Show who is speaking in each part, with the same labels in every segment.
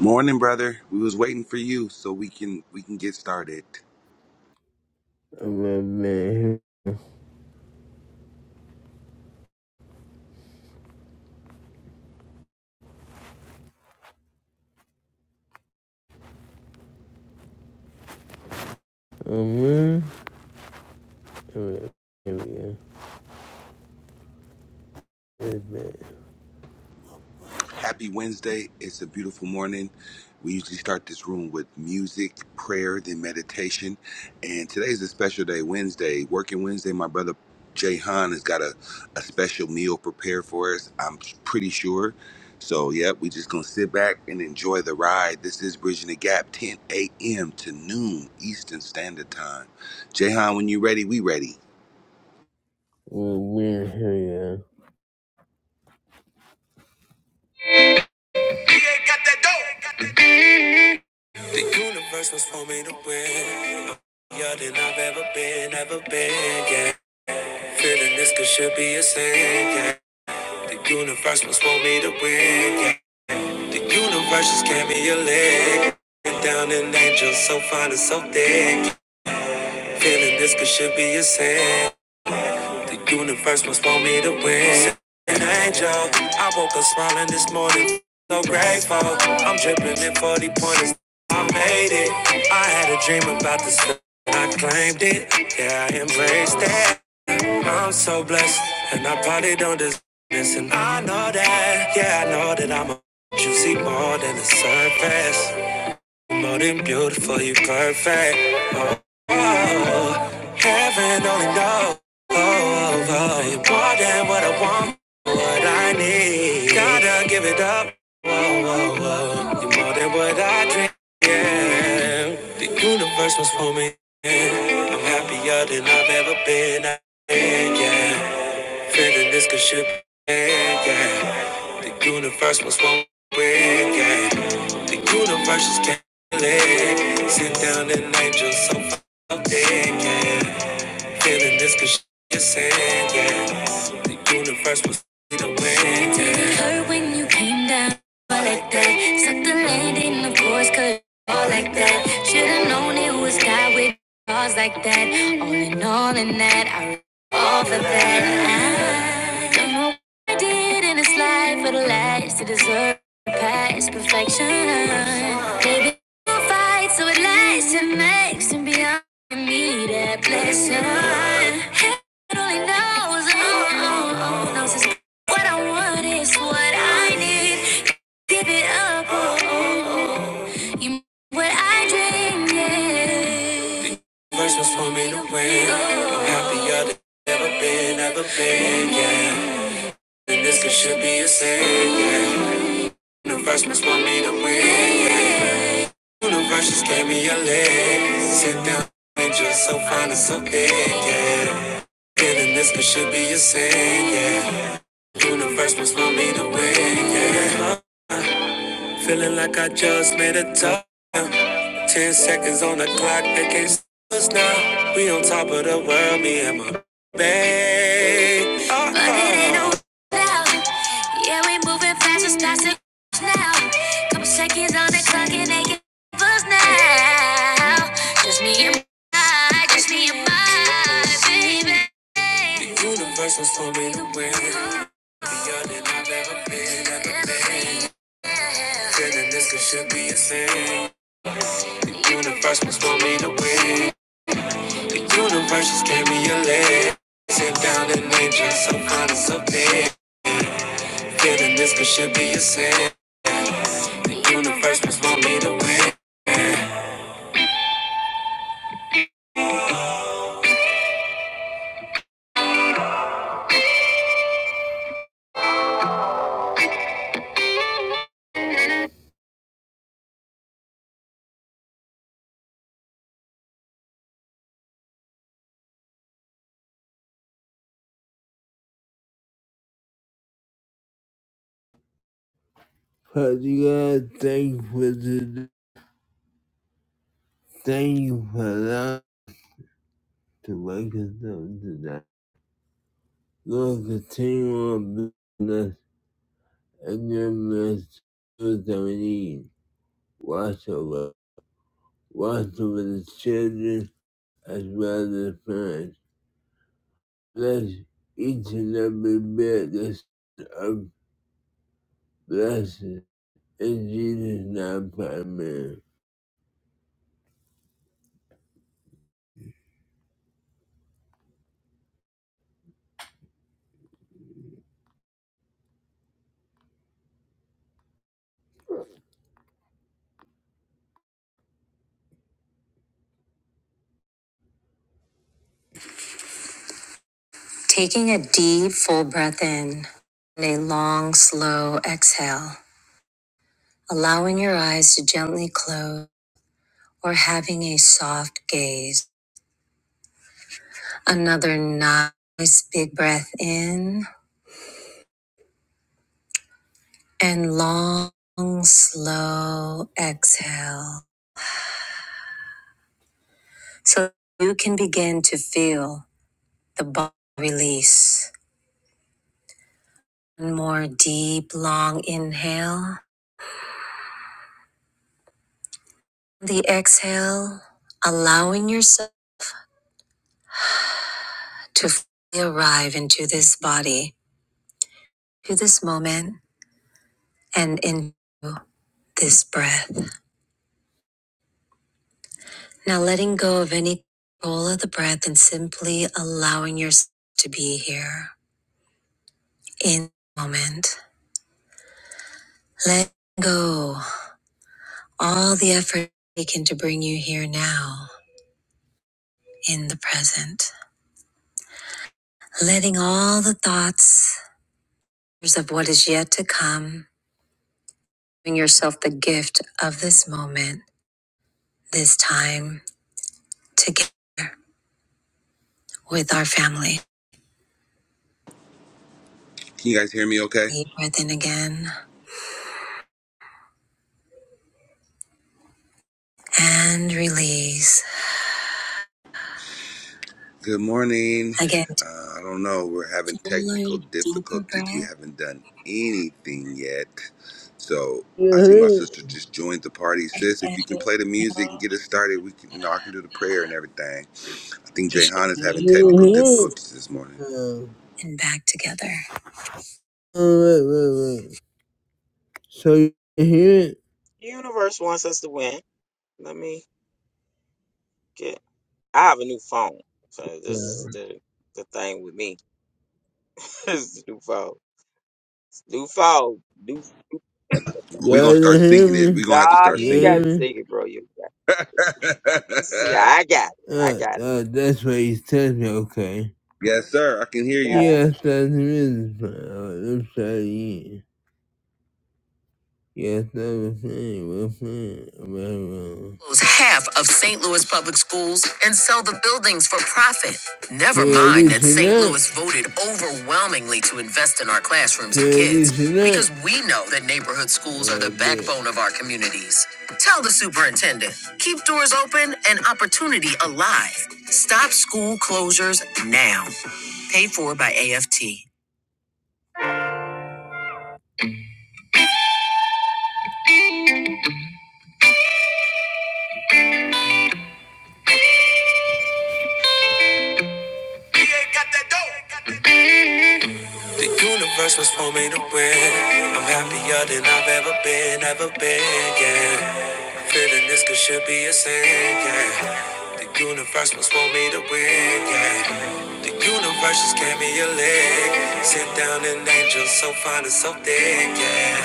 Speaker 1: Morning, brother. We was waiting for you so we can we can get started. Happy Wednesday. It's a beautiful morning. We usually start this room with music, prayer, then meditation. And today's a special day, Wednesday, working Wednesday. My brother Jay Han has got a, a special meal prepared for us, I'm pretty sure. So, yep, we just gonna sit back and enjoy the ride. This is Bridging the Gap, 10 a.m. to noon Eastern Standard Time. Jay Han, when you ready, we ready.
Speaker 2: The universe was for me to win. Younger than I've ever been, ever been. Yeah. Feeling this could should be a sin. Yeah. The universe was for me to win. Yeah. The universe just gave me a leg. Down an angel so fine and so thick. yeah. Feeling this could should be a sin. The universe must want me to win. An angel. I woke up smiling this morning. So grateful. I'm dripping in 40 pointers. I made it. I had a dream about this. I claimed it. Yeah, I embraced it. I'm so blessed. And I probably don't deserve this. And I know that. Yeah, I know that I'm a. You see more than the surface more than beautiful, you perfect. Oh, oh, oh. heaven only knows. Oh, oh, oh. You're more than what I want, what I need. Gotta give it up. Oh, oh, oh. You're more than what I dream. Yeah, the universe was for me. I'm happier than I've ever been. Yeah, Feeling this could should be yeah. The universe must want break, yeah. The universe just can't let. Sit down and angel so fucking. yeah. Feeling this cause she's saying, yeah. The universe was the wind, yeah. It hurt when you came down like that. Sucked the land in the course, cut all like that. Should've known it was God with flaws like that. All in all, in that, I all for that. I don't know know what I did in this life for the last to deserve past perfection. Baby, I'll fight so it lasts and makes and beyond me that blessing. Heaven only knows, oh, oh, oh, knows is what I want is what I need. Give it up, oh, oh, oh. you what I dream, yeah. The universe was for me to win. I'm Happier than I've ever been, ever been, yeah. This could should be a sin. yeah. Universe must want me to win. yeah. Universe just gave me a leg. Sit down, angel, so fine and so big. Yeah. Feeling this could should be a sin. Yeah. Universe must want me to win. Yeah. Feeling like I just made a top. Ten seconds on the clock, they can't stop us now. We on top of the world, me and my babe. Oh, but it ain't no now. Yeah, we moving fast, it's past the now. Couple seconds on the clock, and they can not stop us now. Just me and my, just me and my baby. The universe was for me to win. Beyond than I've ever been, ever been. Feeling this could should be a sin. The universe must want me to win. The universe just gave me a leg. Sit down and enjoy some kind of something. Feeling this could should be a sin. The universe must want me to win. But you gotta thank you for the thank you for that to wake us up today. Lord, continue on business and giving us mess that we need. Watch over, watch over the children as well as mine. Bless each and every bit of blessing. In Jesus' name, amen. Taking a deep, full breath in and a long, slow exhale, allowing your eyes to gently close or having a soft gaze. Another nice, big breath in and long, slow exhale. So you can begin to feel the body release. One more deep, long inhale. The exhale, allowing yourself to fully arrive into this body, to this moment, and into this breath. Now letting go of any control of the breath and simply allowing yourself to be here in the moment. Let go all the effort taken to bring you here now in the present letting all the thoughts of what is yet to come, giving yourself the gift of this moment, this time together with our family.
Speaker 1: Can you guys hear me okay?
Speaker 2: Deep breath in again and release.
Speaker 1: Good morning.
Speaker 2: Again,
Speaker 1: Uh, I don't know. We're having
Speaker 2: take
Speaker 1: technical
Speaker 2: another deeper
Speaker 1: difficulties. We
Speaker 2: breath.
Speaker 1: haven't done anything yet. So I see my
Speaker 2: Mhm.
Speaker 1: sister just joined the party. Sis, if you can play the music and get us started, we can, you know, I can do the prayer and everything. I think
Speaker 2: You should
Speaker 1: Jayhan
Speaker 2: be
Speaker 1: is having technical
Speaker 2: Mhm. focused
Speaker 1: difficulties this morning.
Speaker 2: Uh, and back together. all right, right, right. So you can hear it?
Speaker 3: The universe wants us to win. Let me get. I have a new phone, so this
Speaker 2: Yeah.
Speaker 3: is the the thing with me. this is the new phone. New phone. New.
Speaker 1: Well, we're going
Speaker 2: Y'all
Speaker 1: to start
Speaker 2: can hear
Speaker 1: singing it.
Speaker 2: me?
Speaker 1: We're going to have to
Speaker 3: Nah,
Speaker 1: start
Speaker 3: you
Speaker 2: You
Speaker 3: ain't
Speaker 1: singing
Speaker 3: got
Speaker 2: hear
Speaker 3: to
Speaker 1: it.
Speaker 2: me?
Speaker 3: sing it, bro. You got. See, I got it. I
Speaker 2: Uh,
Speaker 3: got it.
Speaker 2: uh, that's what he tells me, okay.
Speaker 1: yes, sir. I can hear
Speaker 3: Nah.
Speaker 1: you.
Speaker 2: Yes, that's really I'm sorry. Yes, I was saying, we're saying, well, Owns Half of St. Louis public schools and sell the buildings for profit. Never Did mind we that St. tonight? Louis voted overwhelmingly to invest in our classrooms and Did we kids tonight? because we know that neighborhood schools are the Well, yeah. backbone of our communities. Tell the superintendent, keep doors open and opportunity alive. Stop school closures now. Paid for by AFT. The universe was for me to win. I'm happier than I've ever been, ever been, yeah. Feeling this could should be a sin, yeah. The universe was for me to win, yeah. The universe just gave me a leg. Sit down and angel so fine and so thick, yeah.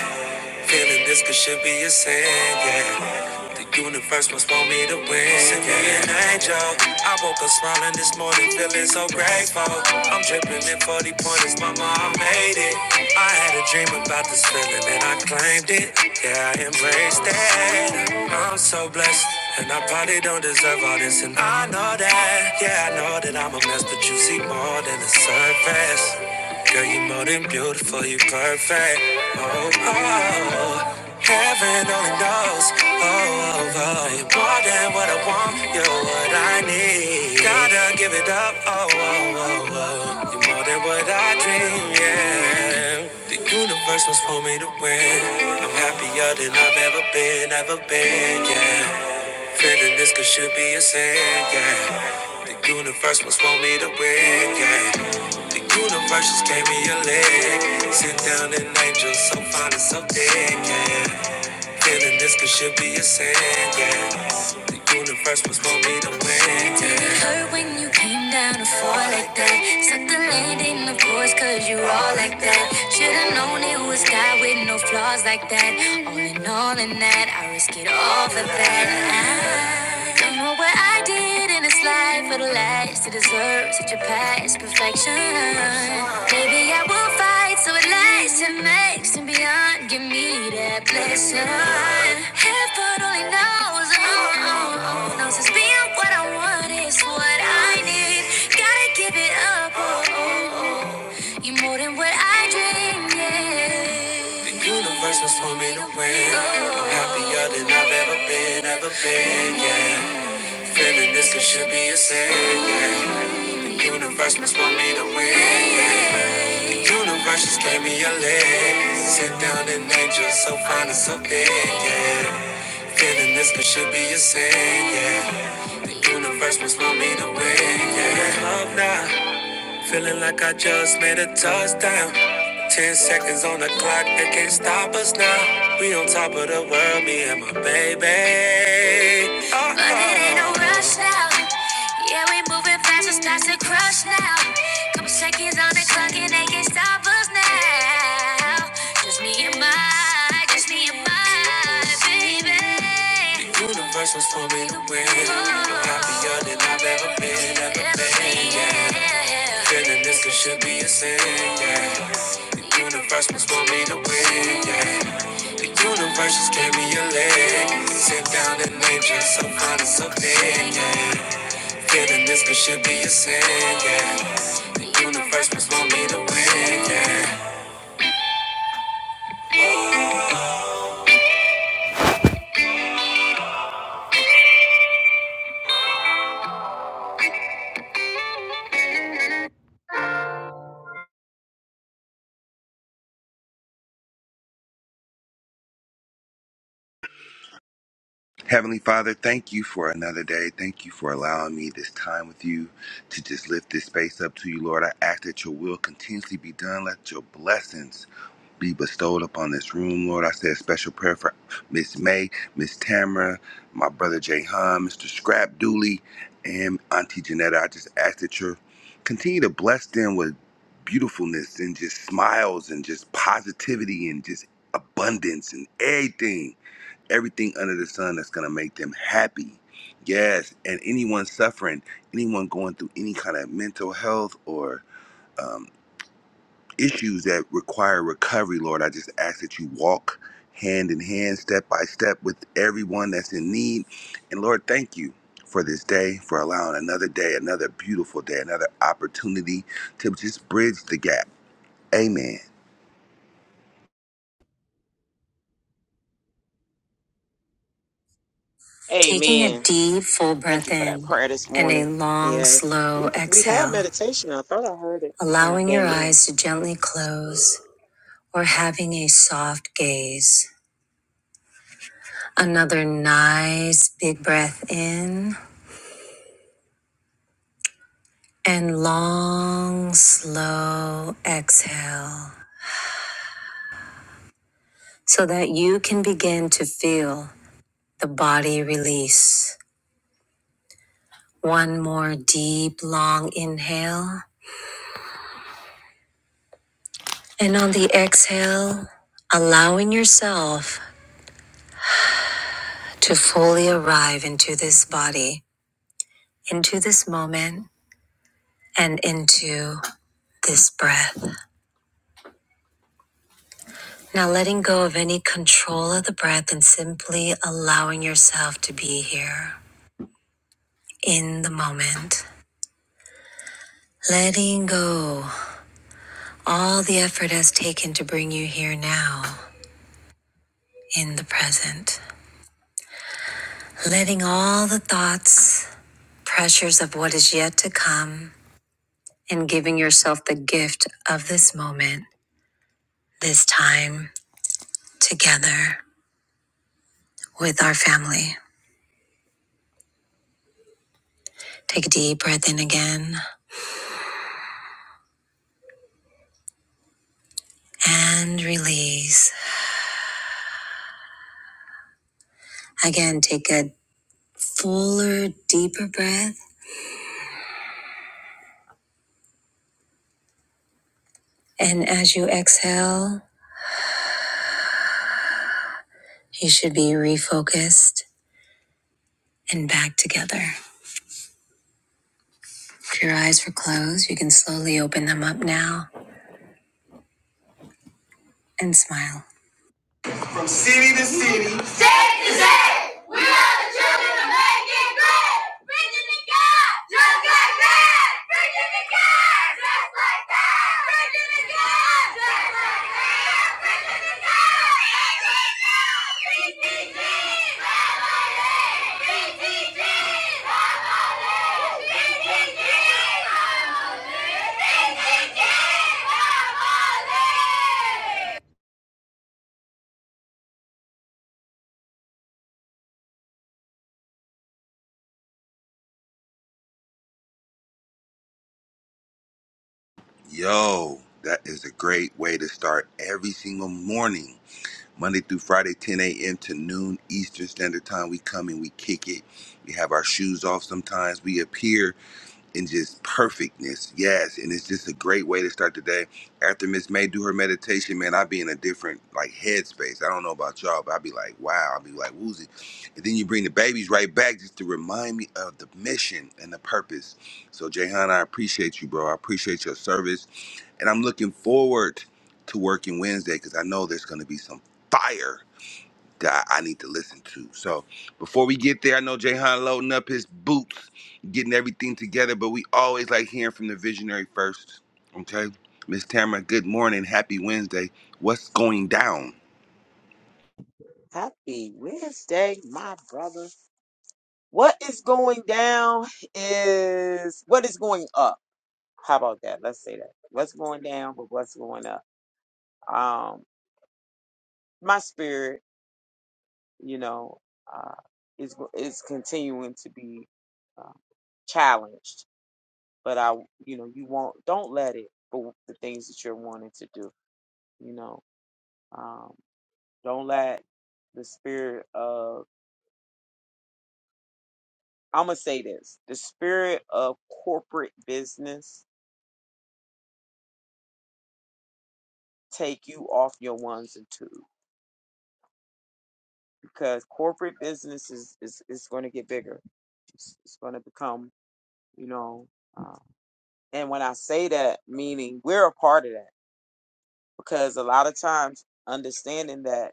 Speaker 2: Feeling this could should be a sin, yeah. The universe must want me to win. Send me an angel. I woke up smiling this morning, feeling so grateful. I'm dripping in 40 pointers, mama, I made it. I had a dream about this feeling and I claimed it. Yeah, I embraced it. I'm so blessed. And I probably don't deserve all this, and I know that. Yeah, I know that I'm a mess, but you see more than the surface. Girl, you more than beautiful, you perfect. Oh, oh, oh. heaven only knows. Oh, oh, oh, you're more than what I want, you're what I need. Gotta give it up. Oh, oh, oh, oh, you're more than what I dream. Yeah, the universe was for me to win. I'm happier than I've ever been, ever been. Yeah. Feeling this could should be a sin, yeah. The universe must want me to win, yeah. The universe just gave me a leg. Sit down an angel so fine and so thick, yeah. Feeling this could should be a sin, yeah. The universe must want me to win, yeah. It hurt when you came down to fall like that. Suck the landing, of course, cause you all like that. Should've known it was God with no flaws like that. All in all, in that, I risk it all for that. I don't know what I did in this life for the last to deserve such a past perfection. Maybe I will fight so it lasts and makes and beyond. Give me that blessing. Heaven only knows, oh, oh, oh, knows it's being what I want is what I need. Gotta give it up, oh, oh, oh. you more than what I dreamed. Yeah. The universe was for me to win. I'm happier than I've ever been, ever been, yeah. Feeling this it should be a sin. yeah. Universe must want me to win. yeah. Universe just gave me a leg. Sit down and angel, so fine and so big. Yeah. Feeling this it should be a sin. Yeah. The universe must want me to win. Yeah. Love now. Feeling like I just made a touchdown. Ten seconds on the clock, they can't stop us now. We on top of the world, me and my baby. Uh-oh. But it ain't no rush now. Yeah, we moving fast, it's starts to crush now. Couple seconds on the clock, and they can't stop us now. Just me and my, just me and my baby. Universe was for me to win. I'm happier than I've ever been, ever been, yeah. Feeling this could should be a sin, yeah. The universe was for me to win, yeah. The universe just gave me a leg. Sit down and name just some kind of something, yeah. Feeling this could should be a sin, yeah. The universe was for me to win, yeah.
Speaker 1: Heavenly Father, thank you for another day. Thank you for allowing me this time with you to just lift this space up to you, Lord. I ask that your will continuously be done. Let your blessings be bestowed upon this room, Lord. I say a special prayer for Miss May, Miss Tamara, my brother Jay Hahn, Mr. Scrap Dooley, and Auntie Janetta. I just ask that you continue to bless them with beautifulness and just smiles and just positivity and just abundance and everything everything under the sun that's going to make them happy. Yes, and anyone suffering, anyone going through any kind of mental health or um, issues that require recovery, Lord, I just ask that you walk hand in hand, step by step with everyone that's in need. And Lord, thank you for this day, for allowing another day, another beautiful day, another opportunity to just bridge the gap. Amen.
Speaker 2: Taking a
Speaker 3: Amen.
Speaker 2: deep, full
Speaker 3: Thank
Speaker 2: breath
Speaker 3: you for that
Speaker 2: in
Speaker 3: prayer this
Speaker 2: and a
Speaker 3: morning.
Speaker 2: long,
Speaker 3: Yeah,
Speaker 2: slow
Speaker 3: we we have
Speaker 2: exhale.
Speaker 3: meditation. I thought I heard it when I
Speaker 2: allowing your
Speaker 3: came in.
Speaker 2: eyes to gently close or having a soft gaze. Another nice big breath in and long, slow exhale so that you can begin to feel the body release. One more deep, long inhale. And on the exhale, allowing yourself to fully arrive into this body, into this moment, and into this breath. Now letting go of any control of the breath and simply allowing yourself to be here in the moment. Letting go all the effort has taken to bring you here now in the present. Letting all the thoughts, pressures of what is yet to come, and giving yourself the gift of this moment, this time together with our family. Take a deep breath in again and release. Again, take a fuller, deeper breath. And as you exhale, you should be refocused and back together. If your eyes were closed, you can slowly open them up now and smile. See me this we are the children of making great. Virginia God, just like that. Virginia God, just like that. Virginia God, just like that. Virginia God, ETG, family, ETG, family, ETG, family, ETG,
Speaker 1: Yo, that is a great way to start every single morning Monday through Friday, 10 a.m. to noon Eastern Standard Time. We come and we kick it. We have our shoes off sometimes. We appear in just perfectness. Yes. And it's just a great way to start the day. After Miss May do her meditation, man, i be in a different like headspace. I don't know about y'all, but i be like, wow. i be like woozy. And then you bring the babies right back just to remind me of the mission and the purpose. So Jayhan, I appreciate you, bro. I appreciate your service. And I'm looking forward to working Wednesday because I know there's gonna be some fire that I need to listen to. So before we get there, I know Jayhan loading up his boots, getting everything together, but we always like hearing from the visionary first. Okay? Miss Tamara, good morning. Happy Wednesday. What's going down?
Speaker 3: Happy Wednesday, my brother. What is going down is what is going up. How about that? Let's say that. What's going down, but what's going up? Um, my spirit, you know, uh, is is continuing to be um, challenged, but I, you know, you won't. Don't let it. But the things that you're wanting to do, you know, um, don't let the spirit of. I'm gonna say this: the spirit of corporate business take you off your ones and twos because corporate business is is, is going to get bigger. It's, it's going to become, you know, uh, and when I say that, meaning we're a part of that because a lot of times understanding that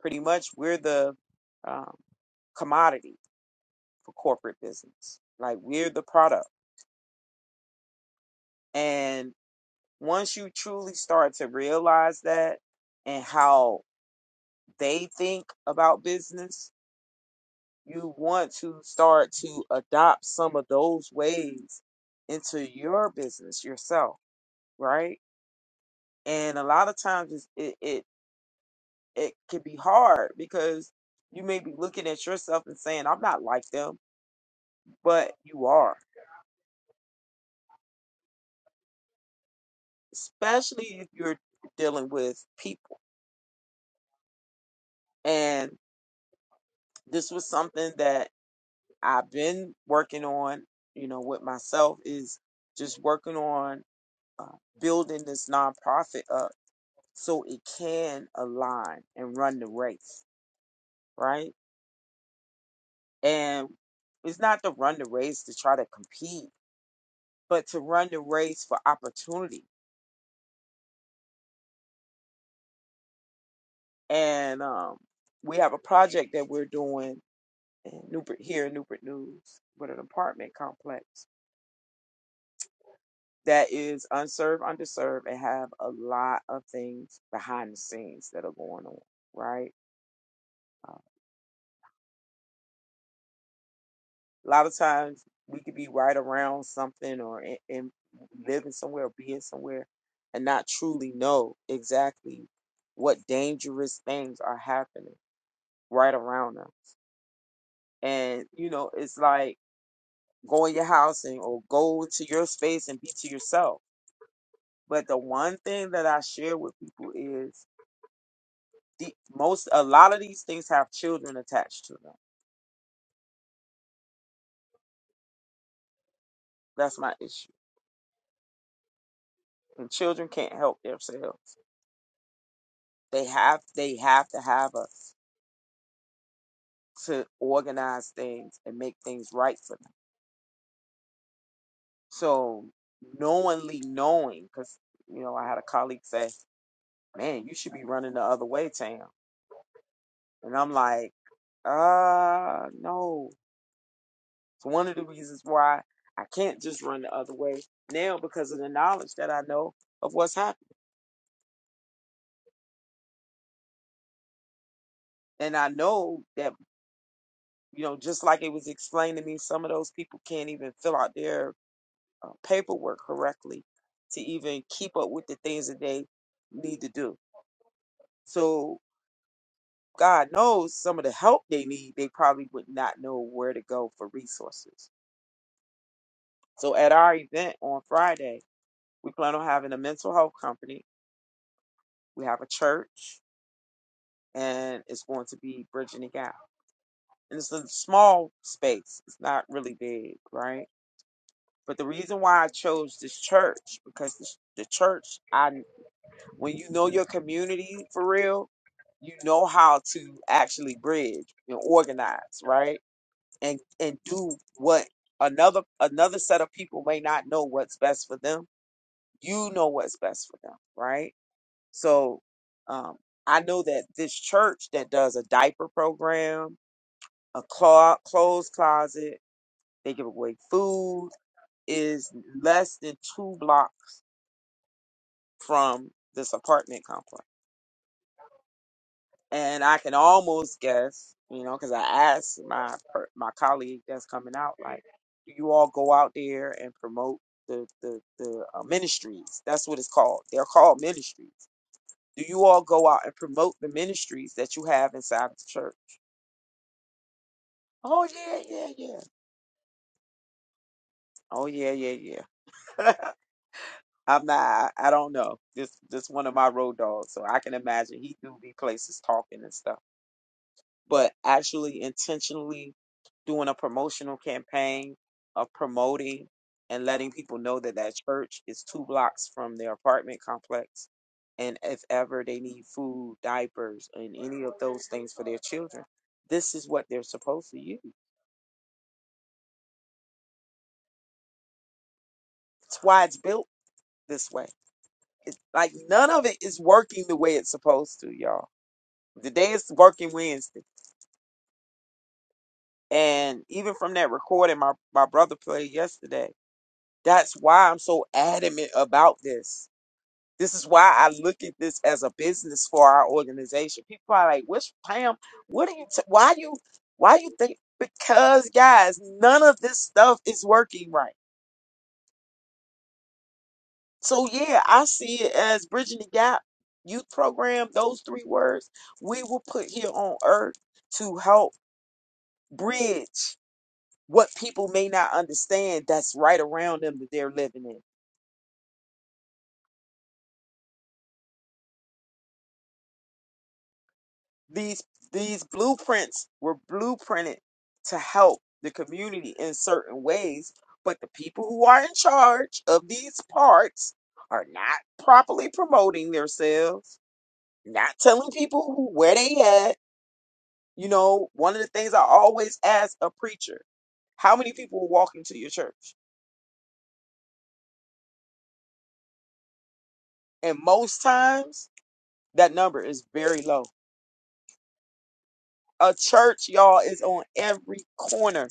Speaker 3: pretty much we're the um, commodity for corporate business, like we're the product. And once you truly start to realize that and how they think about business you want to start to adopt some of those ways into your business yourself, right? And a lot of times it's, it it it can be hard because you may be looking at yourself and saying, "I'm not like them," but you are, especially if you're dealing with people. And this was something that I've been working on, you know, with myself is just working on uh, building this nonprofit up so it can align and run the race, right? And it's not to run the race to try to compete, but to run the race for opportunity. And um, we have a project that we're doing in Newport, here in Newport News with an apartment complex that is unserved, underserved, and have a lot of things behind the scenes that are going on, right? Uh, A lot of times we could be right around something or in, in living somewhere or being somewhere and not truly know exactly what dangerous things are happening right around us. And, you know, it's like go in your house and or go to your space and be to yourself. But the one thing that I share with people is the most a lot of these things have children attached to them. That's my issue. And children can't help themselves. They have they have to have a to organize things and make things right for them. So knowingly knowing, because you know, I had a colleague say, "Man, you should be running the other way, Tam," and I'm like, "Uh, no." It's one of the reasons why I can't just run the other way now because of the knowledge that I know of what's happening, and I know that you know, just like it was explained to me, some of those people can't even fill out their uh, paperwork correctly to even keep up with the things that they need to do So God knows some of the help they need, they probably would not know where to go for resources. So at our event on Friday, we plan on having a mental health company. We have a church and it's going to be bridging the gap. And it's a small space. It's not really big, right? But the reason why I chose this church because this, the church, I when you know your community for real, you know how to actually bridge and organize, right? and and do what another another set of people may not know what's best for them you know what's best for them right so um i know that this church that does a diaper program a clo- clothes closet they give away food is less than two blocks from this apartment complex and I can almost guess, you know, because I asked my per- my colleague that's coming out, like, do you all go out there and promote the the the uh, ministries? That's what it's called. They're called ministries. Do you all go out and promote the ministries that you have inside the church? Oh yeah, yeah, yeah. Oh yeah, yeah, yeah. I'm not. I I don't know. This this one of my road dogs, so I can imagine he do be places talking and stuff. but actually intentionally doing a promotional campaign of promoting and letting people know that that church is two blocks from their apartment complex. And if ever they need food, diapers, and any of those things for their children, this is what they're supposed to use. It's why it's built this way. It's like none of it is working the way it's supposed to, y'all. Today is working Wednesday. And even from that recording my, my brother played yesterday, That's why I'm so adamant about this. This is why I look at this as a business for our organization. People are like, "What's Pam? What are you? T- why you? Why you think?" Because guys, none of this stuff is working right. So yeah, I see it as bridging the gap youth program. Those three words we will put here on earth to help bridge what people may not understand that's right around them that they're living in. These these blueprints were blueprinted to help the community in certain ways, but the people who are in charge of these parks are not properly promoting themselves, not telling people who, where they at. You know, one of the things I always ask a preacher, how many people walk into your church? And most times that number is very low. A church, y'all, is on every corner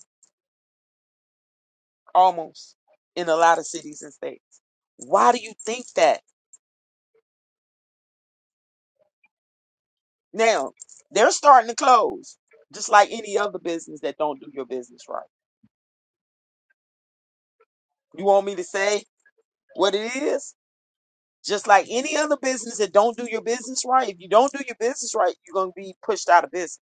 Speaker 3: almost in a lot of cities and states. Why do you think that? Now, they're starting to close, just like any other business that don't do your business right. You want me to say what it is? Just like any other business that don't do your business right, if you don't do your business right, you're going to be pushed out of business.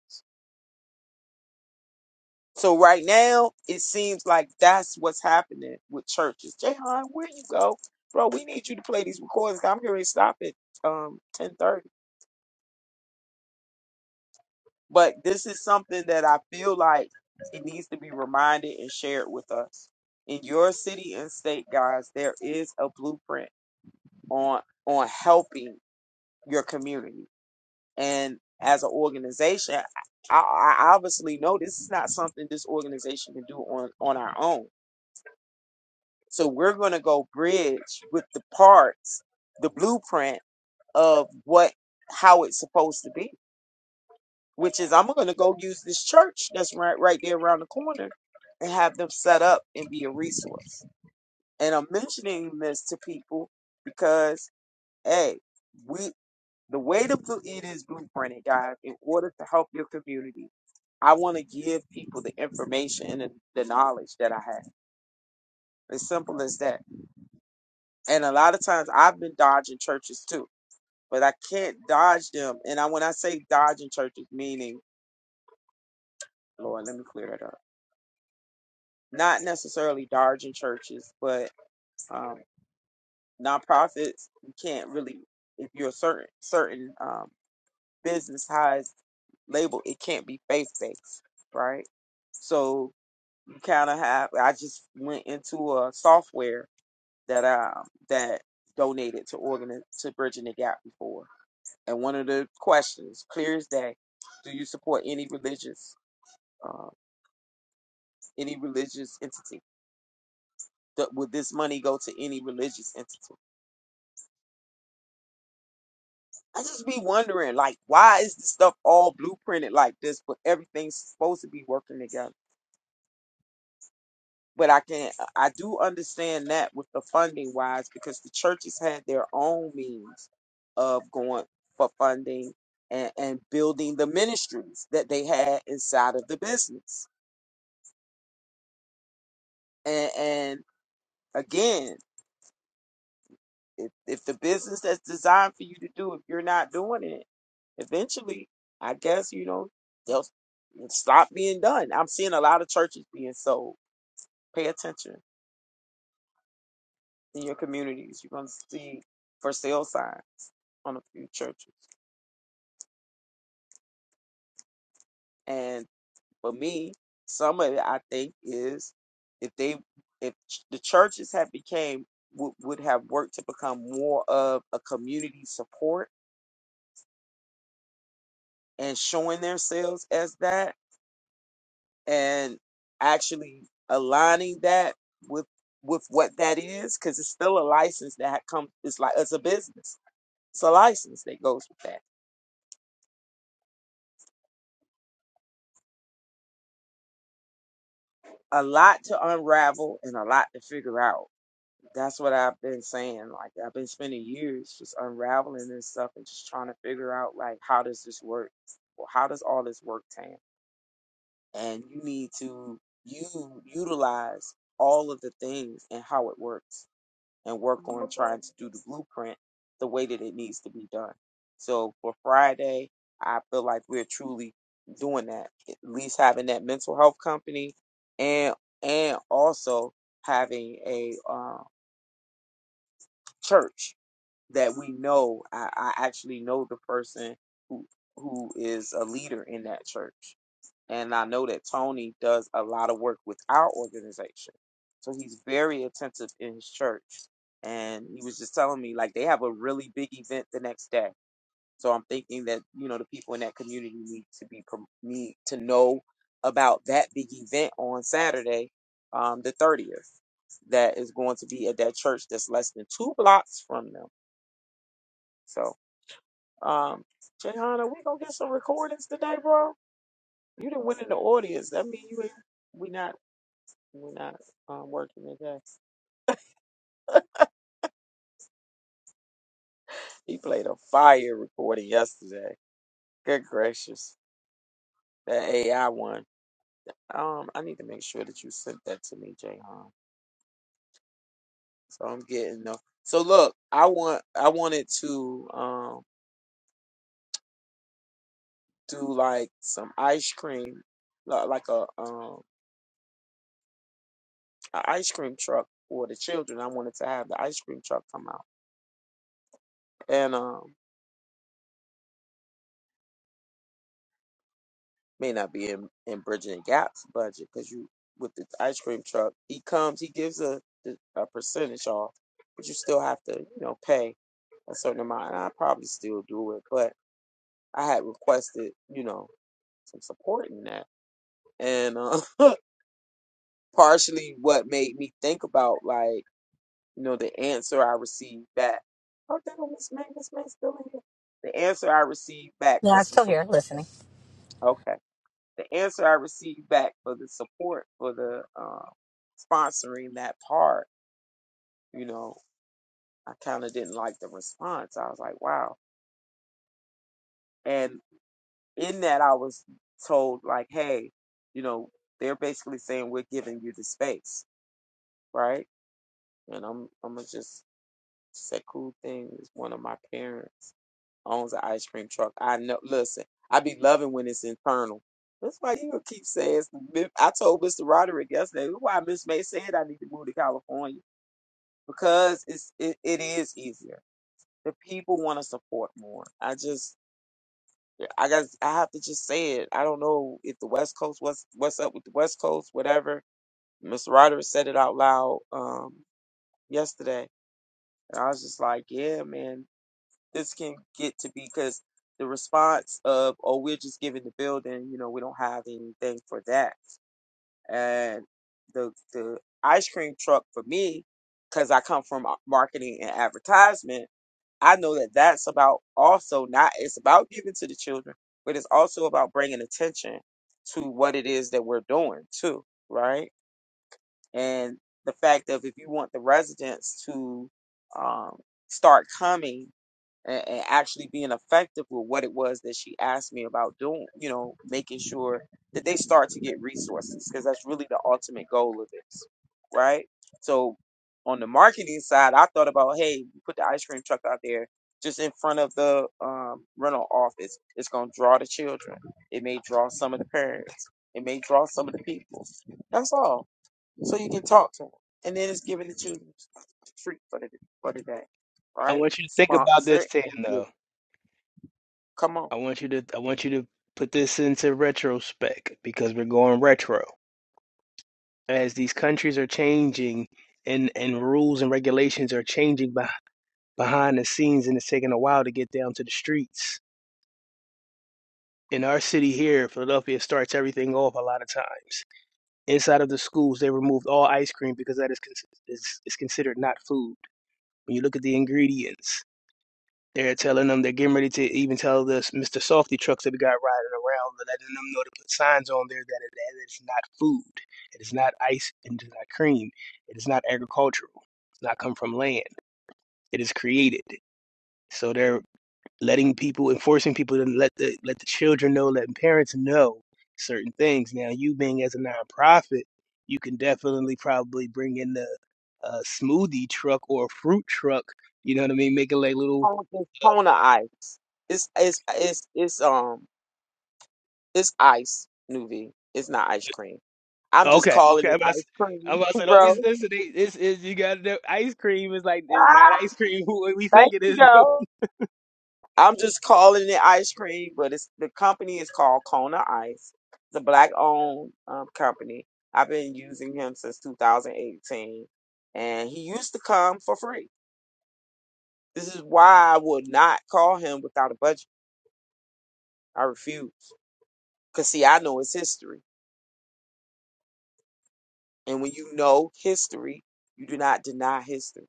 Speaker 3: So right now, it seems like that's what's happening with churches. Jahan, where you go? Bro, we need you to play these recordings. I'm here to stop at um 10:30. But this is something that I feel like it needs to be reminded and shared with us. In your city and state, guys, there is a blueprint on on helping your community. And as an organization, I, I obviously know this is not something this organization can do on on our own. So we're going to go bridge with the parts, the blueprint of what how it's supposed to be which is I'm gonna go use this church that's right right there around the corner and have them set up and be a resource. And I'm mentioning this to people because hey, we the way to bl- it is blueprinted, guys, in order to help your community. I want to give people the information and the the knowledge that I have. As simple as that. And a lot of times I've been dodging churches too, but I can't dodge them. And I when I say dodging churches, meaning Lord, let me clear that up not necessarily Darjan churches, but um, nonprofits. You can't really, if you're a certain certain um, business size label, it can't be faith based, right? So you kind of have. I just went into a software that um that donated to organ to bridging the gap before, and one of the questions, clear as day, do you support any religious um, any religious entity? Th- Would this money go to any religious entity? I just be wondering, like, why is this stuff all blueprinted like this, but everything's supposed to be working together? But I can not I do understand that with the funding wise, because the churches had their own means of going for funding and, and building the ministries that they had inside of the business. And, and again, if, if the business that's designed for you to do, if you're not doing it, eventually, I guess, you know, they'll stop being done. I'm seeing a lot of churches being sold. Pay attention in your communities. You're going to see for sale signs on a few churches. And for me, some of it, I think, is if they, if ch- the churches have became, would, would have worked to become more of a community support and showing themselves as that and actually aligning that with with what that is because it's still a license that comes it's like it's a business it's a license that goes with that a lot to unravel and a lot to figure out that's what i've been saying like i've been spending years just unraveling this stuff and just trying to figure out like how does this work Well, how does all this work tam and you need to you utilize all of the things and how it works and work on trying to do the blueprint the way that it needs to be done. So for Friday, I feel like we're truly doing that. At least having that mental health company and and also having a um, church that we know. I, I actually know the person who who is a leader in that church. And I know that Tony does a lot of work with our organization. So he's very attentive in his church. And he was just telling me, like, they have a really big event the next day. So I'm thinking that, you know, the people in that community need to be, prom- need to know about that big event on Saturday, um, the 30th, that is going to be at that church that's less than two blocks from them. So, um, Jayhan, we going to get some recordings today, bro? You didn't win in the audience. That mean you ain't we not. We're not um, working today. He played a fire recording yesterday. Good gracious. That AI one. Um, I need to make sure that you sent that to me, Jay So I'm getting the so look, I want I wanted to um do like some ice cream li- like a um an ice cream truck for the children. I wanted to have the ice cream truck come out. And um may not be in, in Bridging the Gap's budget because you with the ice cream truck, he comes, he gives a a percentage off, but you still have to you know pay a certain amount. And I probably still do it, but I had requested you know some support in that, and uh, partially what made me think about like you know the answer I received back. Oh, that Miss May, Miss May still in here. The answer I received back
Speaker 4: Yeah, I'm
Speaker 3: was some
Speaker 4: still here
Speaker 3: support.
Speaker 4: listening.
Speaker 3: okay. the answer I received back for the support for the um, sponsoring that part, you know, I kind of didn't like the response. I was like, wow. And in that, I was told like, hey, you know, they're basically saying we're giving you the space, right? And I'm I'm gonna just Sekou thing is one of my parents. owns an ice cream truck. I know. Listen, I be loving when it's internal. That's why you gonna keep saying. I told Mr. Roderick yesterday that's why Miss May said I need to move to California because it's it, it is easier. The people want to support more. I just I got I have to just say it. I don't know if the West Coast what's what's up with the West Coast, whatever. Mr. Roderick said it out loud um, yesterday, and I was just like, yeah, man. this can get to be because the response of oh we're just giving the building you know we don't have anything for that and the the ice cream truck for me because i come from marketing and advertisement i know that that's about also not it's about giving to the children but it's also about bringing attention to what it is that we're doing too right and the fact of if you want the residents to um, start coming and, and actually being effective with what it was that she asked me about doing, you know, making sure that they start to get resources because that's really the ultimate goal of this, right? So on the marketing side, I thought about, hey, we put the ice cream truck out there just in front of the um, rental office. It's going to draw the children. It may draw some of the parents. It may draw some of the people. That's all so you can talk to them. And then it's given the children treat for the for the day,
Speaker 5: I
Speaker 3: right?
Speaker 5: want you to think about this,
Speaker 3: Sponsor
Speaker 5: ten,
Speaker 3: and give.
Speaker 5: though.
Speaker 3: Come on,
Speaker 5: I want you to I want you to put this into retrospect because we're going retro. As these countries are changing and and rules and regulations are changing beh behind the scenes and it's taking a while to get down to the streets. In our city here, Philadelphia starts everything off a lot of times. Inside of the schools, they removed all ice cream because that is, cons- is is considered not food. When you look at the ingredients, They're telling them they're getting ready to even tell this Mr. Softy trucks that we got riding around, letting them know to put signs on there that it, that it's not food, it is not ice, and it is not cream, it is not agricultural, it's not come from land, it is created. So they're letting people, enforcing people to let the let the children know, letting parents know certain things. Now, you being as a nonprofit, you can definitely probably bring in the uh, smoothie truck or a fruit truck. You know what I mean? Making like little
Speaker 3: Kona it's Kona ice. It's it's it's it's um it's ice, Nuvi. It's not ice cream. I'm just
Speaker 5: Okay,
Speaker 3: calling
Speaker 5: okay.
Speaker 3: it
Speaker 5: I'm about
Speaker 3: ice
Speaker 5: to, I'm
Speaker 3: cream,
Speaker 5: about to say, don't be
Speaker 3: bro.
Speaker 5: sensitive. This is you got the ice cream is like it's not ice
Speaker 3: Ah,
Speaker 5: cream who we
Speaker 3: thank
Speaker 5: think it
Speaker 3: you,
Speaker 5: is.
Speaker 3: though. I'm just calling it ice cream, but it's the company is called Kona Ice. It's a black owned um, company. I've been using him since 2018, and he used to come for free. This is why I would not call him without a budget. I refuse because see, I know his history, and when you know history, you do not deny history.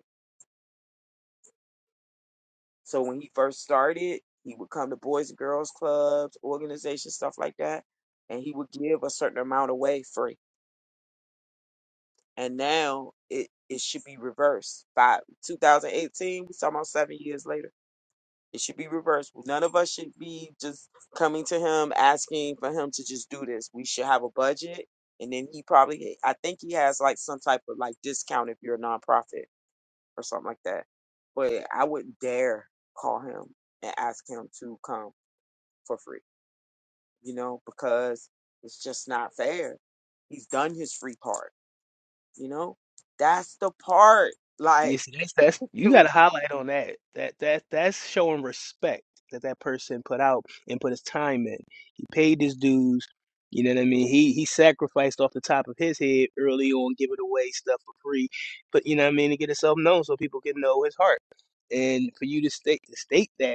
Speaker 3: So when he first started, he would come to boys and girls clubs, organizations, stuff like that, and he would give a certain amount away free and now it it should be reversed by 2018 we talking about seven years later it should be reversed none of us should be just coming to him asking for him to just do this we should have a budget and then he probably i think he has like some type of like discount if you're a nonprofit or something like that but i wouldn't dare call him and ask him to come for free you know because it's just not fair he's done his free part you know, that's the part.
Speaker 5: No, you
Speaker 3: Like,
Speaker 5: see, that's that's you got to
Speaker 3: let
Speaker 5: highlight on that. That that that's showing respect that that person put out and put his time in. He paid his dues. You know what I mean? He he sacrificed off the top of his head early on, giving away stuff for free, but you know what I mean to get himself known so people can know his heart. And for you to state to state that.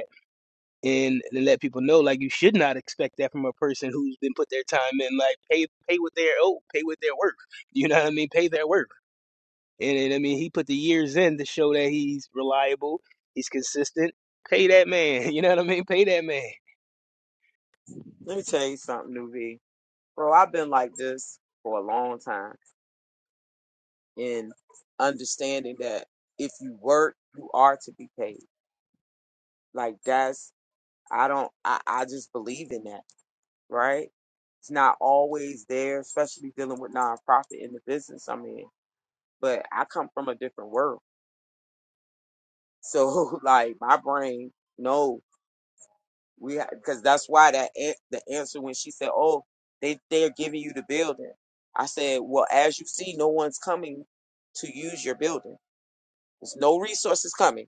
Speaker 5: and to let people know like you should not expect that from a person who's been put their time in like pay pay with their oh pay with their worth you know what i mean pay their worth and, and i mean he put the years in to show that he's reliable he's consistent pay that man you know what i mean pay that man
Speaker 3: me tell you something, Nuvi. Bro, I've been like this for a long time in understanding that if you work, you are to be paid. Like, that's, I don't, I, I just believe in that, right? It's not always there, especially dealing with nonprofit in the business I'm in. But I come from a different world. So, like, my brain knows. We because that's why that an- the answer when she said, "Oh, they they're giving you the building," I said, "Well, as you see, no one's coming to use your building. There's no resources coming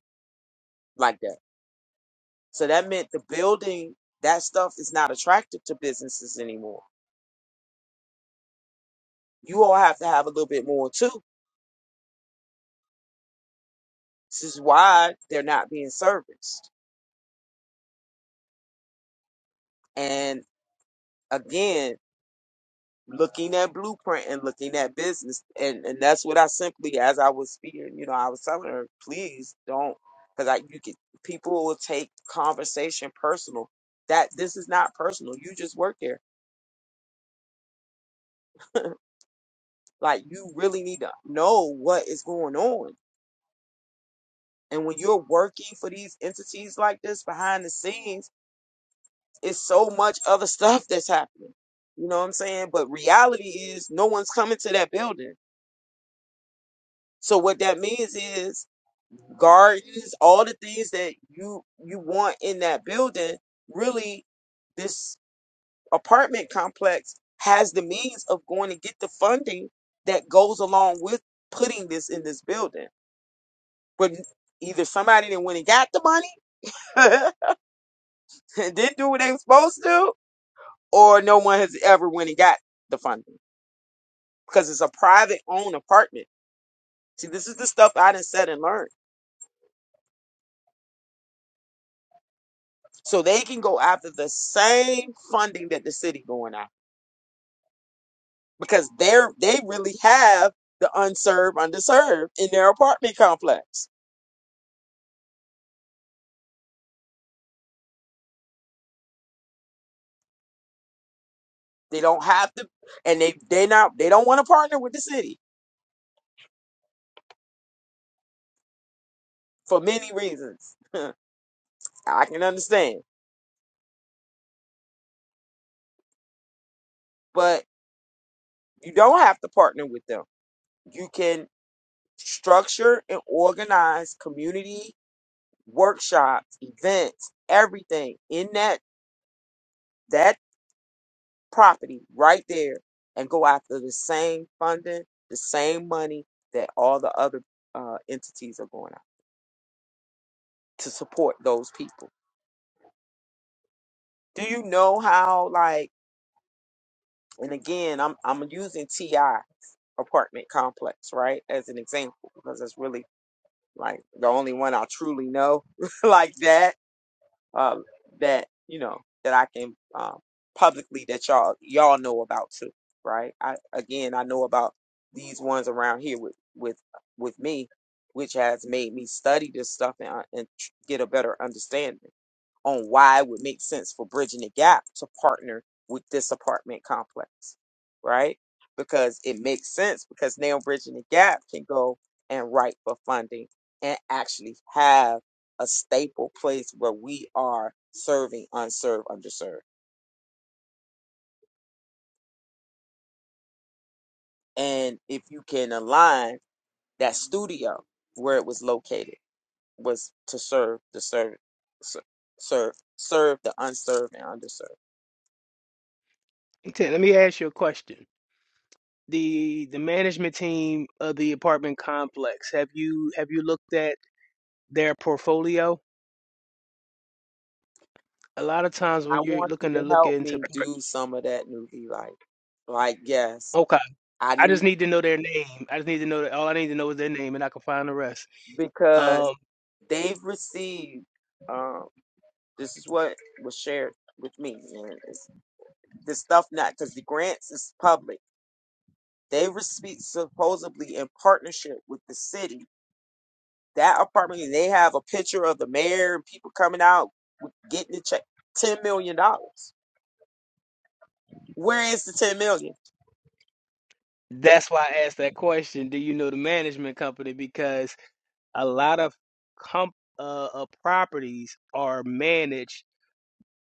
Speaker 3: like that. So that meant the building that stuff is not attractive to businesses anymore. You all have to have a little bit more too. This is why they're not being serviced. And again." looking at blueprint and looking at business and and that's what i simply as i was speaking you know i was telling her please don't because i you could people will take conversation personal that this is not personal you just work there like you really need to know what is going on and when you're working for these entities like this behind the scenes it's so much other stuff that's happening you know what i'm saying but reality is no one's coming to that building so what that means is gardens, all the things that you you want in that building, really this apartment complex has the means of going to get the funding that goes along with putting this in this building. But either somebody that went and got the money and didn't do what they were supposed to, do, or no one has ever went and got the funding because it's a private owned apartment. See, this is the stuff I done said and learned. So they can go after the same funding that the city going after because they're they really have the unserved, underserved in their apartment complex. They don't have to, and they they not they don't want to partner with the city for many reasons. I can understand, but you don't have to partner with them. You can structure and organize community workshops, events, everything in that that property right there and go after the same funding, the same money that all the other uh, entities are going out to support those people. Do you know how like and again I'm I'm using TI apartment complex, right, as an example, because that's really like the only one I truly know like that. um, that you know that I can um, publicly that y'all y'all know about too, right? I again I know about these ones around here with with with me, which has made me study this stuff and, uh, and tr- get a better understanding on why it would make sense for bridging the gap to partner with this apartment complex, right? Because it makes sense because now bridging the gap can go and write for funding and actually have a staple place where we are serving unserved, underserved. And if you can align that studio where it was located was to serve the serve, serve, serve the unserved and underserved.
Speaker 5: Ten, let me ask you a question the the management team of the apartment complex have you have you looked at their portfolio a lot of times
Speaker 3: I
Speaker 5: when you're
Speaker 3: want you
Speaker 5: looking to
Speaker 3: to
Speaker 5: look
Speaker 3: help me
Speaker 5: into
Speaker 3: do some of that newbie life. Like, yes,
Speaker 5: okay.
Speaker 3: I
Speaker 5: I
Speaker 3: need
Speaker 5: just need to know their name. I just need to know that all I need to know is their name, and I can find the rest.
Speaker 3: because
Speaker 5: Um,
Speaker 3: they've received. Um, this is what was shared with me, and it's this stuff not because the grants is public. They receive supposedly in partnership with the city that apartment. and They have a picture of the mayor and people coming out getting the check. Ten million dollars. Where is the ten million?
Speaker 5: that's why I asked that question. Do you know the management company? Because a lot of comp uh, uh, properties are managed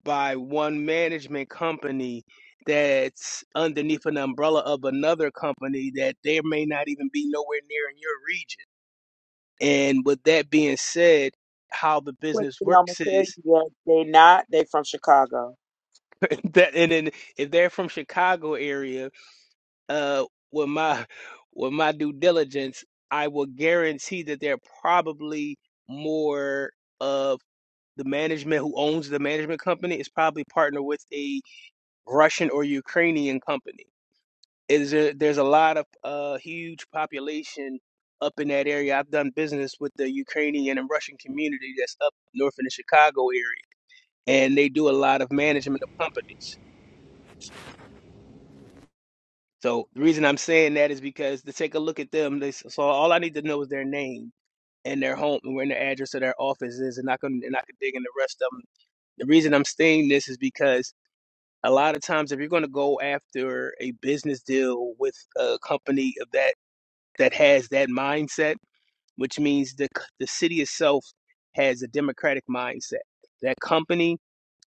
Speaker 5: by one management company that's underneath an umbrella of another company that there may not even be nowhere near in your region. And with that being said, how the
Speaker 3: Quickly,
Speaker 5: business
Speaker 3: I'm gonna
Speaker 5: works
Speaker 3: tell you
Speaker 5: is
Speaker 3: that they not. They from Chicago
Speaker 5: that, and then if they're from Chicago area. uh, with my with my due diligence, I will guarantee that they're probably more of the management who owns the management company is probably partnered with a Russian or Ukrainian company. Is there, there's a lot of uh, huge population up in that area. I've done business with the Ukrainian and Russian community that's up north in the Chicago area, and they do a lot of management of companies. So the reason I'm saying that is because to take a look at them, they, so all I need to know is their name and their home and where their address of their office is, and I can and I can dig in the rest of them. The reason I'm saying this is because a lot of times if you're going to go after a business deal with a company of that that has that mindset, which means the c- the city itself has a democratic mindset. That company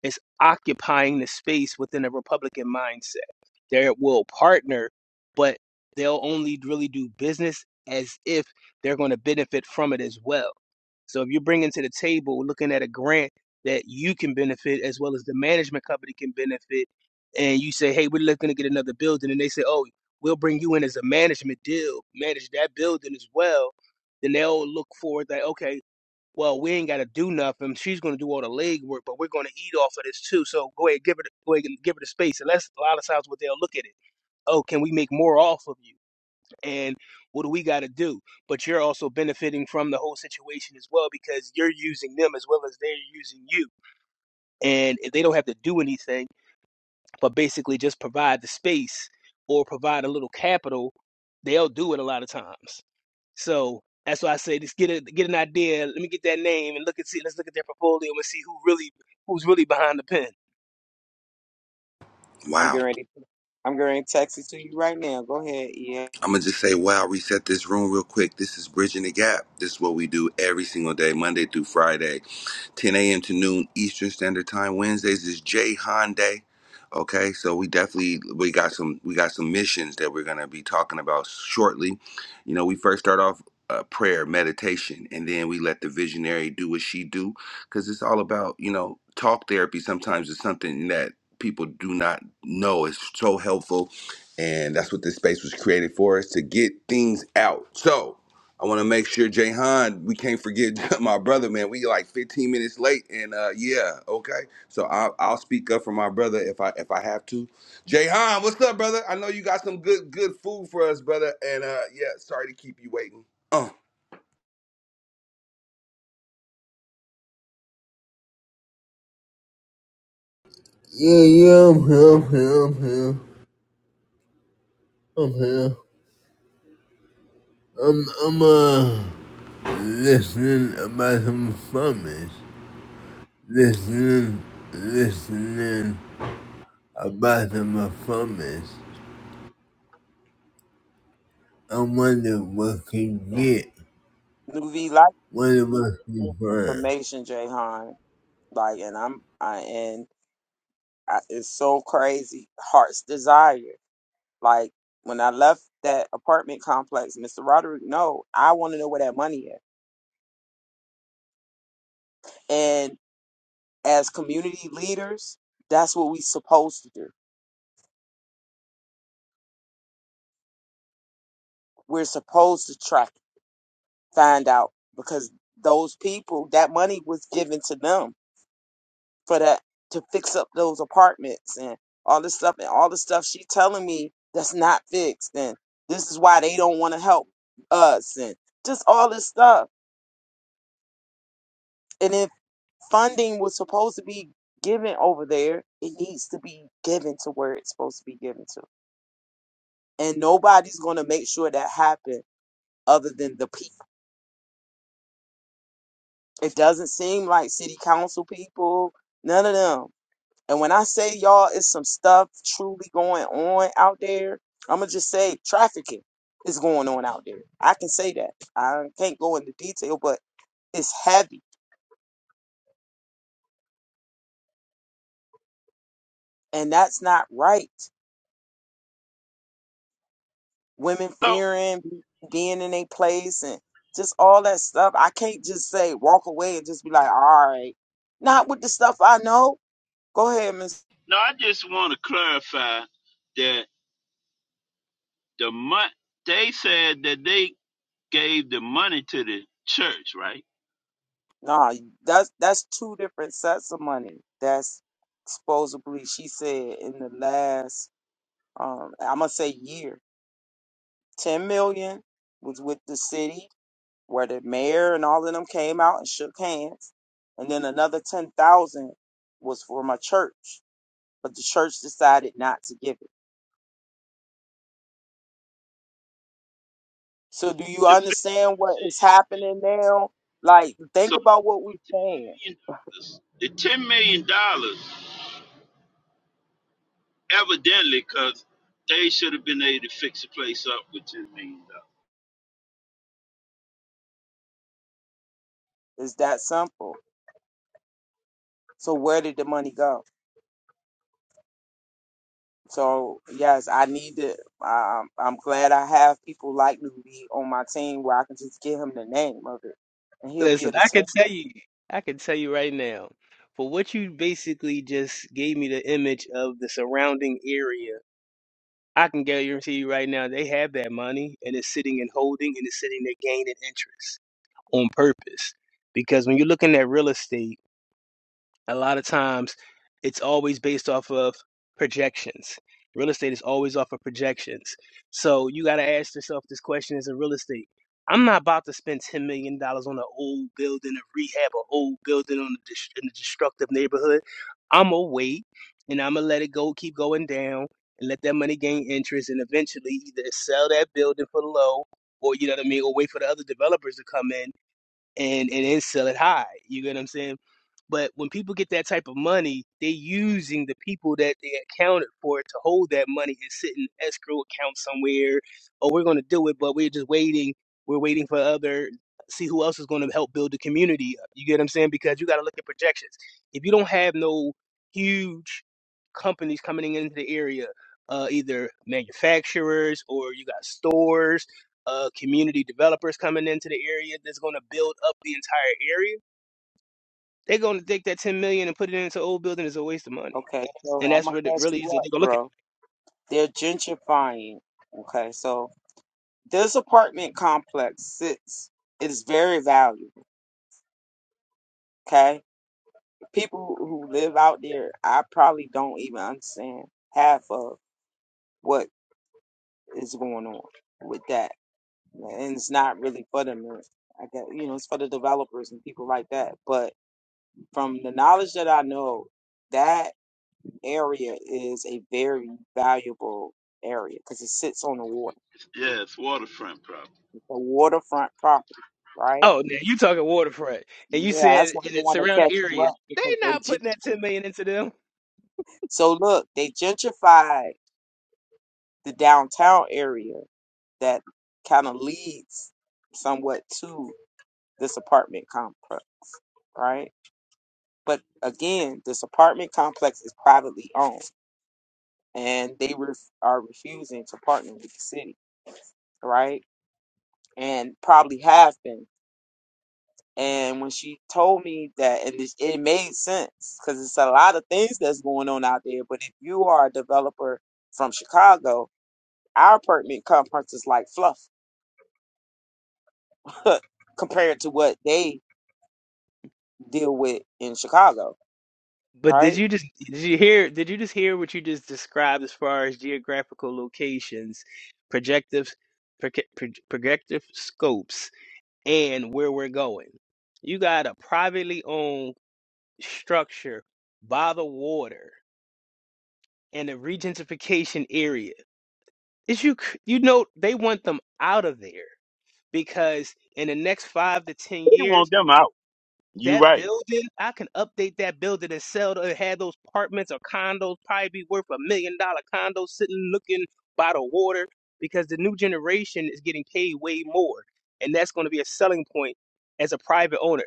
Speaker 5: is occupying the space within a Republican mindset. They will partner, but they'll only really do business as if they're going to benefit from it as well. So if you're bringing to the table, looking at a grant that you can benefit as well as the management company can benefit, and you say, hey, we're looking to get another building, and they say, oh, we'll bring you in as a management deal, manage that building as well, then they'll look for that, okay, well, we ain't got to do nothing. She's going to do all the leg work, but we're going to eat off of this too. So go ahead, give her, the, go ahead, and give her the space. And that's a lot of times what they'll look at it. Oh, can we make more off of you? And what do we got to do? But you're also benefiting from the whole situation as well because you're using them as well as they're using you, and they don't have to do anything but basically just provide the space or provide a little capital, they'll do it a lot of times. So that's why I say just get a get an idea. Let me get that name and look and see. Let's look at their portfolio and see who really who's really behind the pen.
Speaker 3: I'm
Speaker 1: Wow.
Speaker 3: getting ready. I'm getting ready to text it to you right now. Go ahead, yeah.
Speaker 1: I'm going to just say, wow, reset this room real quick. This is Bridging the Gap. This is what we do every single day, Monday through Friday. 10 a.m. to noon Eastern Standard Time. Wednesdays is Jay Han Day. Okay, so we definitely we got some we got some missions that we're gonna be talking about shortly. You know, we first start off uh, prayer, meditation, and then we let the visionary do what she do, because it's all about you know talk therapy. Sometimes is something that people do not know is so helpful, and that's what this space was created for us to get things out. So I want to make sure Jayhan, we can't forget my brother, man. We like 15 minutes late, and uh, yeah, okay. So I'll, I'll speak up for my brother if I if I have to. Jayhan, what's up, brother? I know you got some good good food for us, brother. And uh, yeah, sorry to keep you waiting. Oh
Speaker 2: family. Yeah, yeah, I'm here, I'm here, I'm here. I'm here. I'm I'm uh listening about some farmers. Listening listening about some farmers. I wonder what can get.
Speaker 3: New V like
Speaker 2: Wonder what can find.
Speaker 3: information, Jayhan. Like, and I'm I and I, it's so crazy. Heart's desire. Like when I left that apartment complex, Mr. Roderick. No, I want to know where that money is. And as community leaders, that's what we supposed to do. We're supposed to track, find out because those people, that money was given to them for that to fix up those apartments and all this stuff and all the stuff she telling me that's not fixed and this is why they don't want to help us and just all this stuff and if funding was supposed to be given over there it needs to be given to where it's supposed to be given to and nobody's going to make sure that happen other than the people it doesn't seem like city council people none of them And when I say y'all, it's some stuff truly going on out there. I'm gonna just say trafficking is going on out there. I can say that. I can't go into detail, but it's heavy, and that's not right. Women
Speaker 6: So
Speaker 3: fearing being in a place and just all that stuff. I can't just say walk away and just be like, all right, not with the stuff I know. Go ahead, Miss.
Speaker 6: no, I just want to clarify that the month they said that they gave the money to the church, right?
Speaker 3: Nah, that's that's two different sets of money. That's supposedly she said in the last um, I'm gonna say year, ten million was with the city where the mayor and all of them came out and shook hands, and then another ten thousand was for my church, but the church decided not to give it. So do you
Speaker 6: The big
Speaker 3: understand what
Speaker 6: question
Speaker 3: is
Speaker 6: is that
Speaker 3: happening now? Like, think
Speaker 6: so
Speaker 3: about what we're saying.
Speaker 6: the ten million dollars, the ten million dollars, evidently, because they should have been able to fix the place up with ten million dollars.
Speaker 3: It's that simple. So where did the money go? So yes, I need to. Um, I'm glad I have people like Newbie on my team where I can just give him the name of it, and he'll be
Speaker 5: Listen,
Speaker 3: able to
Speaker 5: I can
Speaker 3: tell me.
Speaker 5: tell you, I can tell you right now, for what you basically just gave me the image of the surrounding area. I can guarantee you right now, they have that money and it's sitting and holding and it's sitting there gaining interest on purpose. Because when you're looking at real estate. a lot of times it's always based off of projections. Real estate is always off of projections. So you got to ask yourself this question as a real estate. I'm not about to spend $10 million dollars on an old building, a rehab, an old building on a dis- in a destructive neighborhood. I'm going to wait and I'm going to let it go, keep going down and let that money gain interest and eventually either sell that building for low or, you know what I mean, or wait for the other developers to come in and and then sell it high. You get what I'm saying? But when people get that type of money, they're using the people that they accounted for to hold that money and sit in escrow account somewhere. Oh, we're going to do it, but we're just waiting. We're waiting for other, see who else is going to help build the community up. You get what I'm saying? Because you got to look at projections. If you don't have no huge companies coming into the area, uh, either manufacturers or you got stores uh, community developers coming into the area that's going to build up the entire area, they're going to take that 10 million and put it into old building is a waste of money.
Speaker 3: Okay, so
Speaker 5: And
Speaker 3: I'm
Speaker 5: that's
Speaker 3: gonna
Speaker 5: where it
Speaker 3: catch
Speaker 5: really is.
Speaker 3: you
Speaker 5: They're
Speaker 3: up,
Speaker 5: going to look at
Speaker 3: bro. They're gentrifying. Okay, so this apartment complex sits is very valued. Okay, people who live out there, I probably don't even understand half of what is going on with that, and it's not really for them. I guess you know it's for the developers and people like that. But from the knowledge that I know, that area is a very valuable area because it sits on the water.
Speaker 6: Yeah, it's waterfront property.
Speaker 3: It's a waterfront property, right?
Speaker 5: Oh, now you talking waterfront. And you
Speaker 3: Yeah,
Speaker 5: said
Speaker 3: that's why
Speaker 5: in
Speaker 3: they
Speaker 5: the
Speaker 3: want to
Speaker 5: surrounding
Speaker 3: catch you
Speaker 5: areas,
Speaker 3: up
Speaker 5: they
Speaker 3: because they
Speaker 5: not putting that 10 million into them.
Speaker 3: So look, they gentrified the downtown area that kind of leads somewhat to this apartment complex, right? But again, this apartment complex is privately owned, and they ref- are refusing to partner with the city, right? And probably have been. And when she told me that, and it, it made sense because it's a lot of things that's going on out there. But if you are a developer from Chicago, our apartment complex is like fluff compared to what they deal with in Chicago,
Speaker 5: But did
Speaker 3: right?
Speaker 5: you just did you hear did you just hear what you just described as far as geographical locations, projective proje- proj- projective scopes, and where we're going? You got a privately owned structure by the water in a regentrification area. Is you c- you know they want them out of there because in the next five to ten
Speaker 6: They
Speaker 5: years.
Speaker 6: want them out. You
Speaker 5: That
Speaker 6: right.
Speaker 5: building, I can update that building and sell to have those apartments or condos probably be worth a million dollar condo sitting looking by the water because the new generation is getting paid way more. And that's going to be a selling point as a private owner.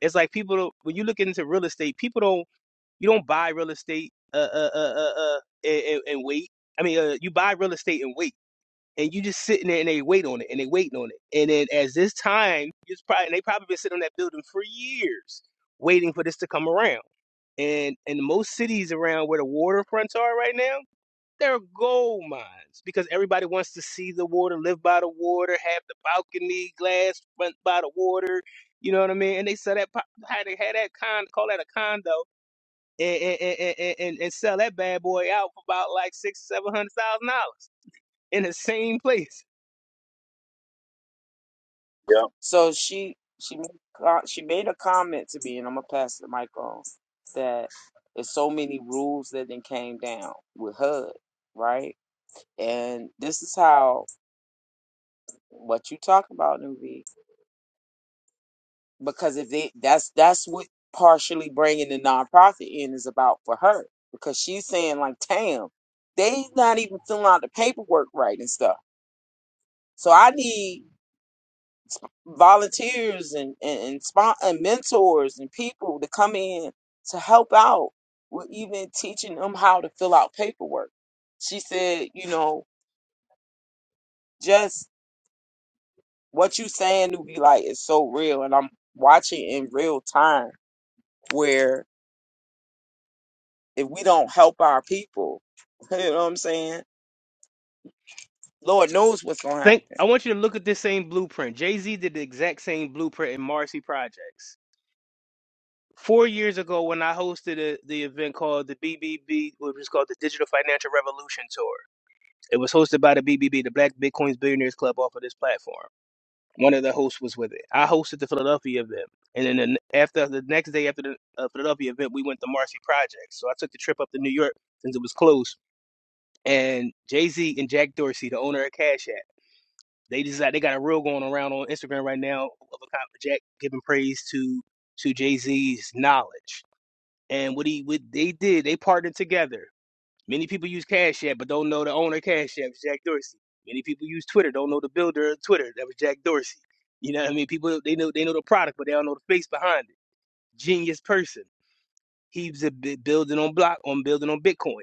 Speaker 5: It's like people, don't- when you look into real estate, people don't, you don't buy real estate uh, uh, uh, uh, uh, and, and, and wait. I mean, uh, you buy real estate and wait and you just sitting there and they wait on it and they waiting on it. And then as this time, it's probably they probably been sitting on that building for years waiting for this to come around. And in most cities around where the waterfronts are right now, they're gold mines because everybody wants to see the water, live by the water, have the balcony glass front by the water. You know what I mean? And they sell that, po- had they had that con, call that a condo, and and, and, and and and sell that bad boy out for about like six, seven hundred thousand dollars in the same place.
Speaker 6: Yeah.
Speaker 3: So she she made co- she made a comment to me, and I'm gonna pass the mic on that there's so many rules that then came down with HUD, right? And this is how what you talk about, Nuvi, because if they that's that's what partially bringing the nonprofit in is about for her because she's saying like, damn, they not even filling out the paperwork right and stuff. So I need volunteers and and, and, spon- and mentors and people to come in to help out with even teaching them how to fill out paperwork. She said, you know, just what you saying to be like is so real, and I'm watching in real time where if we don't help our people, you know what I'm saying? Lord knows what's gonna
Speaker 5: Think
Speaker 3: happen.
Speaker 5: I want you to look at this same blueprint. Jay Z did the exact same blueprint in Marcy Projects. Four years ago, when I hosted a, the event called the BBB, which was called the Digital Financial Revolution Tour, it was hosted by the BBB, the Black Bitcoins Billionaires Club, off of this platform. One of the hosts was with it. I hosted the Philadelphia event, and then the, n- after the next day after the uh, Philadelphia event, we went to Marcy Projects. So I took the trip up to New York since it was close, and Jay Z and Jack Dorsey, the owner of Cash App. They decide they got a reel going around on Instagram right now of a cop Jack giving praise to to Jay Z's knowledge. And what he what they did, they partnered together. Many people use Cash App but don't know the owner of Cash App, is Jack Dorsey. Many people use Twitter, don't know the builder of Twitter, that was Jack Dorsey. You know what I mean? People they know they know the product, but they don't know the face behind it. Genius person. He's a building on block on building on Bitcoin.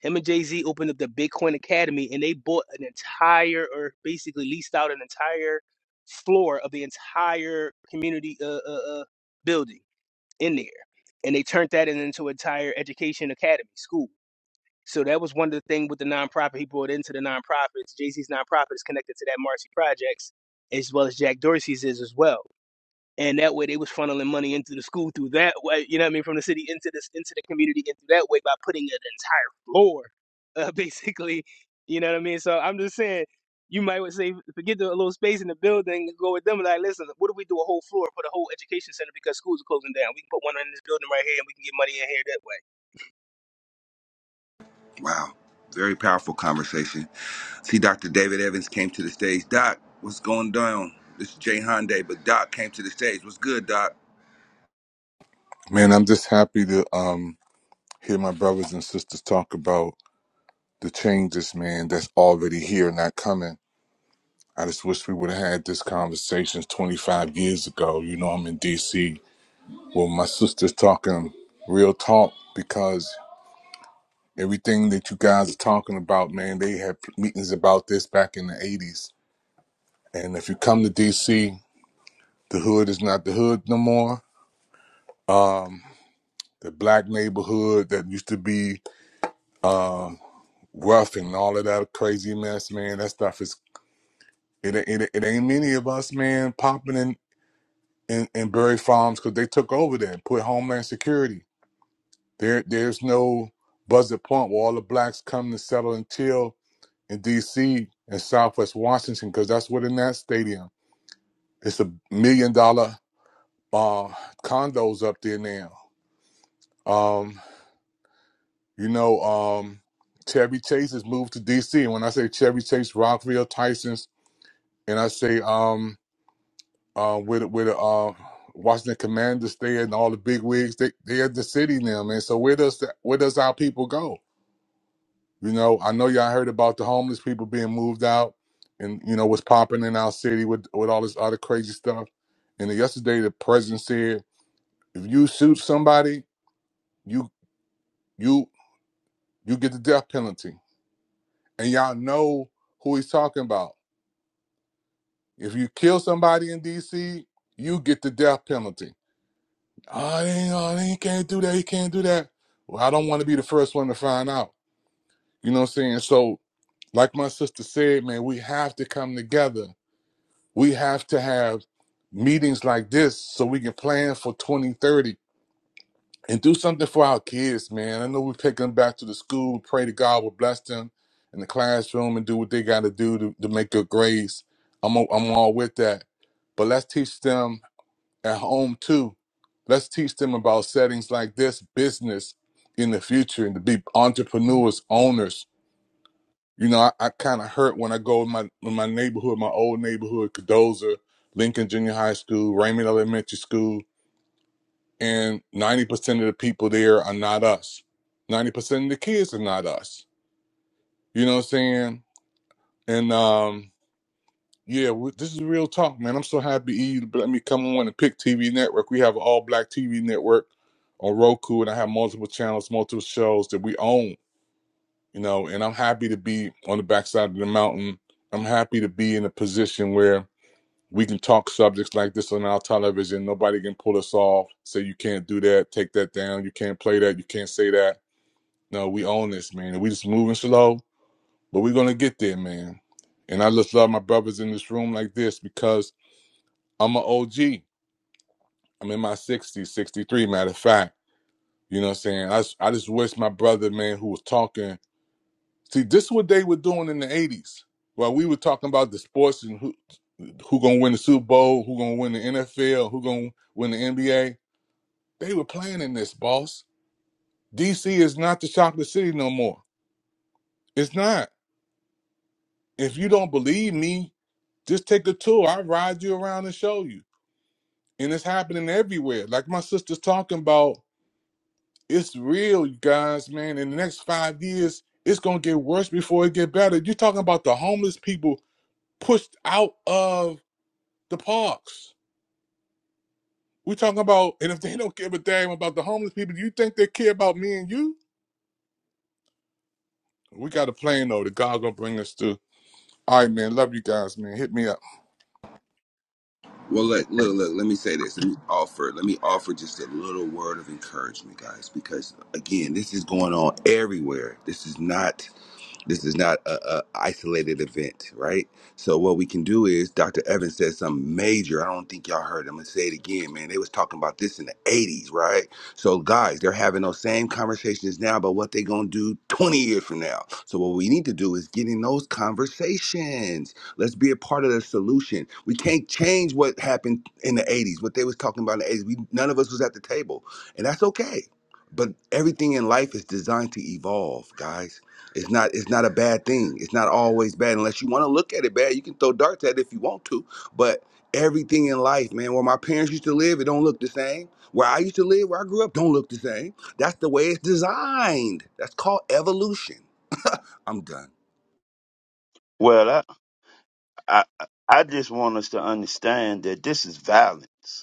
Speaker 5: Him and Jay Z opened up the Bitcoin Academy, and they bought an entire, or basically leased out an entire floor of the entire community uh, uh, uh, building in there, and they turned that in- into an entire education academy school. So that was one of the things with the nonprofit he brought into the nonprofits. Jay Z's nonprofit is connected to that Marcy Projects, as well as Jack Dorsey's is as well and that way they was funneling money into the school through that way. You know what I mean? From the city into this into the community into that way by putting an entire floor, uh, basically. You know what I mean? So I'm just saying, you might would say forget the little space in the building, go with them. Like, listen, what if we do a whole floor for the whole education center because schools are closing down? We can put one in this building right here, and we can get money
Speaker 1: wow, very powerful conversation. See, Dr. David Evans came to the stage. Doc, what's going down? This is Jayhan Day, but Doc came to the stage. What's good, Doc?
Speaker 7: Man, I'm just happy to um, hear my brothers and sisters talk about the changes, man, that's already here, not coming. I just wish we would have had this conversation 25 years ago. You know, I'm in DC. Well, my sister's talking real talk because everything that you guys are talking about, man, they had meetings about this back in the 80s. And if you come to DC, the hood is not the hood no more. Um, the black neighborhood that used to be uh, rough and all of that crazy mess, man. That stuff is it. It, it ain't many of us, man, popping in in, in Berry Farms because they took over there and put Homeland Security. There, there's no buzzer point where all the blacks come to settle and chill in D.C. and Southwest Washington because that's what in that stadium. It's a million dollar uh, condos up there now. Um, you know, um, Chevy Chase has moved to D.C. And when I say Chevy Chase, Rockville, Tyson's, and I say um uh, where the, where the uh, Washington Commanders stay and all the big wigs they they at the city now, man. So where does that, where does our people go? You know, I know y'all heard about the homeless people being moved out, and you know what's popping in our city with with all this other crazy stuff. And then yesterday, the president said, if you shoot somebody, you you you get the death penalty. And y'all know who he's talking about. If you kill somebody in D.C., you get the death penalty Oh, he, ain't- oh, he can't do that. He can't do that. Well, I don't want to be the first one to find out. You know what I'm saying? So, like my sister said, man, we have to come together. We have to have meetings like this so we can plan for 2030 and do something for our kids, man. I know we pick them back to the school, pray to God will bless them in the classroom and do what they got to do to make good grades. I'm, i I'm all with that. But let's teach them at home too. Let's teach them about settings like this, business in the future, and to be entrepreneurs, owners. You know, I, I kind of hurt when I go in my in my neighborhood, my old neighborhood, Cadoza, Lincoln Junior High School, Raymond Elementary School, and ninety percent of the people there are not us. Ninety percent of the kids are not us. You know what I'm saying? And um, Yeah, we, this is real talk, man. I'm so happy you let me come on and pick TV network. We have an all black TV network on Roku, and I have multiple channels, multiple shows that we own, you know. And I'm happy to be on the backside of the mountain. I'm happy to be in a position where we can talk subjects like this on our television. Nobody can pull us off, say you can't do that, take that down, you can't play that, you can't say that. No, we own this, man. And we just moving slow, but we're gonna get there, man. And I just love my brothers in this room like this because I'm an OG. I'm in my 60s, 63, matter of fact. You know what I'm saying? I, just- I just wish my brother, man, who was talking. See, this is what they were doing in the 80s. While we were talking about the sports and who who gonna win the Super Bowl, who gonna win the NFL, who gonna win the NBA, they were playing in this, boss. DC is not the chocolate city no more. It's not. If you don't believe me, just take a tour. I'll ride you around and show you. And it's happening everywhere. Like my sister's talking about It's real, you guys, man. In the next five years, it's gonna get worse before it get better. You're talking about the homeless people pushed out of the parks. We're talking about, and if they don't give a damn about the homeless people, do you think they care about me and you? We got a plan though. The God gonna bring us through. All right, man. Love you guys, man. Hit me up.
Speaker 1: Well, look, look, look. Let me say this. Let me offer. Let me offer just a little word of encouragement, guys, because again, this is going on everywhere. This is not this is not a, a isolated event, right? So what we can do is, Dr. Evans said something major. I don't think y'all heard. I'm gonna say it again, man. They was talking about this in the '80s, right? So guys, they're having those same conversations now about what they gonna do 20 years from now. So what we need to do is get in those conversations. Let's be a part of the solution. We can't change what happened in the '80s, what they was talking about in the '80s. We none of us was at the table, and that's okay. But everything in life is designed to evolve, guys it's not it's not a bad thing. It's not always bad unless you want to look at it bad. You can throw darts at it if you want to. But everything in life, man, where my parents used to live, it don't look the same. Where I used to live, where I grew up, don't look the same. That's the way it's designed. That's called evolution. I'm done.
Speaker 6: Well, I, I, I just want us to understand that this is violence.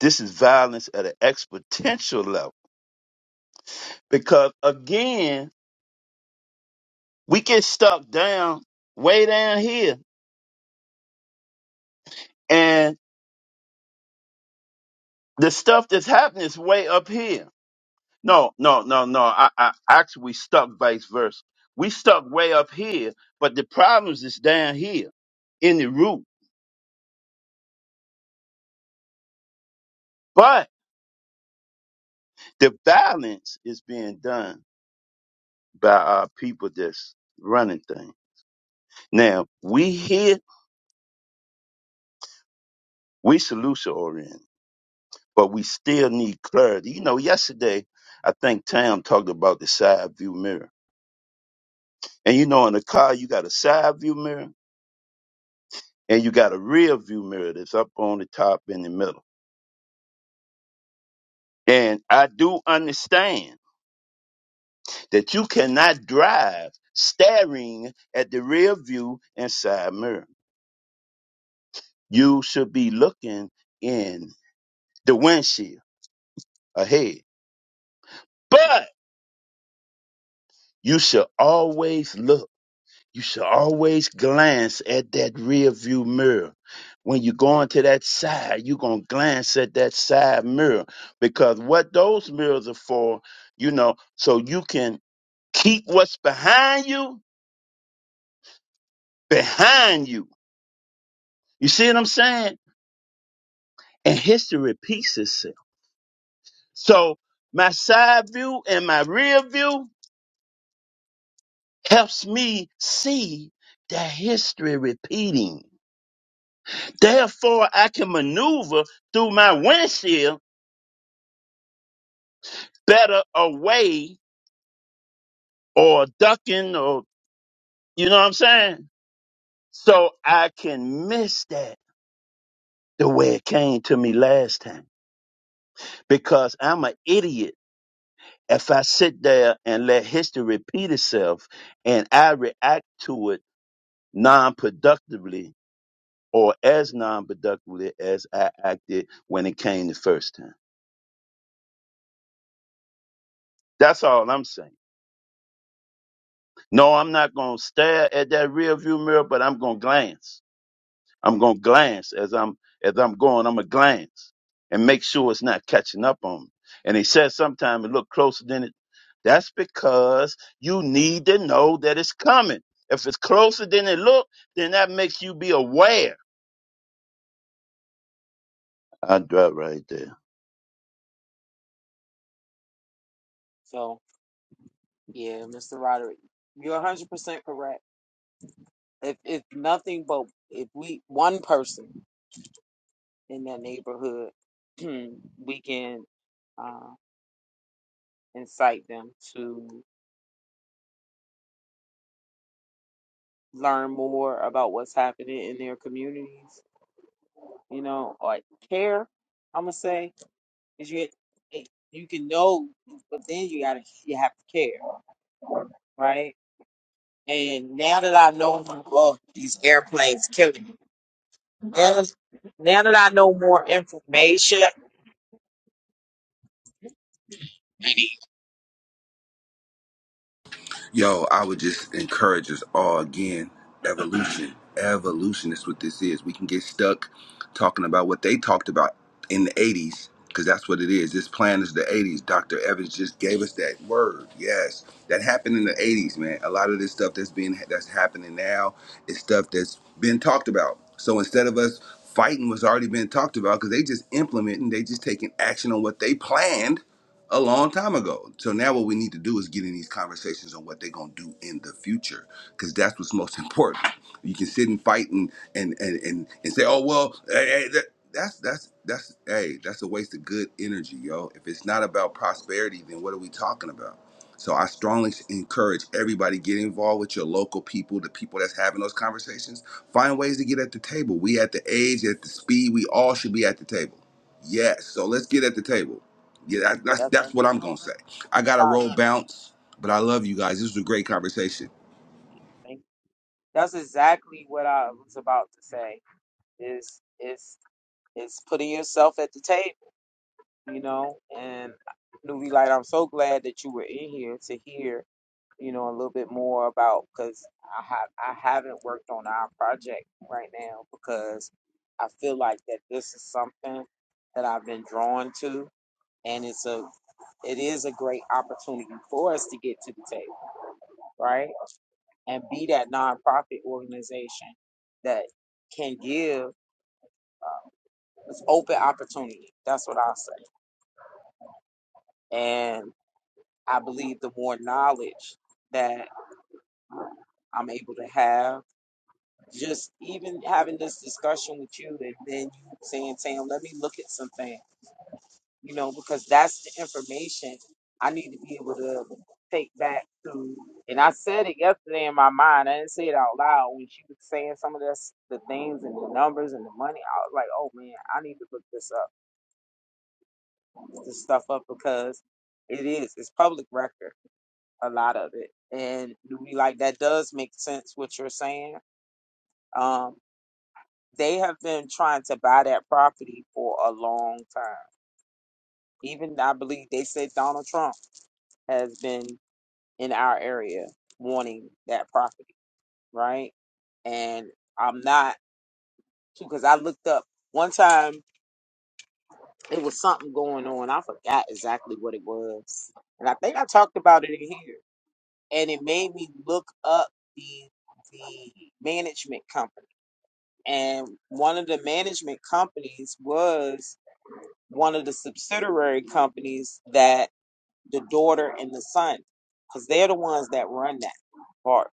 Speaker 6: This is violence at an exponential level. Because again, we get stuck down way down here and the stuff that's happening is way up here. No, no, no, no. I, I actually we stuck vice versa. We stuck way up here, but the problems is down here in the root. But the violence is being done by our people that's running things. Now we here, we solution oriented but we still need clarity. You know, yesterday I think Tam talked about the side view mirror. And you know, in a car you got a side view mirror and you got a rear view mirror that's up on the top in the middle. And I do understand that you cannot drive staring at the rear view and side mirror. You should be looking in the windshield ahead. But you should always look You should always glance at that rear view mirror. When you go into that side, you're going to glance at that side mirror because what those mirrors are for, you know, so you can keep what's behind you behind you. You see what I'm saying? And history repeats itself. So my side view and my rear view helps me see that history repeating. Therefore, I can maneuver through my windshield better away or ducking or you know what I'm saying? So I can miss that the way it came to me last time because I'm an idiot if I sit there and let history repeat itself and I react to it non-productively or as non-productively as I acted when it came the first time. That's all I'm saying. No, I'm not going to stare at that rearview mirror, but I'm going to glance. I'm gonna glance as I'm as I'm going. I'm gonna glance and make sure it's not catching up on me. And he says sometimes it look closer than it. That's because you need to know that it's coming. If it's closer than it look, then that makes you be aware. I drop right there.
Speaker 3: So yeah, Mr. Roderick, you're 100 percent correct. If if nothing but if we one person. in that neighborhood, we can uh, incite them to learn more about what's happening in their communities. You know, like care. I'm gonna say is you eh, you can know, but then you gotta you have to care, right? And now that I know, well, these airplanes killing me. Now, that- now that I know more information, that's
Speaker 1: Yo, I would just encourage us all again. Evolution. Evolution is what this is. We can get stuck talking about what they talked about in the 80s, because that's what it is. This plan is the 80s. Dr. Evans just gave us that word. Yes. That happened in the 80s, man. A lot of this stuff that's being that's happening now is stuff that's been talked about. So instead of us fighting what's already been talked about, because they just implementing, they just taking action on what they planned a long time ago. So now what we need to do is get in these conversations on what they're gonna do in the future, because that's what's most important. You can sit and fight and and and and, and say, oh well, hey, hey, that, that's that's that's hey, that's a waste of good energy, yo. If it's not about prosperity, then what are we talking about? So I strongly encourage everybody get involved with your local people, the people that's having those conversations. Find ways to get at the table. We at the age, at the speed, we all should be at the table. Yes. So let's get at the table. Yeah, that, that's that's what I'm gonna say. I got a
Speaker 3: about it.
Speaker 1: roll bounce, but I love you guys. This was a great conversation.
Speaker 3: Thank- That's exactly what I was about to say. is is is putting yourself at the table, you know. And Newbie Light, I'm so glad that you were in here to hear, you know, a little bit more about because I have I haven't worked on our project right now because I feel like that this is something that I've been drawn to, and it's a it is a great opportunity for us to get to the table, right? And be that nonprofit organization that can give. It's open opportunity. That's what I'll say. And I believe the more knowledge that I'm able to have, just even having this discussion with you and then you saying, Tam, let me look at something, you know, because that's the information I need to be able to take back to. And I said it yesterday in my mind. I didn't say it out loud. When she was saying some of this, the things and the numbers and the money, I was like, oh man, I need to look this up, this stuff up because it is. It's public record a lot of it. And we like that does make sense what you're saying. Um, they have been trying to buy that property for a long time. Even I believe they said Donald Trump has been in our area wanting that property, right? And I'm not because I looked up one time it was something going on. I forgot exactly what it was. And I think I talked about it in here. And it made me look up the the management company and one of the management companies was one of the subsidiary companies that the daughter and the son, because they're the ones that run that part.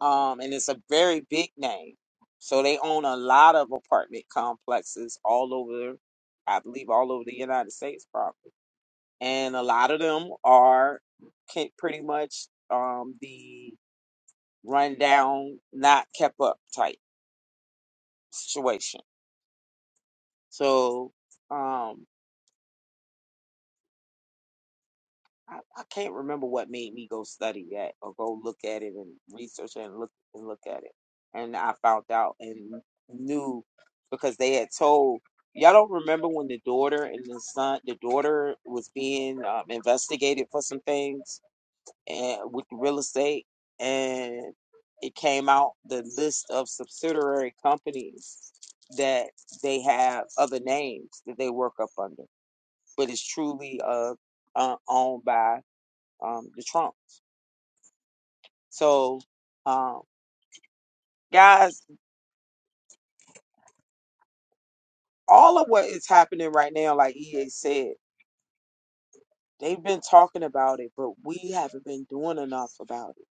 Speaker 3: Um, and it's a very big name, so they own a lot of apartment complexes all over, I believe, all over the United States, probably. And a lot of them are can, pretty much um, the rundown, not kept up type situation. So. Um, I, I can't remember what made me go study that or go look at it and research it and look and look at it. And I found out and knew because they had told y'all don't remember when the daughter and the son, the daughter was being um, investigated for some things and with the real estate, and it came out the list of subsidiary companies that they have other names that they work up under, but it's truly uh, uh owned by um, the Trump. So, um, guys, all of what is happening right now, like EA said, they've been talking about it, but we haven't been doing enough about it.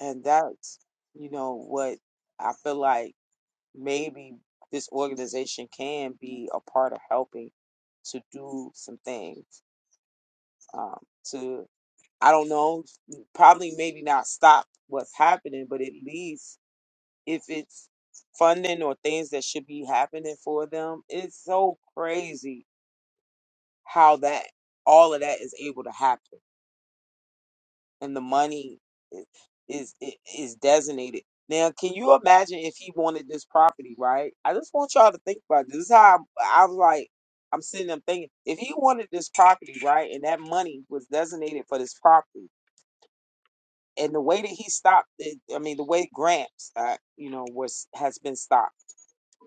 Speaker 3: And that's, you know, what I feel like maybe this organization can be a part of helping to do some things. Um, to, I don't know, probably maybe not stop what's happening, but at least if it's funding or things that should be happening for them. It's so crazy how that all of that is able to happen, and the money is is i- is designated. Now, can you imagine if he wanted this property, right? I just want y'all to think about this. This is how I, I was like, I'm sitting there thinking, if he wanted this property, right, and that money was designated for this property, and the way that he stopped it, I mean, the way grants, uh, you know, was has been stopped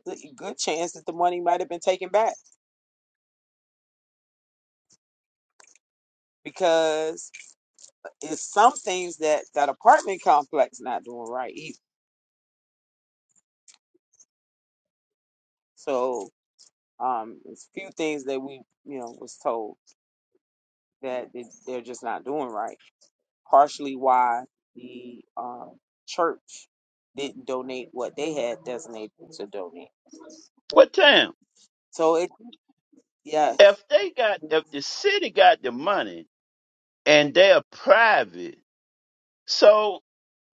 Speaker 3: good, chance that the money might have been taken back because it's some things that that apartment complex not doing right either. So um, it's a few things that we you know was told that they- they're just not doing right. Partially why the um, church didn't donate what they had designated to donate.
Speaker 6: What time?
Speaker 3: So it yes
Speaker 6: If they got, if the city got the money and they're private, so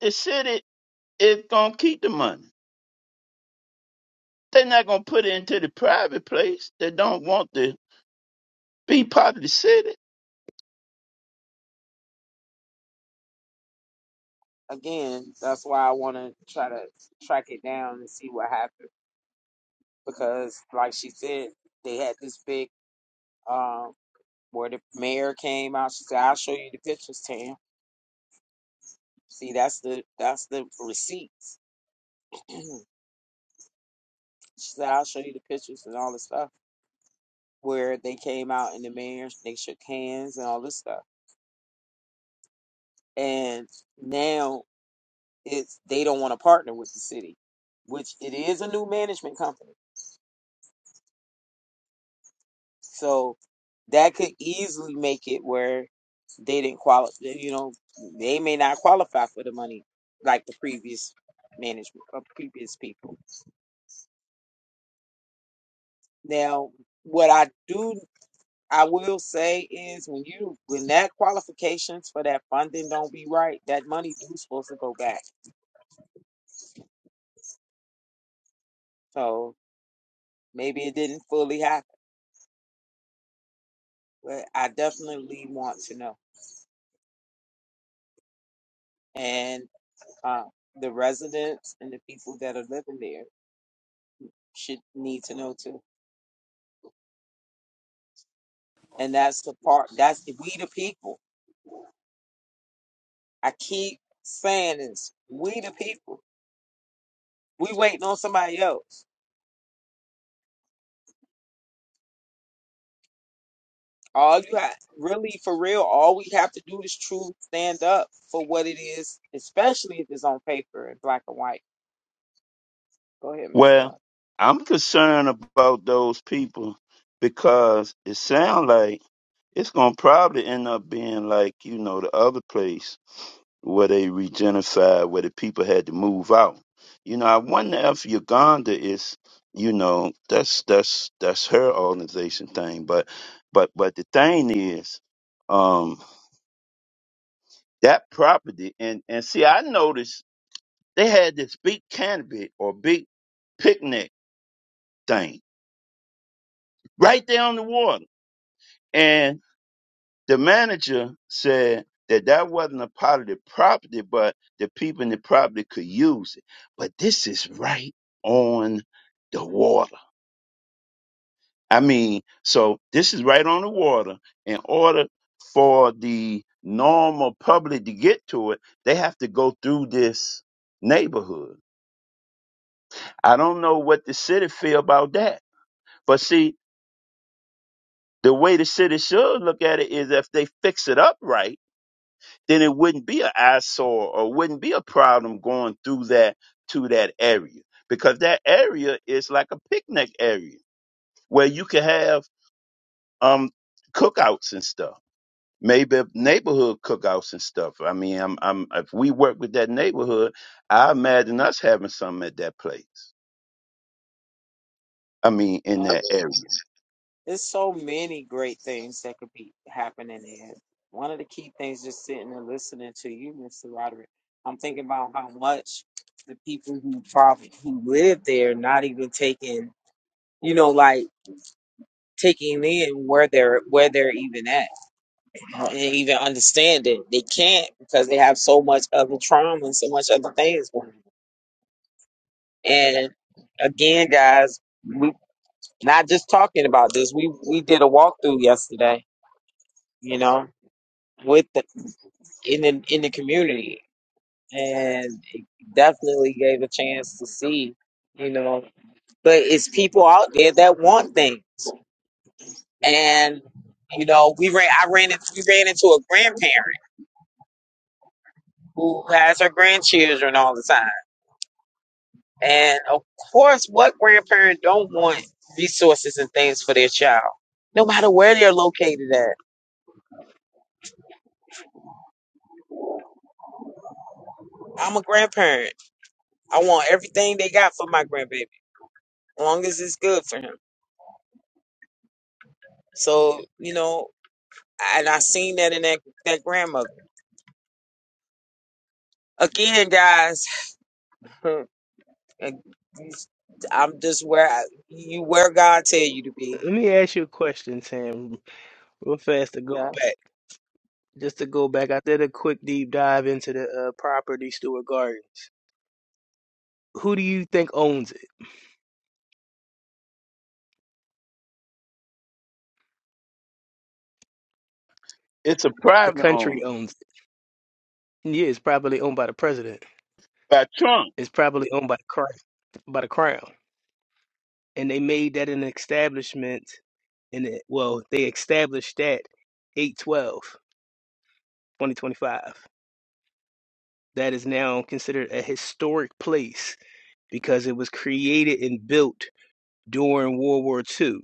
Speaker 6: the city is gonna keep the money. They're not gonna put it into the private place. They don't want the be part of the city.
Speaker 3: again that's why I want to try to track it down and see what happened because like she said they had this big um where the mayor came out. She said, "I'll show you the pictures, Tam. See, that's the that's the receipts." she said, "I'll show you the pictures and all this stuff where they came out and the mayor they shook hands and all this stuff." And now it's they don't want to partner with the city, which it is a new management company, so that could easily make it where they didn't qualify. You know, they may not qualify for the money like the previous management or previous people. Now, what I do, I will say is when you when that qualifications for that funding don't be right, that money do supposed to go back. So maybe it didn't fully happen, but I definitely want to know. And uh, the residents and the people that are living there should need to know too. And that's the part. That's the, we the people. I keep saying this. We the people. We waiting on somebody else. All you have, really, for real, all we have to do is truly stand up for what it is, especially if it's on paper in black and white. Go ahead, Mr.
Speaker 6: Well,
Speaker 3: Love.
Speaker 6: I'm concerned about those people because it sounds like it's gonna probably end up being like you know the other place where they regentrified, where the people had to move out. You know, I wonder if Uganda is, you know, that's that's that's her organization thing. But but but the thing is, um, that property and and see, I noticed They had this big canopy or big picnic thing right there on the water. And the manager said that that wasn't a part of the property, but the people in the property could use it. But this is right on the water. I mean, so this is right on the water. In order for the normal public to get to it, they have to go through this neighborhood. I don't know what the city feel about that. But see, The way the city should look at it is if they fix it up right, then it wouldn't be an eyesore or wouldn't be a problem going through that to that area because that area is like a picnic area where you can have um cookouts and stuff. Maybe neighborhood cookouts and stuff. I mean, I'm, I'm, if we work with that neighborhood, I imagine us having something at that place. I mean, in
Speaker 3: Um,
Speaker 6: that area.
Speaker 3: there's so many great things that could be happening there. One of the key things, just sitting and listening to you, Mr. Roderick, I'm thinking about how much the people who probably who live there not even taking, you know, like taking in where they're where they're even at. and even understand it. They can't because they have so much other trauma and so much other things going on. And again, guys, we not just talking about this. We we did a walkthrough yesterday, you know, with the in the in the community, and it definitely gave a chance to see, you know. But it's people out there that want things, and you know, we ran. I ran. in- We ran into a grandparent who has her grandchildren all the time And of course, what grandparent don't want resources and things for their child, no matter where they're located at? I'm a grandparent. I want everything they got for my grandbaby, as long as it's good for him. So, you know, and I seen that in that, that grandmother. Again, guys, I'm just where I, you where God tell you to be.
Speaker 5: in here that way. Let me ask you a question, Sam, real fast to go back,
Speaker 3: Yes.
Speaker 5: just to go back. I did a quick deep dive into the uh, property Stewart Gardens. Who do you think owns it?
Speaker 6: It's a
Speaker 5: The
Speaker 6: private
Speaker 5: country
Speaker 6: owner
Speaker 5: owns it. Yeah, it's probably owned by the president.
Speaker 6: by Trump.
Speaker 5: It's probably owned by the Christ, by the crown. And they made that an establishment in it. Well, they established that eight twelve twenty twenty five. That is now considered a historic place because it was created and built during World War Two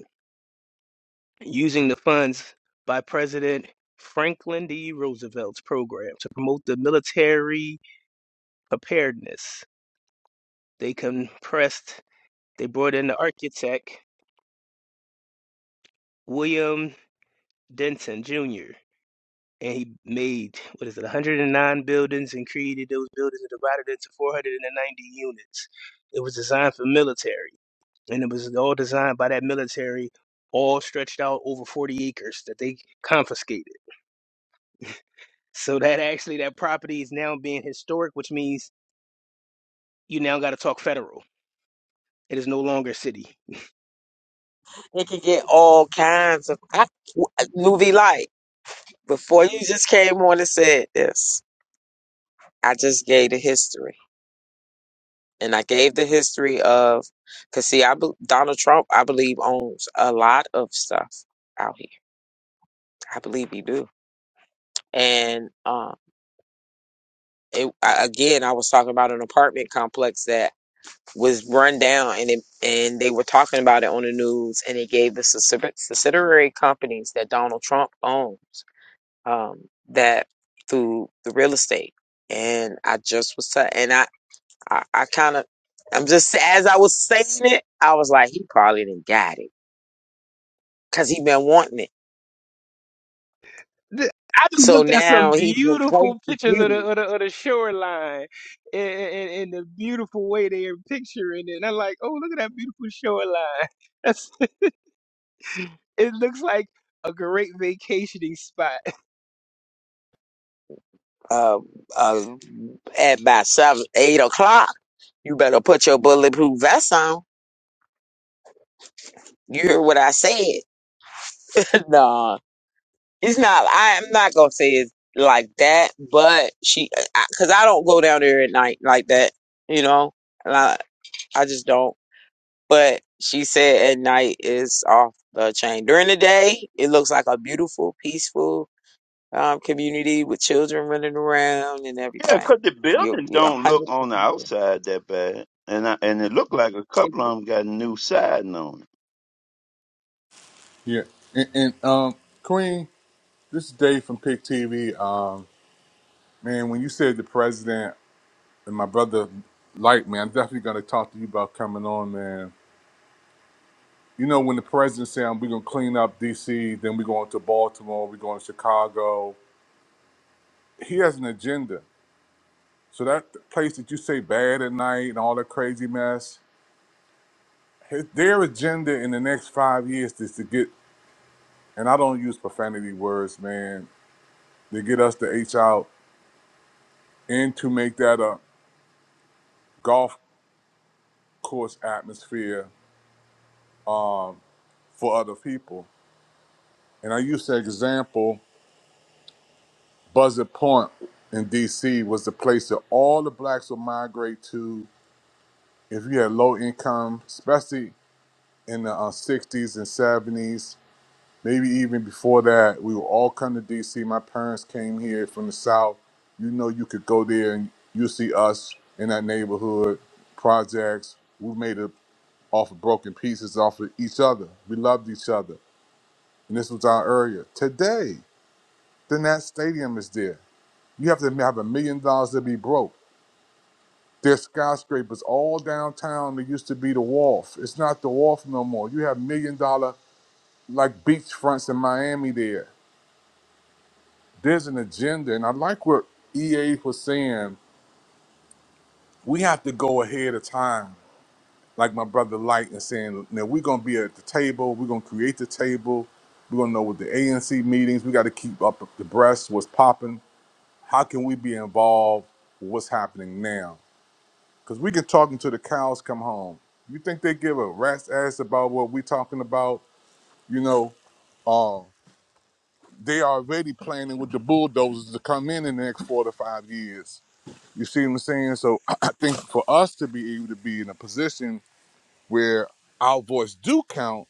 Speaker 5: using the funds by President Franklin D. Roosevelt's program to promote the military preparedness. They compressed They brought in the architect, William Denton Jr., and he made, what is it, 109 buildings and created those buildings and divided into 490 units. It was designed for military, and it was all designed by that military, all stretched out over 40 acres that they confiscated. So that actually, that property is now being historic, which means you now got to talk federal. It is no longer city.
Speaker 3: It can get all kinds of I, movie like before you just came on and said this. I just gave the history, and I gave the history of, cause see, I be, Donald Trump, I believe owns a lot of stuff out here. I believe he do. And um, it, I, again, I was talking about an apartment complex that was run down, and it, and they were talking about it on the news, and it gave the subsidi- subsidiary companies that Donald Trump owns um, that through the real estate. And I just was, t- and I I, I kind of, I'm just as I was saying it, I was like, he probably didn't got it because he been wanting it.
Speaker 5: Th- I just
Speaker 3: So
Speaker 5: looked at
Speaker 3: now
Speaker 5: some
Speaker 3: he been placed
Speaker 5: beautiful
Speaker 3: to
Speaker 5: pictures
Speaker 3: get
Speaker 5: of the
Speaker 3: it.
Speaker 5: of the, of the shoreline and, and, and the beautiful way they're picturing it. And I'm like, oh, look at that beautiful shoreline. That's it looks like a great vacationing spot.
Speaker 3: Uh, uh, at by seven, eight o'clock, you better put your bulletproof vest on. You hear what I said? nah, it's not. I, I'm not gonna say it's like that, but she, because I, 'cause I don't go down there at night like that. You know, and I, I just don't. But she said at night is off the chain. During the day, it looks like a beautiful, peaceful um, community with children running around and
Speaker 6: Yeah,
Speaker 3: everything.
Speaker 6: 'cause the
Speaker 3: You're
Speaker 6: buildings
Speaker 3: a
Speaker 6: don't look
Speaker 3: hundred
Speaker 6: on the
Speaker 3: percent,
Speaker 6: outside that bad, and I, and it looked like a
Speaker 3: It
Speaker 6: couple of them got new siding on it.
Speaker 7: Yeah, and, and um, Queen, this is Dave from Pick TV. Um, man, when you said the president. and my brother Light, man, I'm definitely gonna talk to you about coming on, man. You know, when the president said we're gonna clean up DC, then we're going to Baltimore, we're going to Chicago. He has an agenda. So that place that you say bad at night and all that crazy mess, his, their agenda in the next five years is to get, and I don't use profanity words, man, to get us to H out and to make that a golf course atmosphere um, for other people. And I use that example Buzzard Point in D.C. was the place that all the blacks would migrate to. If you had low income, especially in the uh, 60s and 70s, maybe even before that, we would all come to D.C. My parents came here from the South. You know, you could go there and you see us in that neighborhood, projects. We made it off of broken pieces off of each other. We loved each other. And this was our area. Today, then that stadium is there. You have to have a million dollars to be broke. There's skyscrapers all downtown that used to be the wharf. It's not the wharf no more. You have million dollar like beachfronts in Miami there. There's an agenda, and I like what EA was saying. We have to go ahead of time, like my brother Light and saying, now we're gonna be at the table, we're gonna create the table, we're gonna know what the ANC meetings, we gotta keep up the breast, what's popping. How can we be involved with what's happening now? Because we can talk until the cows come home. You think they give a rat's ass about what we talking about? You know, uh, they already planning with the bulldozers to come in in the next four to five years. You see what I'm saying? So I think for us to be able to be in a position where our voice do count,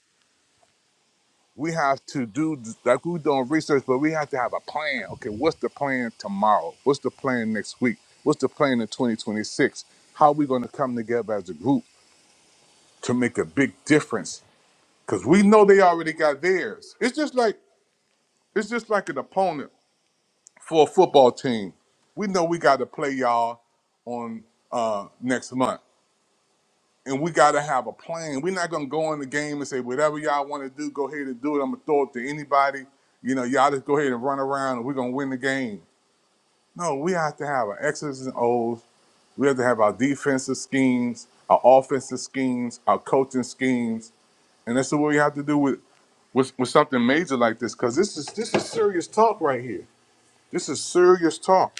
Speaker 7: we have to do like we're doing research, but we have to have a plan. Okay, what's the plan tomorrow? What's the plan next week? What's the plan in 2026? How are we going to come together as a group? to make a big difference because we know they already got theirs. It's just like it's just like an opponent for a football team. We know we got to play y'all on uh, next month, and we got to have a plan. We're not gonna go in the game and say whatever y'all want to do, go ahead and do it. I'm gonna throw it to anybody. You know, y'all just go ahead and run around, and we're gonna win the game. No, we have to have our X's and O's. We have to have our defensive schemes, our offensive schemes, our coaching schemes, and that's what we have to do with. with with something major like this because this is this is serious talk right here. This is serious talk.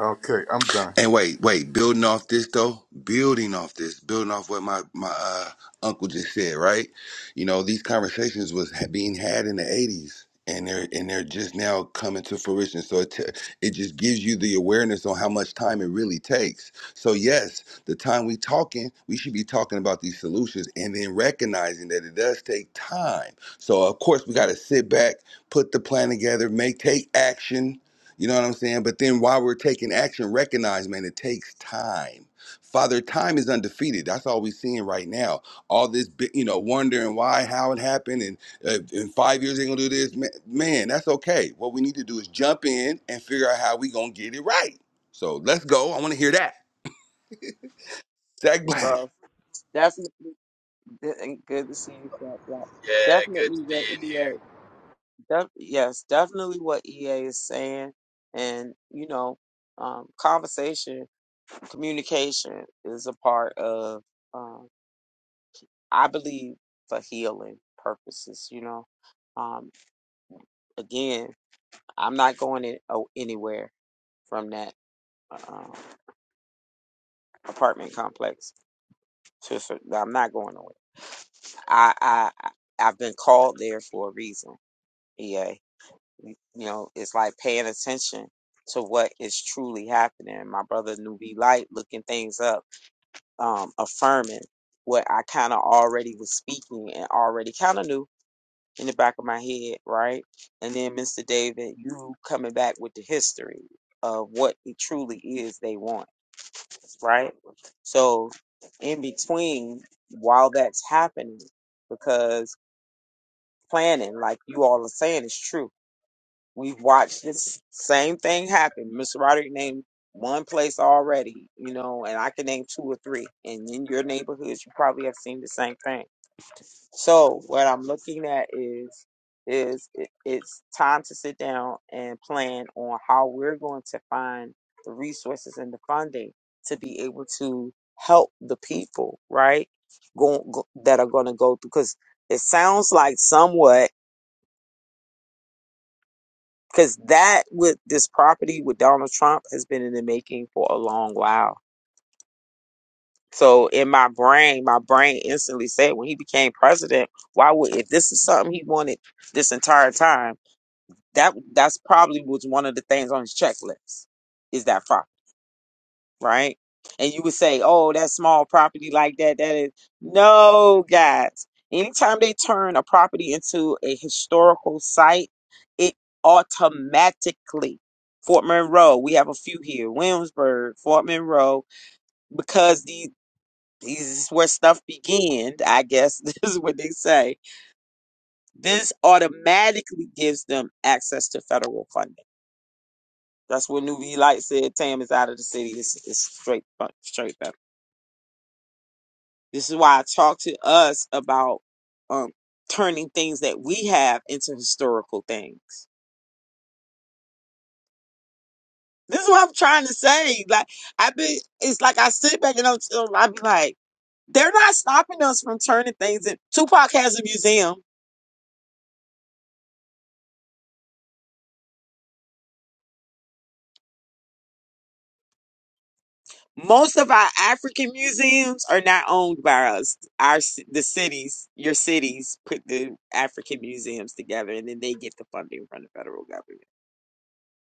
Speaker 7: Okay, I'm done.
Speaker 1: And wait, wait, building off this though, building off this, building off what my my uh, uncle just said, right? You know, these conversations was ha- being had in the '80s, and they're and they're just now coming to fruition. So it t- it just gives you the awareness on how much time it really takes. So yes, the time we talking, we should be talking about these solutions, and then recognizing that it does take time. So of course, we got to sit back, put the plan together, make take action you know what I'm saying? But then while we're taking action, recognize, man, it takes time. Father, time is undefeated. That's all we're seeing right now. All this, bi- you know, wondering why, how it happened, and uh, in five years they're gonna do this. Man, man, that's okay. What we need to do is jump in and figure out how we gonna get it right. So let's go. I want to hear that. Zach
Speaker 3: is,
Speaker 1: Black.
Speaker 3: bro. Definitely good and good to see you, Fat Black.
Speaker 8: Yeah, good to
Speaker 3: Definitely
Speaker 8: be
Speaker 3: what
Speaker 8: in here.
Speaker 3: EA. Def, yes, definitely what EA is saying, and you know, um, conversation, communication is a part of. um, I believe for healing purposes, you know. Um, again, I'm not going in, oh, anywhere from that uh, apartment complex. To, for- I'm not going nowhere. I, I I- I've been called there for a reason. Yeah, you know, it's like paying attention to what is truly happening. My brother Nuvi Light looking things up, um, affirming what I kind of already was speaking and already kind of knew in the back of my head, right? And then Mr. David, you coming back with the history of what it truly is they want, right? So in between, while that's happening, because planning, like you all are saying, is true. We've watched this same thing happen. Mr. Roderick named one place already, you know, and I can name two or three. And in your neighborhoods, you probably have seen the same thing so what I'm looking at is is it, it's time to sit down and plan on how we're going to find the resources and the funding to be able to help the people, right? Go, go, that are going to go through because it sounds like somewhat because that with this property with Donald Trump has been in the making for a long while. So in my brain, my brain instantly said when he became president, why would if this is something he wanted this entire time? That that's probably was one of the things on his checklist is that property, right? And you would say, "Oh, that small property like that, that is no, guys. Anytime they turn a property into a historical site, it automatically Fort Monroe. We have a few here, Williamsburg, Fort Monroe, because these these is where stuff began. I guess this is what they say. This automatically gives them access to federal funding That's what Nuvi Light said. Tam is out of the city. It's, it's straight, bu- straight up. This is why I talk to us about um, turning things that we have into historical things. This is what I'm trying to say. Like I've been, it's like I sit back and I'm, I be like, they're not stopping us from turning things. In. Tupac has a museum. Most of our African museums are not owned by us. Our ci- the cities, your cities, put the African museums together, and then they get the funding from the federal government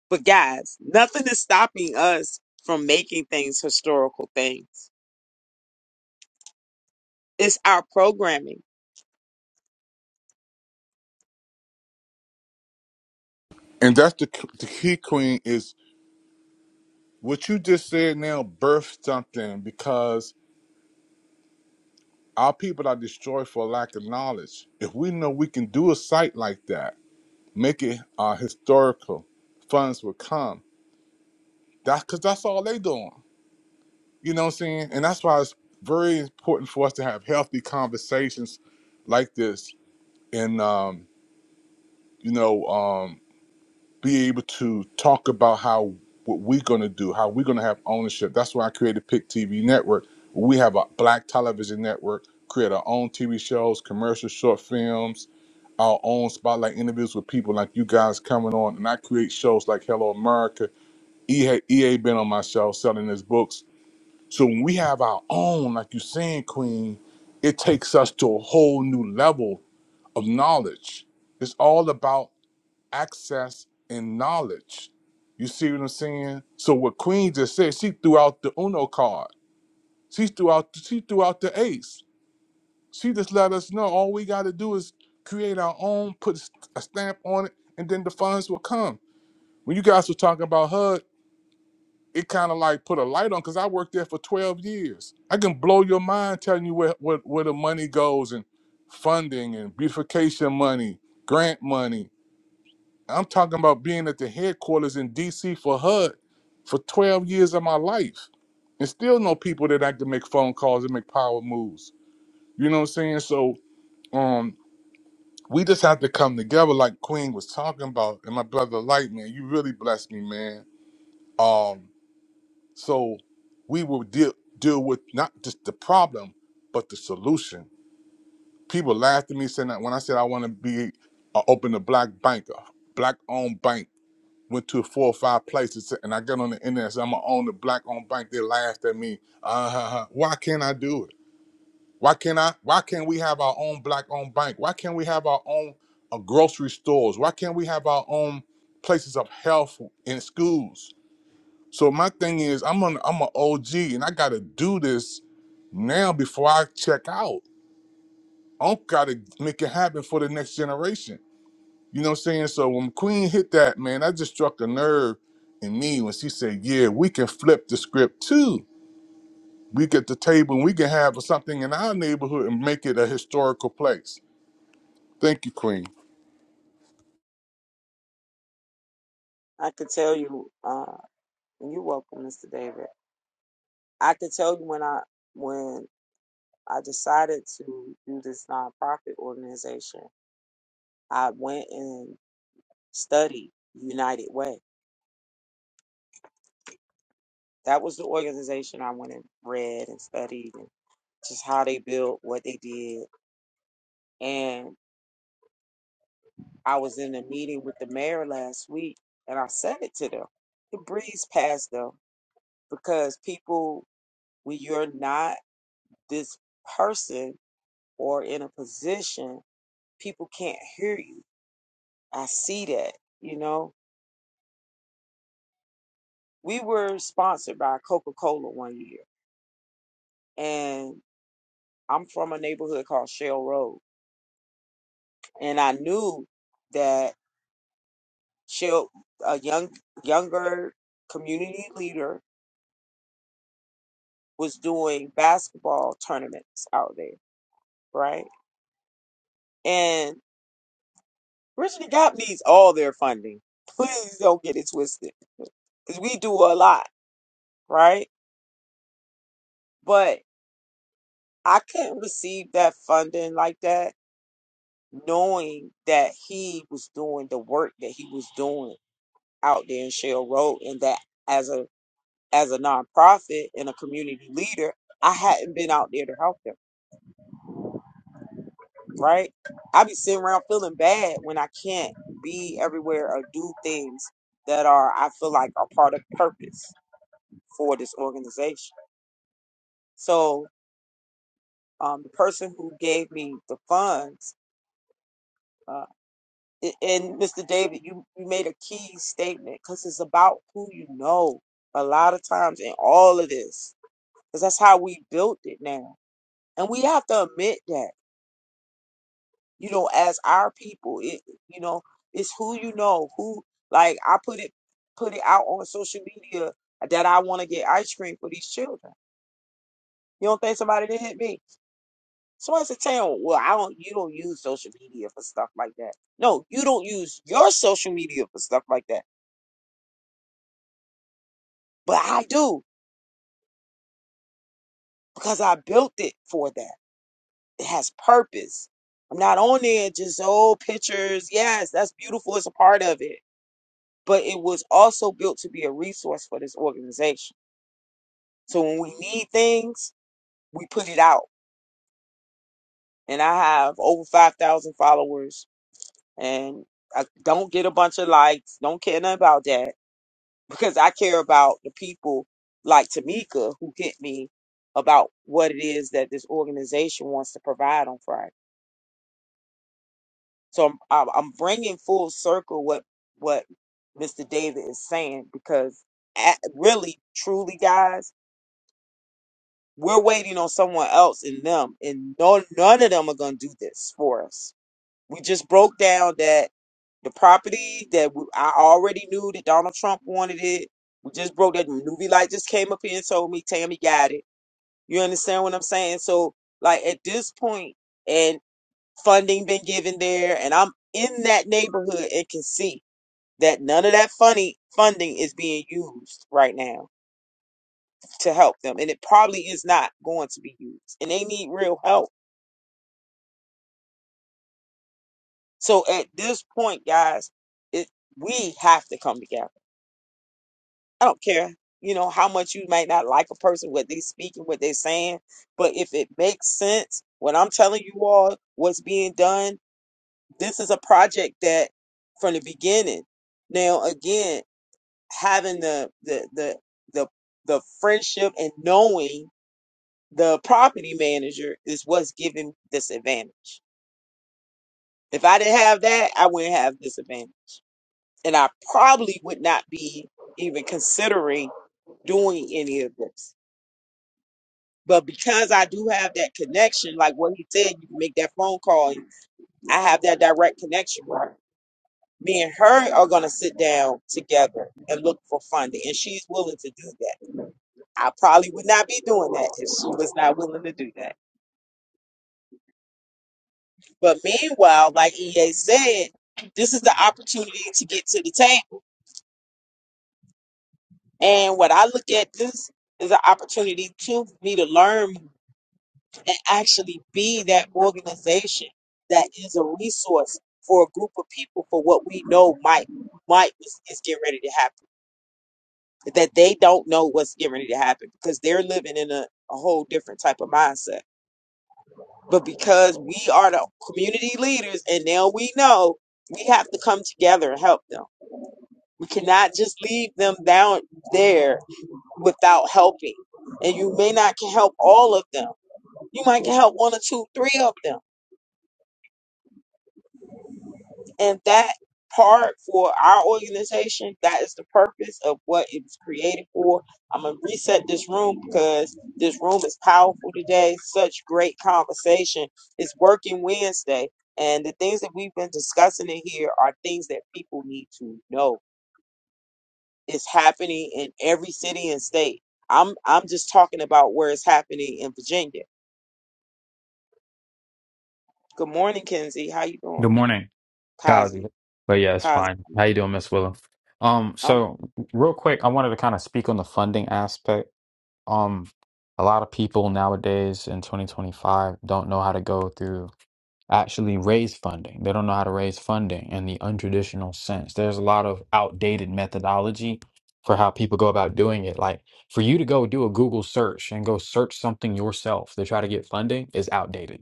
Speaker 3: But guys, nothing is stopping us from making things historical things. It's our programming.
Speaker 7: And that's the the key, Queen, is what you just said now. Birth something because our people are destroyed for lack of knowledge. If we know we can do a site like that, make it uh, historical, funds will come. That's because that's all they doing. You know what I'm saying? And that's why it's very important for us to have healthy conversations like this. And um, you know. um, be able to talk about how what we're going to do, how we're going to have ownership. That's why I created Pick TV Network. We have a black television network, create our own TV shows, commercial short films, our own spotlight interviews with people like you guys coming on. And I create shows like Hello America. EA, been on my show selling his books. So when we have our own, like you're saying, Queen, it takes us to a whole new level of knowledge. It's all about access and knowledge. You see what I'm saying? So what Queen just said, she threw out the Uno card. She threw out she threw out the ace. She just let us know all we gotta do is create our own, put a stamp on it, and then the funds will come. When you guys were talking about HUD, it kind of like put a light on because I worked there for 12 years. I can blow your mind telling you where, where, where the money goes and funding and beautification money, grant money, I'm talking about being at the headquarters in DC for HUD for 12 years of my life and still know people that I can make phone calls and make power moves. You know what I'm saying? So um we just have to come together like Queen was talking about. And my brother Light, man, you really blessed me, man. Um, so we will deal deal with not just the problem, but the solution. People laughed at me saying that when I said I want to be uh, open a black banker, black owned bank. went to four or five places and I got on the internet and said, I'm gonna own the black owned bank. They laughed at me. Uh, why can't I do it? Why can't I? Why can't we have our own black owned bank? Why can't we have our own uh, grocery stores? Why can't we have our own places of health in schools? So my thing is, I'm an I'm an OG and I gotta do this now before I check out. I gotta make it happen for the next generation. You know what I'm saying? So when Queen hit that, man, that just struck a nerve in me when she said, Yeah, we can flip the script too. We get the table and we can have something in our neighborhood and make it a historical place. Thank you, Queen.
Speaker 3: I could tell you, uh, and you're welcome, Mr. David. I could tell you when I when I decided to do this nonprofit organization, I went and studied United Way. That was the organization I went and read and studied and just how they built, what they did. and. I was in a meeting with the mayor last week and I said it to them. It breezed past them because people, when you're not this person or in a position, people can't hear you. I see that, you know. We were sponsored by Coca Cola one year, and I'm from a neighborhood called Shell Road. And I knew that Shell, a young, younger community leader, was doing basketball tournaments out there right? And Richard Gap needs all their funding. Please don't get it twisted, because we do a lot, right? But I couldn't receive that funding like that, knowing that he was doing the work that he was doing out there in Shell Road, and that as a as a nonprofit and a community leader, I hadn't been out there to help them, right? I be sitting around feeling bad when I can't be everywhere or do things that are I feel like are part of purpose for this organization. So um, the person who gave me the funds, uh, and Mr. David, you, you made a key statement because it's about who you know a lot of times in all of this, because that's how we built it now. And we have to admit that, you know, as our people, it, you know, it's who you know, who, like I put it, put it out on social media that I want to get ice cream for these children. You don't think somebody did not hit me? Somebody said, "Tell well, I don't. You don't use social media for stuff like that. No, you don't use your social media for stuff like that. But I do because I built it for that. It has purpose. I'm not on there just old pictures. Yes, that's beautiful. It's a part of it. But it was also built to be a resource for this organization. So when we need things, we put it out. And I have over five thousand followers, and I don't get a bunch of likes. Don't care nothing about that because I care about the people like Tamika who hit me about what it is that this organization wants to provide on Friday. So I'm I'm I'm bringing full circle what what Mr. David is saying because at, really truly guys, we're waiting on someone else in them and no none of them are going to do this for us We just broke down that the property that we, I already knew that Donald Trump wanted it. We just broke that. Newbie Light just came up here and told me Tammy got it. You understand what I'm saying? So, like at this point, and funding been given there, and I'm in that neighborhood and can see that none of that funny funding is being used right now to help them, and it probably is not going to be used, and they need real help. So at this point, guys, it we have to come together I don't care, you know, how much you might not like a person, what they speaking, what they're saying, but if it makes sense, what I'm telling you all, what's being done, this is a project that from the beginning. Now, again, having the the the the the friendship and knowing the property manager is what's giving this advantage. If I didn't have that, I wouldn't have this advantage. And I probably would not be even considering doing any of this But because I do have that connection, like what he said, you can make that phone call. I have that direct connection with her. Me and her are going to sit down together and look for funding. And she's willing to do that. I probably would not be doing that if she was not willing to do that. But meanwhile, like EA said, this is the opportunity to get to the table. And what I look at this is an opportunity to me to learn and actually be that organization that is a resource for a group of people for what we know might might is, is getting ready to happen that they don't know what's getting ready to happen because they're living in a, a whole different type of mindset but because we are the community leaders and now we know we have to come together and help them we cannot just leave them down there without helping and you may not can help all of them you might can help one or two three of them And that part for our organization, that is the purpose of what it was created for. I'm going to reset this room because this room is powerful today. Such great conversation. It's working Wednesday. And the things that we've been discussing in here are things that people need to know. It's happening in every city and state. I'm I'm just talking about where it's happening in Virginia. Good morning, Kenzie. How you doing?
Speaker 9: Good morning, Cosby.
Speaker 3: Kazi.
Speaker 9: But yeah, it's
Speaker 3: Kazi.
Speaker 9: fine. How you doing, Miss Willow? Um,
Speaker 3: I'm
Speaker 9: so real quick, I wanted to kind of speak on the funding aspect. Um, a lot of people nowadays in 2025 don't know how to go through actually raise funding. They don't know how to raise funding in the untraditional sense. There's a lot of outdated methodology for how people go about doing it. Like for you to go do a Google search and go search something yourself to try to get funding is outdated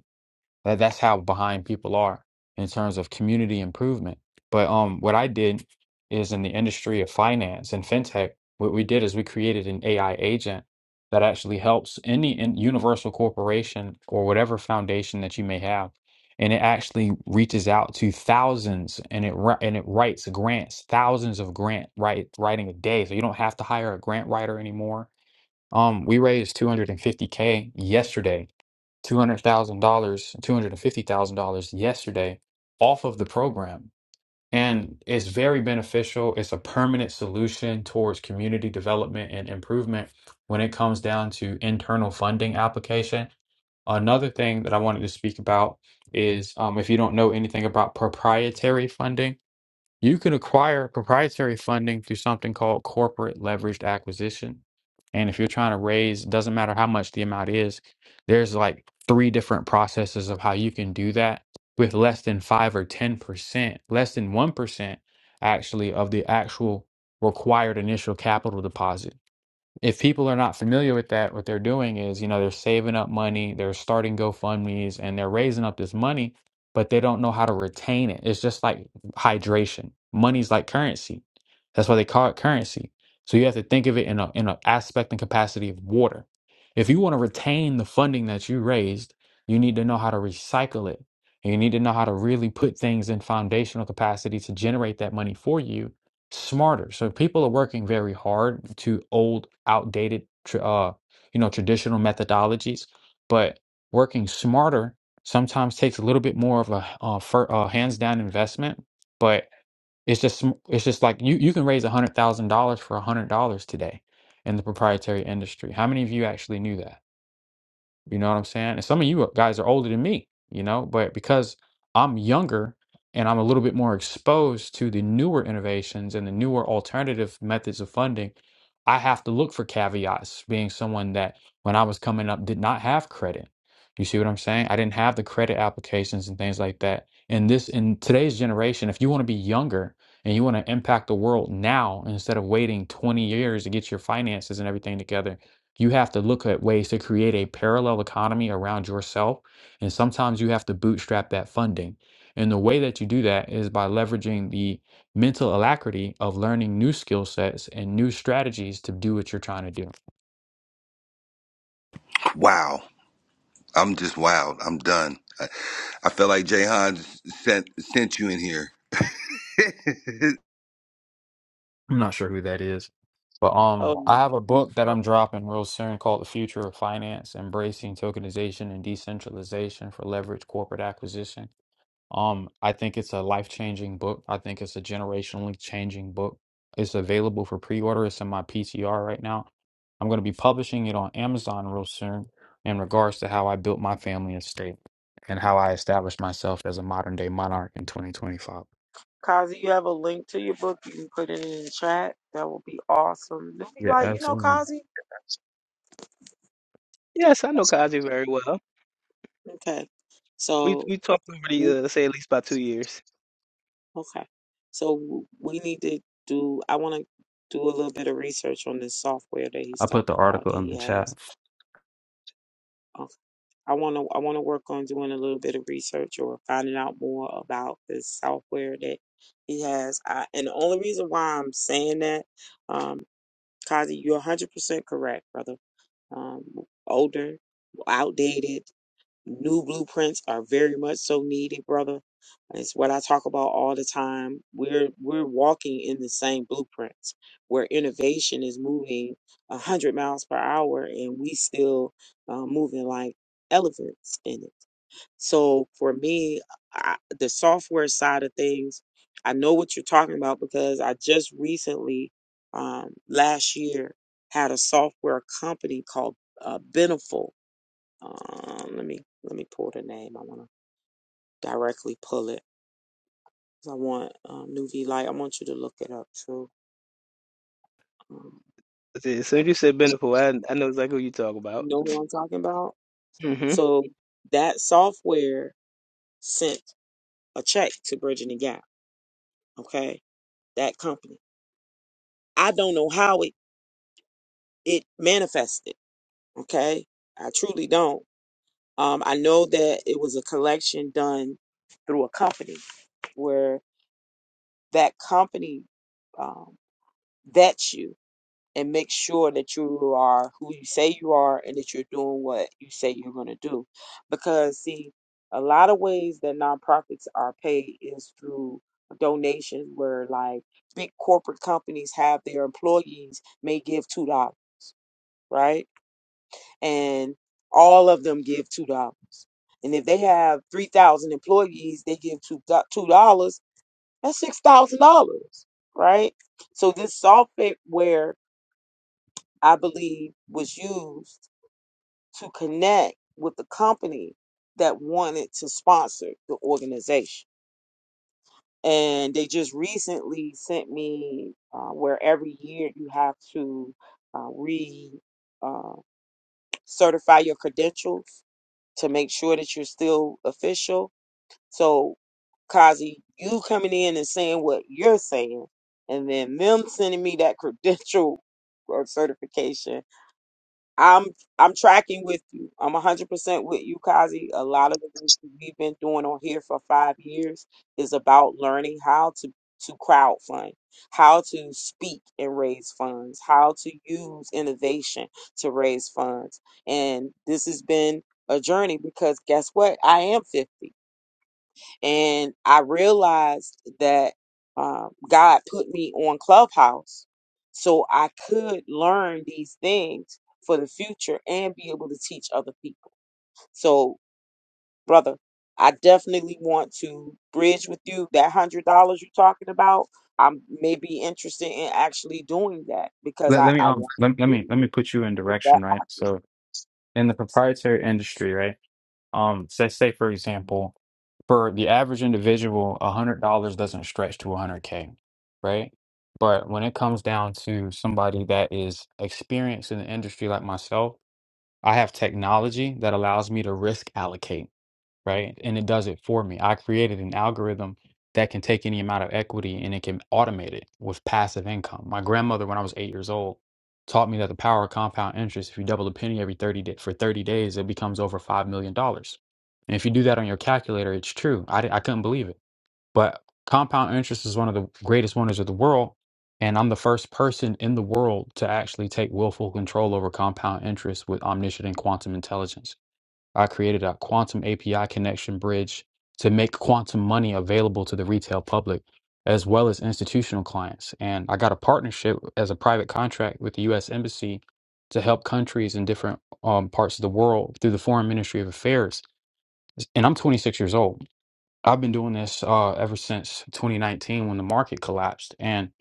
Speaker 9: that that's how behind people are in terms of community improvement. But um, what I did is in the industry of finance and fintech, what we did is we created an AI agent that actually helps any in universal corporation or whatever foundation that you may have, and it actually reaches out to thousands and it wri- and it writes grants, thousands of grant write writing a day. So you don't have to hire a grant writer anymore. Um, we raised 250K yesterday $200,000, $250,000 yesterday off of the program. And it's very beneficial. It's a permanent solution towards community development and improvement when it comes down to internal funding application. Another thing that I wanted to speak about is um, if you don't know anything about proprietary funding, you can acquire proprietary funding through something called corporate leveraged acquisition. And if you're trying to raise, doesn't matter how much the amount is, there's like three different processes of how you can do that with less than five or 10%, less than 1% actually of the actual required initial capital deposit if people are not familiar with that, what they're doing is, you know, they're saving up money, they're starting GoFundMe's, and they're raising up this money, but they don't know how to retain it. It's just like hydration. Money's like currency. That's why they call it currency. So you have to think of it in a in an aspect and capacity of water. If you want to retain the funding that you raised, you need to know how to recycle it. And you need to know how to really put things in foundational capacity to generate that money for you smarter. So people are working very hard to old, outdated, tr- uh, you know, traditional methodologies, but working smarter sometimes takes a little bit more of a uh, fir- uh, hands down investment. But it's just sm- it's just like you you can raise a hundred thousand dollars for a hundred dollars today in the proprietary industry. How many of you actually knew that? You know what I'm saying? And some of you guys are older than me, you know, but because I'm younger and I'm a little bit more exposed to the newer innovations and the newer alternative methods of funding, I have to look for caveats, being someone that when I was coming up did not have credit. You see what I'm saying? I didn't have the credit applications and things like that. And this in today's generation, if you want to be younger and you want to impact the world now instead of waiting 20 years to get your finances and everything together, you have to look at ways to create a parallel economy around yourself. And sometimes you have to bootstrap that funding. And the way that you do that is by leveraging the mental alacrity of learning new skill sets and new strategies to do what you're trying to do.
Speaker 1: Wow. I'm just wild. I'm done. I, I felt like Jay sent sent you in here.
Speaker 9: I'm not sure who that is. But um, I
Speaker 3: oh
Speaker 9: have a book that I'm dropping real soon called The Future of Finance Embracing Tokenization and Decentralization for Leveraged Corporate Acquisition. Um, I think it's a life-changing book. I think it's a generationally changing book. It's available for pre-order. It's in my PTR right now. I'm going to be publishing it on Amazon real soon in regards to how I built my family estate and how I established myself as a modern-day monarch in 2025.
Speaker 3: Kazi, you have a link to your book. You can put it in the chat. That will be awesome. They'll be
Speaker 9: Yeah,
Speaker 3: like, you know,
Speaker 9: absolutely.
Speaker 3: Kazi.
Speaker 5: Yes, I know Kazi very well.
Speaker 3: Okay.
Speaker 5: We
Speaker 3: So,
Speaker 5: we talked already,
Speaker 3: we-
Speaker 5: uh, say at least about two years.
Speaker 3: okay. So we need to do, I want to do a little bit of research on this software that he's
Speaker 9: I put the
Speaker 3: talking about
Speaker 9: article
Speaker 3: that
Speaker 9: in
Speaker 3: he
Speaker 9: the
Speaker 3: has.
Speaker 9: chat.
Speaker 3: Okay. I want to, I want to work on doing a little bit of research or finding out more about this software that he has. I, and the only reason why I'm saying that, um, Kazi, you're 100% correct, brother um, older, outdated. New blueprints are very much so needed, brother. It's what I talk about all the time. We're we're walking in the same blueprints where innovation is moving a hundred miles per hour, and we still uh, moving like elephants in it. So for me, I, the software side of things, I know what you're talking about because I just recently, um, last year, had a software company called uh, Beneful. Um, let me let me pull the name. I want to directly pull it. 'Cause I want um, New V Light. I want you to look it up too. Um,
Speaker 5: That's it. As soon as you said Beneful, I I know exactly who you talk
Speaker 3: you
Speaker 5: about.
Speaker 3: know what I'm talking about?
Speaker 5: hmm
Speaker 3: So that software sent a check to Bridging the Gap. Okay, that company. I don't know how it. it manifested. Okay. I truly don't. Um, I know that it was a collection done through a company where that company um, vets you and makes sure that you are who you say you are and that you're doing what you say you're going to do. Because, see, a lot of ways that nonprofits are paid is through donations where like big corporate companies have their employees may give $2, right? and all of them give two dollars. And if they have three thousand employees, they give two two dollars. That's six thousand dollars, right? So this software, I believe, was used to connect with the company that wanted to sponsor the organization. And they just recently sent me uh, where every year you have to uh, re uh, certify your credentials to make sure that you're still official. So, Kazi, you coming in and saying what you're saying, and then them sending me that credential or certification I'm I'm tracking with you. I'm 100% with you, Kazi. A lot of the things that we've been doing on here for five years is about learning how to to crowdfund, how to speak and raise funds, how to use innovation to raise funds. And this has been a journey because guess what? I am 50 and I realized that um, God put me on Clubhouse so I could learn these things for the future and be able to teach other people. So, brother, I definitely want to bridge with you that hundred dollars you're talking about. I may be interested in actually doing that because
Speaker 9: Let,
Speaker 3: I,
Speaker 9: let me
Speaker 3: I
Speaker 9: um
Speaker 3: want
Speaker 9: let, let
Speaker 3: to do
Speaker 9: me let
Speaker 3: it
Speaker 9: me put you in
Speaker 3: if that
Speaker 9: direction, right?
Speaker 3: happens.
Speaker 9: So in the proprietary industry, right? Um, say, say for example, for the average individual, $100 doesn't stretch to 100K, right? But when it comes down to somebody that is experienced in the industry like myself, I have technology that allows me to risk allocate right? And it does it for me. I created an algorithm that can take any amount of equity and it can automate it with passive income. My grandmother, when I was eight years old, taught me that the power of compound interest, if you double a penny every 30 day, for 30 days, it becomes over $5 million. dollars. And if you do that on your calculator, it's true. I, di- I couldn't believe it. But compound interest is one of the greatest wonders of the world. And I'm the first person in the world to actually take willful control over compound interest with omniscient and quantum intelligence. I created a quantum API connection bridge to make quantum money available to the retail public as well as institutional clients. And I got a partnership as a private contract with the U.S. Embassy to help countries in different um, parts of the world through the Foreign Ministry of Affairs. And I'm 26 years old. I've been doing this uh, ever since 2019 when the market collapsed. And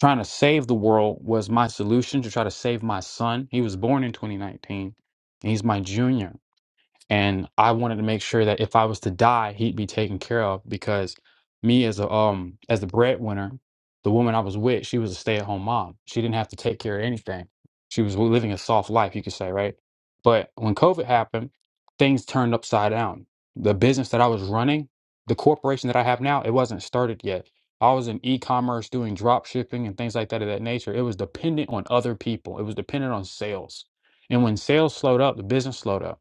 Speaker 9: trying to save the world was my solution to try to save my son. He was born in 2019, and he's my junior and I wanted to make sure that if I was to die, he'd be taken care of because me as a um as the breadwinner, the woman I was with, she was a stay at home mom. She didn't have to take care of anything. She was living a soft life, you could say, right? But when COVID happened, things turned upside down. The business that I was running, the corporation that I have now, it wasn't started yet. I was in e-commerce doing drop shipping and things like that of that nature. It was dependent on other people. It was dependent on sales. And when sales slowed up, the business slowed up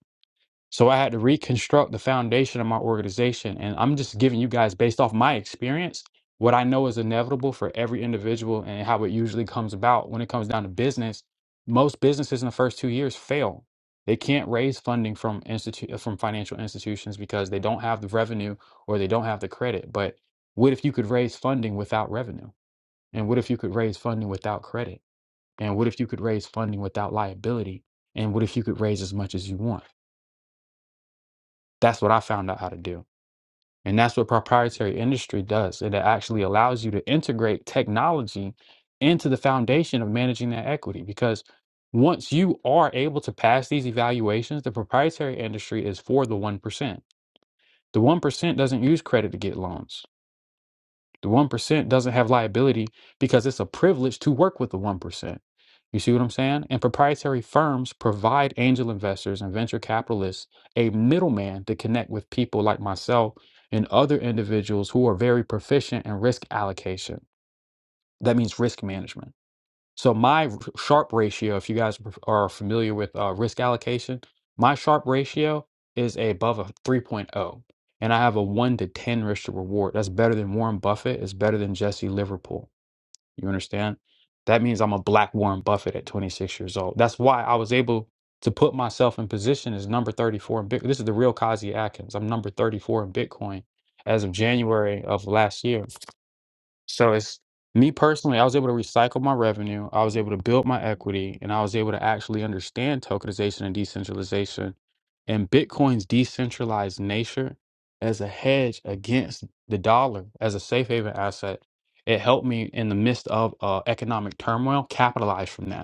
Speaker 9: so I had to reconstruct the foundation of my organization. And I'm just giving you guys, based off my experience, what I know is inevitable for every individual and how it usually comes about when it comes down to business. Most businesses in the first two years fail. They can't raise funding from institute from financial institutions because they don't have the revenue or they don't have the credit. But what if you could raise funding without revenue? And what if you could raise funding without credit? And what if you could raise funding without liability? And what if you could raise as much as you want? That's what I found out how to do. And that's what proprietary industry does. It actually allows you to integrate technology into the foundation of managing that equity because once you are able to pass these evaluations, the proprietary industry is for the 1%. The 1% doesn't use credit to get loans. The 1% doesn't have liability because it's a privilege to work with the 1%. You see what I'm saying? And proprietary firms provide angel investors and venture capitalists a middleman to connect with people like myself and other individuals who are very proficient in risk allocation. That means risk management. So my r- Sharpe ratio, if you guys are are familiar with uh, risk allocation, my Sharpe ratio is above a 3.0, and I have a 1 to 10 risk to reward. That's better than Warren Buffett. It's better than Jesse Liverpool. You understand? That means I'm a black Warren Buffett at 26 years old. That's why I was able to put myself in position as number 34 in Bitcoin. This is the real Kazi Atkins. I'm number 34 in Bitcoin as of January of last year. So it's me personally, I was able to recycle my revenue, I was able to build my equity, and I was able to actually understand tokenization and decentralization and Bitcoin's decentralized nature as a hedge against the dollar as a safe haven asset. It helped me in the midst of uh, economic turmoil capitalize from that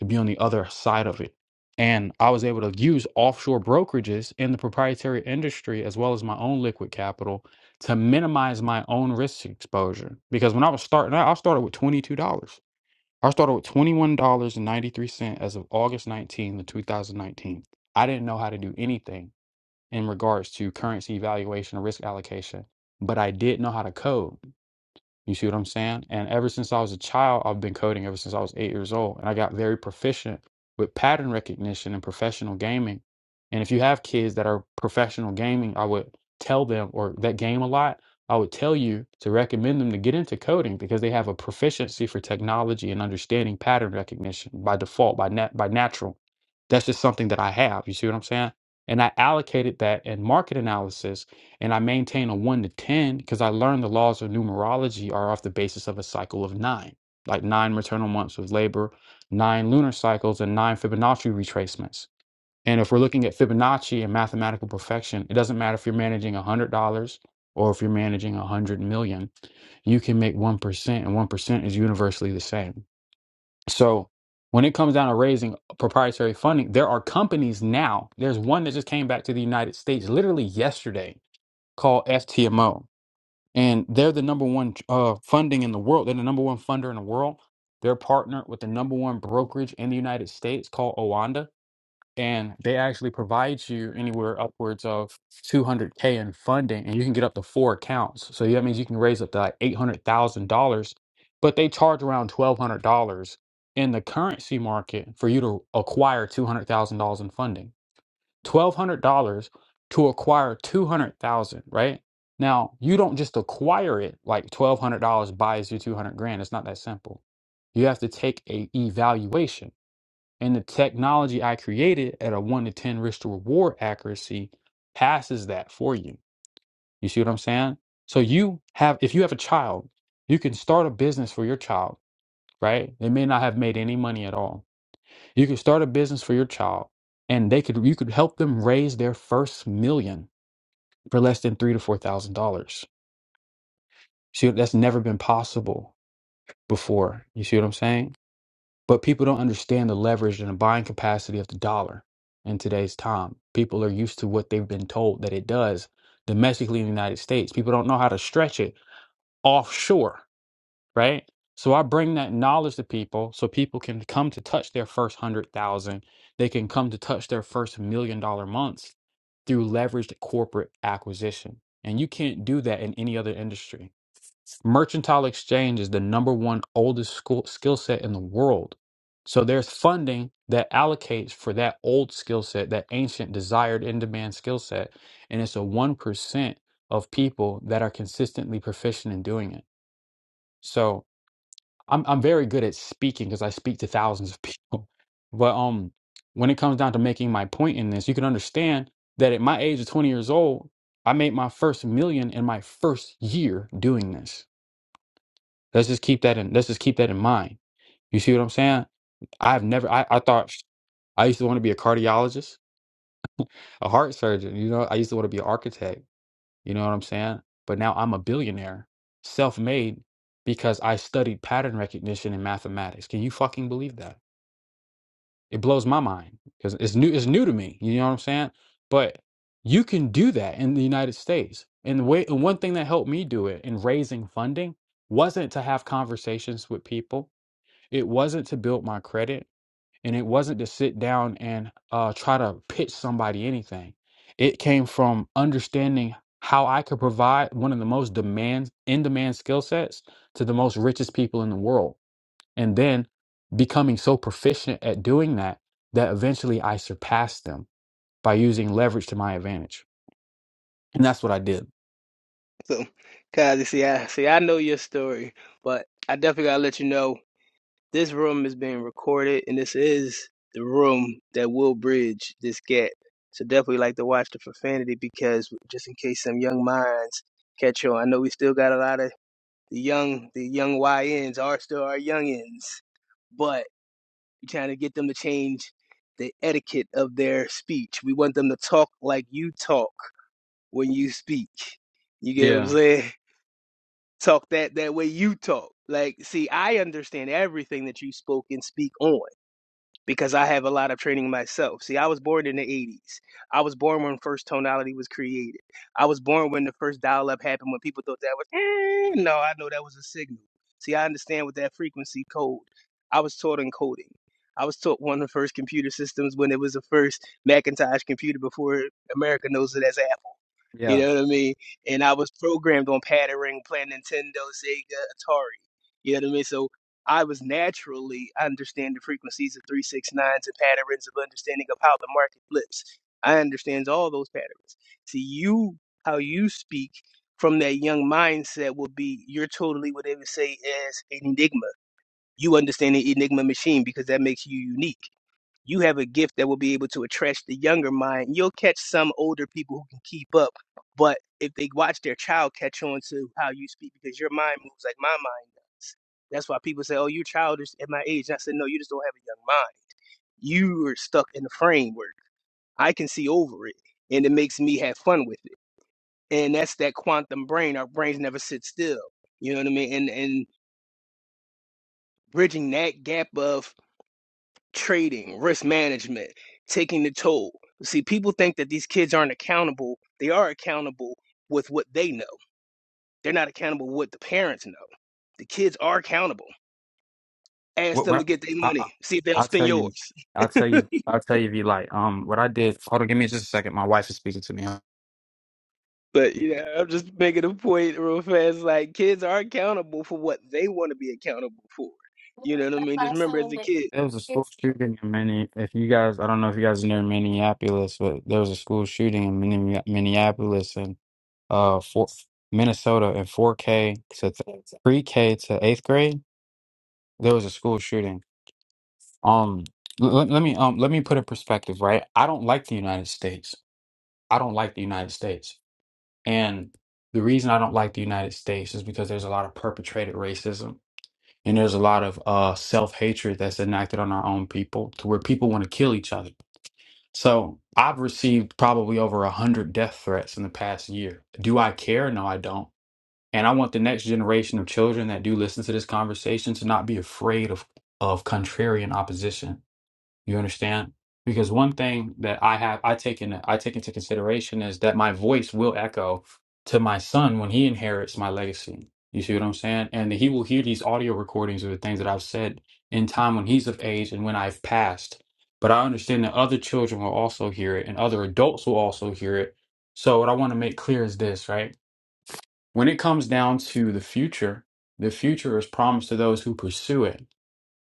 Speaker 9: to be on the other side of it. And I was able to use offshore brokerages in the proprietary industry as well as my own liquid capital to minimize my own risk exposure. Because when I was starting out, I started with $22. I started with $21.93 as of August 19th of 2019. I didn't know how to do anything in regards to currency evaluation or risk allocation, but I did know how to code. You see what I'm saying? And ever since I was a child, I've been coding ever since I was eight years old. And I got very proficient with pattern recognition and professional gaming. And if you have kids that are professional gaming, I would tell them, or that game a lot, I would tell you to recommend them to get into coding because they have a proficiency for technology and understanding pattern recognition by default, by nat- by natural. That's just something that I have. You see what I'm saying? And I allocated that in market analysis and I maintain a one to 10 because I learned the laws of numerology are off the basis of a cycle of nine, like nine maternal months of labor, nine lunar cycles, and nine Fibonacci retracements. And if we're looking at Fibonacci and mathematical perfection, it doesn't matter if you're managing $100 or if you're managing 100 million, you can make 1%, and 1% is universally the same. So when it comes down to raising proprietary funding, there are companies now. There's one that just came back to the United States literally yesterday called STMO, and they're the number one uh, funding in the world. They're the number one funder in the world. They're partnered with the number one brokerage in the United States called Owanda, and they actually provide you anywhere upwards of 200k in funding, and you can get up to four accounts. So yeah, that means you can raise up to like $800,000, but they charge around $1,200 in the currency market for you to acquire $200,000 in funding twelve hundred dollars to acquire two hundred thousand, right? Now you don't just acquire it like twelve hundred dollars buys you two hundred grand. It's not that simple. You have to take a evaluation. And the technology I created at a one to ten risk to reward accuracy passes that for you. You see what I'm saying? So you have if you have a child, you can start a business for your child, right? They may not have made any money at all you could start a business for your child, and they could you could help them raise their first million for less than three to four thousand dollars. See, that's never been possible before. You see what I'm saying? But people don't understand the leverage and the buying capacity of the dollar in today's time. People are used to what they've been told that it does domestically in the United States. People don't know how to stretch it offshore right? So I bring that knowledge to people so people can come to touch their first hundred thousand. They can come to touch their first million dollar months through leveraged corporate acquisition. And you can't do that in any other industry. Mercantile exchange is the number one oldest school, skill set in the world. So there's funding that allocates for that old skill set, that ancient desired in demand skill set. And it's a 1% of people that are consistently proficient in doing it. So I'm I'm very good at speaking because I speak to thousands of people. But um, when it comes down to making my point in this, you can understand that at my age of 20 years old, I made my first million in my first year doing this. Let's just keep that in. Let's just keep that in mind. You see what I'm saying? I've never. I, I thought I used to want to be a cardiologist, a heart surgeon. You know, I used to want to be an architect. You know what I'm saying? But now I'm a billionaire, self-made, because I studied pattern recognition in mathematics. Can you fucking believe that? It blows my mind because it's new. It's new to me. You know what I'm saying? But you can do that in the United States. And the way and one thing that helped me do it in raising funding wasn't to have conversations with people. It wasn't to build my credit, and it wasn't to sit down and uh, try to pitch somebody anything. It came from understanding how I could provide one of the most demand in demand skill sets to the most richest people in the world and then becoming so proficient at doing that that eventually I surpassed them by using leverage to my advantage. And that's what I did.
Speaker 5: So, Kazi, see, I see, I know your story, but I definitely gotta let you know. This room is being recorded, and this is the room that will bridge this gap. So definitely like to watch the profanity because just in case some young minds catch on. I know we still got a lot of the young, the young YNs are still our youngins, but we're trying to get them to change the etiquette of their speech. We want them to talk like you talk when you speak. You get what I'm
Speaker 9: Yeah,
Speaker 5: saying? Talk that that way you talk. Like, see, I understand everything that you spoke and speak on because I have a lot of training myself. See, I was born in the 80s. I was born when first tonality was created. I was born when the first dial up happened when people thought that was, "Eh." no, I know that was a signal. See, I understand what that frequency code. I was taught in coding. I was taught one of the first computer systems when it was the first Macintosh computer before America knows it as Apple. You
Speaker 9: yeah.
Speaker 5: know what I mean? And I was programmed on patterning, playing Nintendo, Sega, Atari. You know what I mean? So I was naturally understanding the frequencies of 369s and patterns of understanding of how the market flips. I understands all those patterns. See, you, how you speak from that young mindset will be you're totally what they would say as an enigma. You understand the enigma machine because that makes you unique you have a gift that will be able to attract the younger mind. You'll catch some older people who can keep up, but if they watch their child catch on to how you speak, because your mind moves like my mind does. That's why people say, "Oh, you're childish at my age." And I said, "No, you just don't have a young mind. You are stuck in the framework. I can see over it, and it makes me have fun with it. And that's that quantum brain. Our brains never sit still. You know what I mean? And and bridging that gap of trading, risk management, taking the toll. See, people think that these kids aren't accountable. They are accountable with what they know. They're not accountable with what the parents know. The kids are accountable. Ask
Speaker 9: What,
Speaker 5: them
Speaker 9: what
Speaker 5: to get their
Speaker 9: I, I
Speaker 5: money. See if they don't
Speaker 9: I'll
Speaker 5: spend
Speaker 9: tell you,
Speaker 5: yours.
Speaker 9: I'll tell you, I'll tell you if you like. Um, what I did. Hold on, give me just a second. My wife is speaking to me.
Speaker 5: but you know, I'm just making a point real fast. Like kids are accountable for what they want to be accountable for. You know what I mean? Just remember as a kid.
Speaker 9: There was a school shooting in Minne. If you guys, I don't know if you guys know Minneapolis, but there was a school shooting in Minne- Minneapolis and uh, four, Minnesota in 4K to th- 3K to eighth grade. There was a school shooting. Um, l- l- let me um let me put in perspective, right? I don't like the United States. I don't like the United States. And the reason I don't like the United States is because there's a lot of perpetrated racism and there's a lot of uh self-hatred that's enacted on our own people to where people want to kill each other. So I've received probably over a hundred death threats in the past year. Do I care? No, I don't. And I want the next generation of children that do listen to this conversation to not be afraid of of contrarian opposition You understand? Because one thing that I have I take in I take into consideration is that my voice will echo to my son when he inherits my legacy. You see what I'm saying? And he will hear these audio recordings of the things that I've said in time when he's of age and when I've passed. But I understand that other children will also hear it and other adults will also hear it. So what I want to make clear is this, right? When it comes down to the future, the future is promised to those who pursue it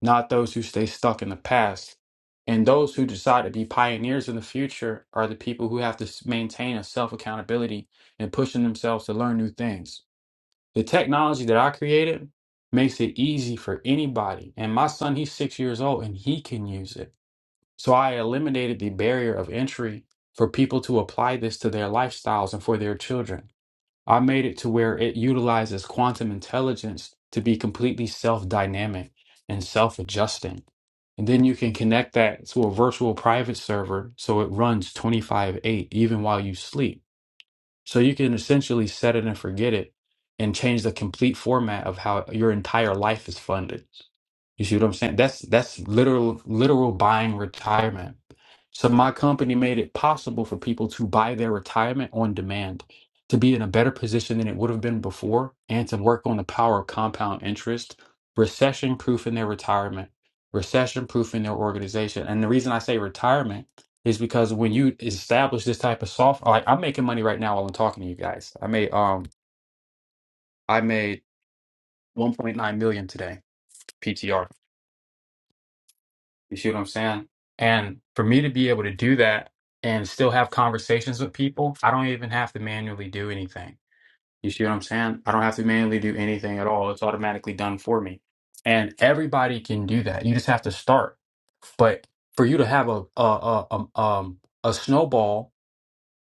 Speaker 9: not those who stay stuck in the past. And those who decide to be pioneers in the future are the people who have to s- maintain a self accountability and pushing themselves to learn new things. The technology that I created makes it easy for anybody. And my son, he's six years old and he can use it. So I eliminated the barrier of entry for people to apply this to their lifestyles and for their children. I made it to where it utilizes quantum intelligence to be completely self dynamic and self adjusting. And then you can connect that to a virtual private server so it runs 25 8 even while you sleep. So you can essentially set it and forget it and change the complete format of how your entire life is funded. You see what I'm saying? That's that's literal literal buying retirement. So my company made it possible for people to buy their retirement on demand, to be in a better position than it would have been before, and to work on the power of compound interest, recession proof in their retirement, recession proof in their organization. And the reason I say retirement is because when you establish this type of software, like I'm making money right now while I'm talking to you guys. I made um I made 1.9 million today, PTR. You see what I'm saying? And for me to be able to do that and still have conversations with people, I don't even have to manually do anything. You see what I'm saying? I don't have to manually do anything at all. It's automatically done for me. And everybody can do that. You just have to start. But for you to have a a a, a, um, a snowball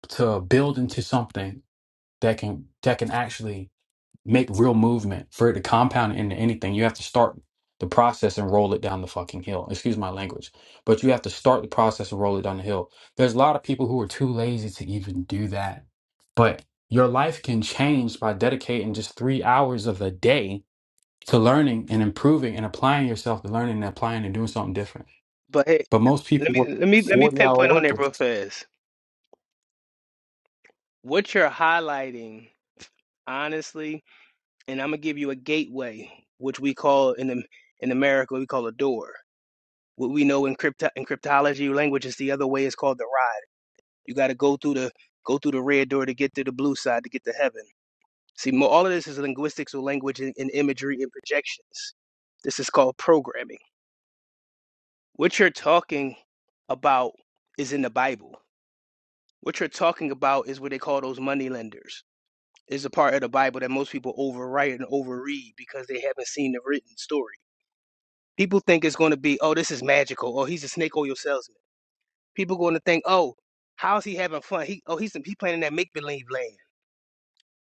Speaker 9: to build into something that can that can actually make real movement for it to compound into anything. You have to start the process and roll it down the fucking hill. Excuse my language, but you have to start the process and roll it down the hill. There's a lot of people who are too lazy to even do that, but your life can change by dedicating just three hours of the day to learning and improving and applying yourself to learning and applying and doing something different.
Speaker 5: But hey,
Speaker 9: But most
Speaker 5: let
Speaker 9: people
Speaker 5: me
Speaker 9: work
Speaker 5: let me let me
Speaker 9: 40 hour
Speaker 5: pinpoint on
Speaker 9: work
Speaker 5: that
Speaker 9: weeks.
Speaker 5: real fast. What you're highlighting, honestly, and I'm gonna give you a gateway, which we call in the, in America we call a door. What we know in crypto in cryptology language is the other way is called the ride. You got to go through the go through the red door to get to the blue side to get to heaven. See, mo- all of this is linguistics or language and, and imagery and projections. This is called programming. What you're talking about is in the Bible. What you're talking about is what they call those money lenders. Is a part of the Bible that most people overwrite and overread because they haven't seen the written story. People think it's going to be, oh, this is magical, or he's a snake oil salesman. People going to think, oh, how's he having fun? He, oh, he's he playing in that make believe land.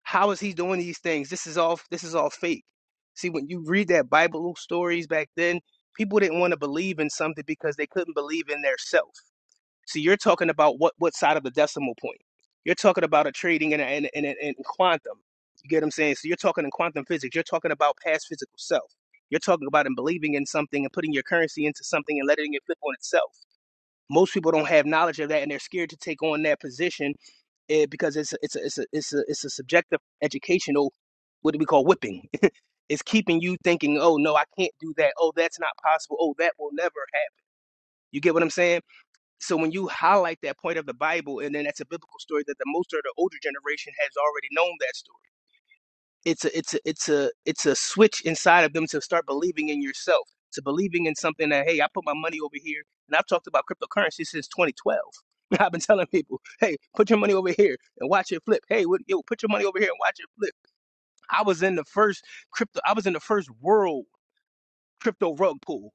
Speaker 5: How is he doing these things? This is all this is all fake. See, when you read that Bible stories back then, people didn't want to believe in something because they couldn't believe in their self. So you're talking about what what side of the decimal point? You're talking about a trading in in in, in, quantum. You get what I'm saying? So you're talking in quantum physics. You're talking about past physical self. You're talking about and believing in something and putting your currency into something and letting it flip on itself. Most people don't have knowledge of that, and they're scared to take on that position eh, because it's a, it's a, it's a, it's a, it's a subjective educational what do we call whipping? It's keeping you thinking, oh no, I can't do that. Oh, that's not possible. Oh, that will never happen. You get what I'm saying? So when you highlight that point of the Bible, and then that's a biblical story that the most of the older generation has already known that story. It's a it's a it's a it's a switch inside of them to start believing in yourself, to believing in something that hey, I put my money over here, and I've talked about cryptocurrency since 2012. I've been telling people, hey, put your money over here and watch it flip. Hey, what, yo, put your money over here and watch it flip. I was in the first crypto. I was in the first world crypto rug pool.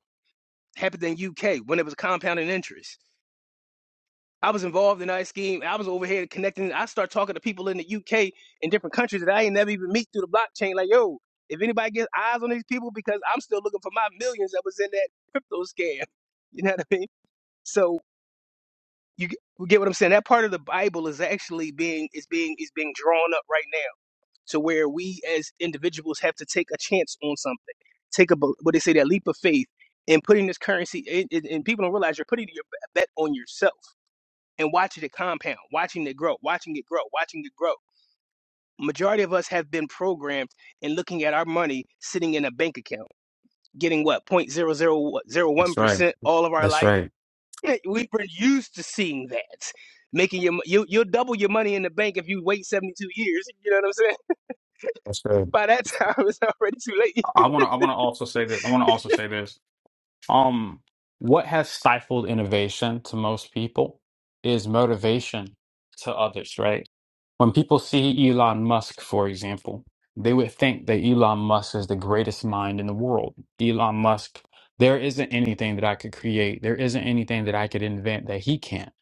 Speaker 5: Happened in UK when it was compounding interest. I was involved in that scheme. I was over here connecting. I start talking to people in the UK and different countries that I ain't never even meet through the blockchain. Like, yo, if anybody gets eyes on these people, because I'm still looking for my millions that was in that crypto scam. You know what I mean? So you get you get what I'm saying. That part of the Bible is actually being is being is being drawn up right now to where we as individuals have to take a chance on something, take a bel- what they say that leap of faith, and putting this currency. And, and, and people don't realize you're putting your bet on yourself and watching it compound, watching it grow, watching it grow, watching it grow. Majority of us have been programmed in looking at our money sitting in a bank account, getting what,
Speaker 9: That's right.
Speaker 5: 0.0001% all of our
Speaker 9: That's
Speaker 5: life.
Speaker 9: right.
Speaker 5: We've been used to seeing that. Making your, you, you'll double your money in the bank if you wait 72 years. You know what I'm saying?
Speaker 9: That's right.
Speaker 5: By that time, it's already too late.
Speaker 9: I want to. I want to also say this. I want to also say this. Um, what has stifled innovation to most people is motivation to others, right? When people see Elon Musk, for example, they would think that Elon Musk is the greatest mind in the world. Elon Musk, there isn't anything that I could create, there isn't anything that I could invent that he can't,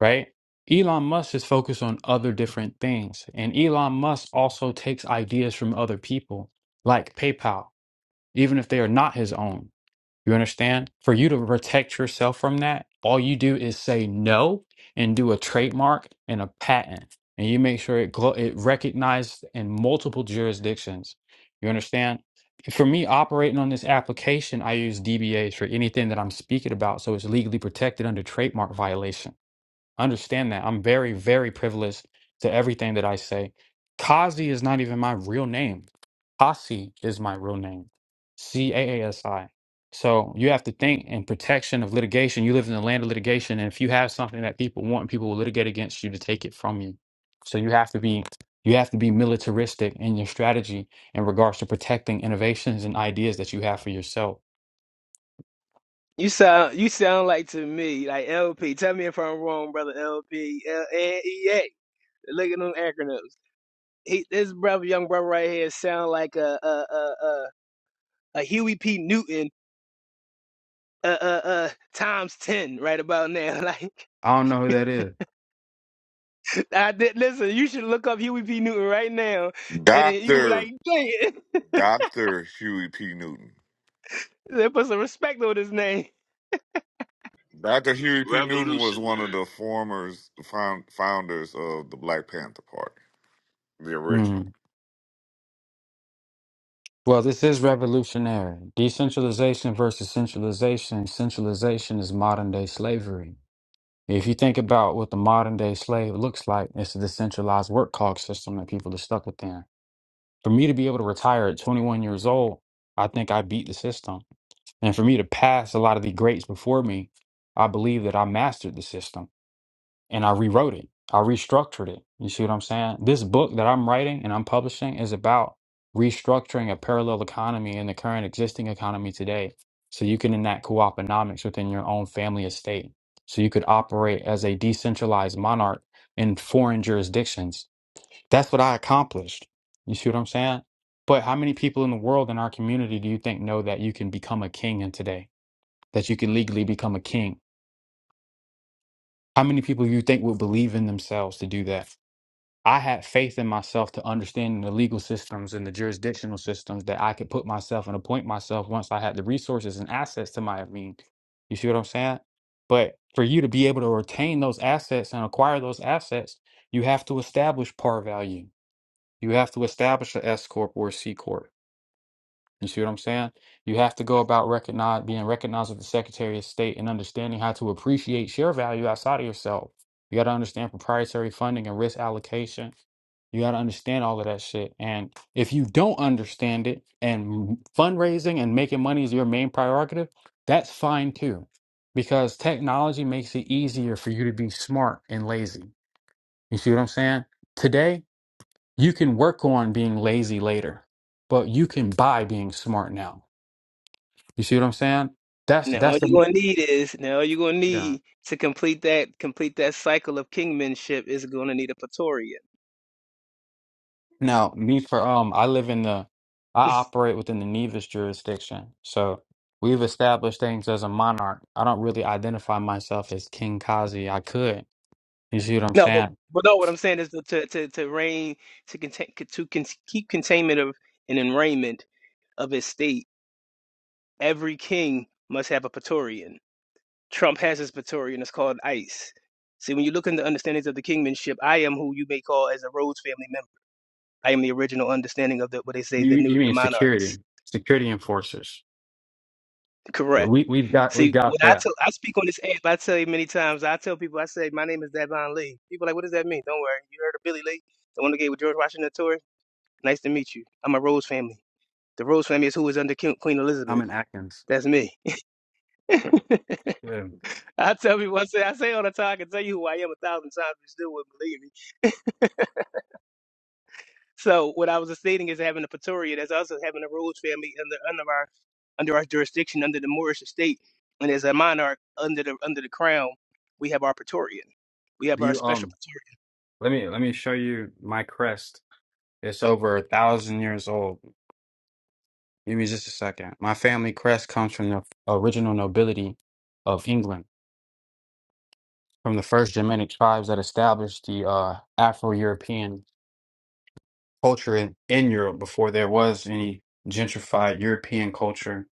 Speaker 9: right? Elon Musk is focused on other different things. And Elon Musk also takes ideas from other people, like PayPal, even if they are not his own you understand? For you to protect yourself from that, all you do is say no and do a trademark and a patent, and you make sure it glo- it recognized in multiple jurisdictions. You understand? For me operating on this application, I use DBAs for anything that I'm speaking about, so it's legally protected under trademark violation. Understand that. I'm very, very privileged to everything that I say. Kazi is not even my real name. Kasi is my real name. C A A S I. So you have to think in protection of litigation. You live in the land of litigation, and if you have something that people want, people will litigate against you to take it from you. So you have to be you have to be militaristic in your strategy in regards to protecting innovations and ideas that you have for yourself.
Speaker 5: You sound, you sound like to me, like LP. Tell me if I'm wrong, brother LP, L- and Look at them acronyms. he this brother, young brother right here, sound like a a a a, a Huey P. Newton. Uh, uh, uh, times 10 right about now. Like,
Speaker 9: I don't know who that is.
Speaker 5: I did listen, you should look up Huey P. Newton right now, and you were
Speaker 10: Dr.
Speaker 5: like, dang
Speaker 10: Dr. Huey P. Newton.
Speaker 5: it, put some respect on his name.
Speaker 10: Dr. Huey P. Newton was one of
Speaker 6: Revolutionary.
Speaker 10: the former found, founders of the Black Panther Party, the original.
Speaker 9: Mm. Well, this is revolutionary. Decentralization versus centralization. Centralization is modern day slavery. If you think about what the modern day slave looks like, it's a decentralized work clock system that people are stuck within. For me to be able to retire at 21 years old, I think I beat the system. And for me to pass a lot of the greats before me, I believe that I mastered the system. and I rewrote it. I restructured it. You see what I'm saying? This book that I'm writing and I'm publishing is about restructuring a parallel economy in the current existing economy today. So you can enact co opinomics within your own family estate. So you could operate as a decentralized monarch in foreign jurisdictions. That's what I accomplished. You see what I'm saying? But how many people in the world in our community do you think know that you can become a king in today? That you can legally become a king? How many people do you think would believe in themselves to do that? I had faith in myself to understand the legal systems and the jurisdictional systems that I could put myself and appoint myself once I had the resources and assets to my mean. You see what I'm saying? But for you to be able to retain those assets and acquire those assets, you have to establish par value. You have to establish an S corp or a C corp. You see what I'm saying? You have to go about recognize being recognized with the Secretary of State and understanding how to appreciate share value outside of yourself. You got to understand proprietary funding and risk allocation. You got to understand all of that shit. And if you don't understand it and fundraising and making money is your main prerogative, that's fine too. Because technology makes it easier for you to be smart and lazy. You see what I'm saying? Today, you can work on being lazy later, but you can buy being smart now. You see what I'm saying? That's
Speaker 5: Now, all
Speaker 9: that's the
Speaker 5: you're gonna need is now, all you're gonna
Speaker 9: yeah.
Speaker 5: need to complete that complete that cycle of kingmanship is gonna need a Praetorian.
Speaker 9: Now me for um, I live in the, I operate within the Nevis jurisdiction, so we've established things as a monarch. I don't really identify myself as King Kazi. I could. You see what I'm
Speaker 5: No, but,
Speaker 9: saying?
Speaker 5: but no, what I'm saying is to to to reign to contain to con- keep containment of an enrayment of his state every king must have a Praetorian. Trump has his Praetorian. It's called ICE. See, when you look into understandings of the kingmanship, I am who you may call as a Rhodes family member. I am the original understanding of the what they say the
Speaker 9: You
Speaker 5: new
Speaker 9: you
Speaker 5: the
Speaker 9: mean
Speaker 5: monarchs.
Speaker 9: security, security enforcers? Yeah,
Speaker 5: Correct.
Speaker 9: we we've got we've
Speaker 5: See,
Speaker 9: got
Speaker 5: when I
Speaker 9: that.
Speaker 5: tell I speak on this app, I tell you many times. I tell people, I say my name is Davon Lee. People are like, what does that mean? Don't worry, you heard of Billy Lee, the one that gave with George Washington tour. Nice to meet you. I'm a Rhodes family. The Rhodes family is who is under King- Queen
Speaker 9: I'm
Speaker 5: Elizabeth.
Speaker 9: in Atkins.
Speaker 5: That's me.
Speaker 9: Yeah.
Speaker 5: I tell people, I say, I say all the time, I can tell you who I am a thousand times, you still wouldn't believe me. So what I was just stating is having a Pretoria, that's also having a Rhodes family under under our under our jurisdiction, under the Moorish estate, and as a monarch under the under the crown, we have our Praetorian. We have
Speaker 9: Do
Speaker 5: our
Speaker 9: you
Speaker 5: special
Speaker 9: um?
Speaker 5: Praetorian.
Speaker 9: Let me let me show you my crest. It's over a thousand years old. Give me just a second. My family crest comes from the original nobility of England, from the first Germanic tribes that established the uh, Afro-European culture in, in Europe before there was any gentrified European culture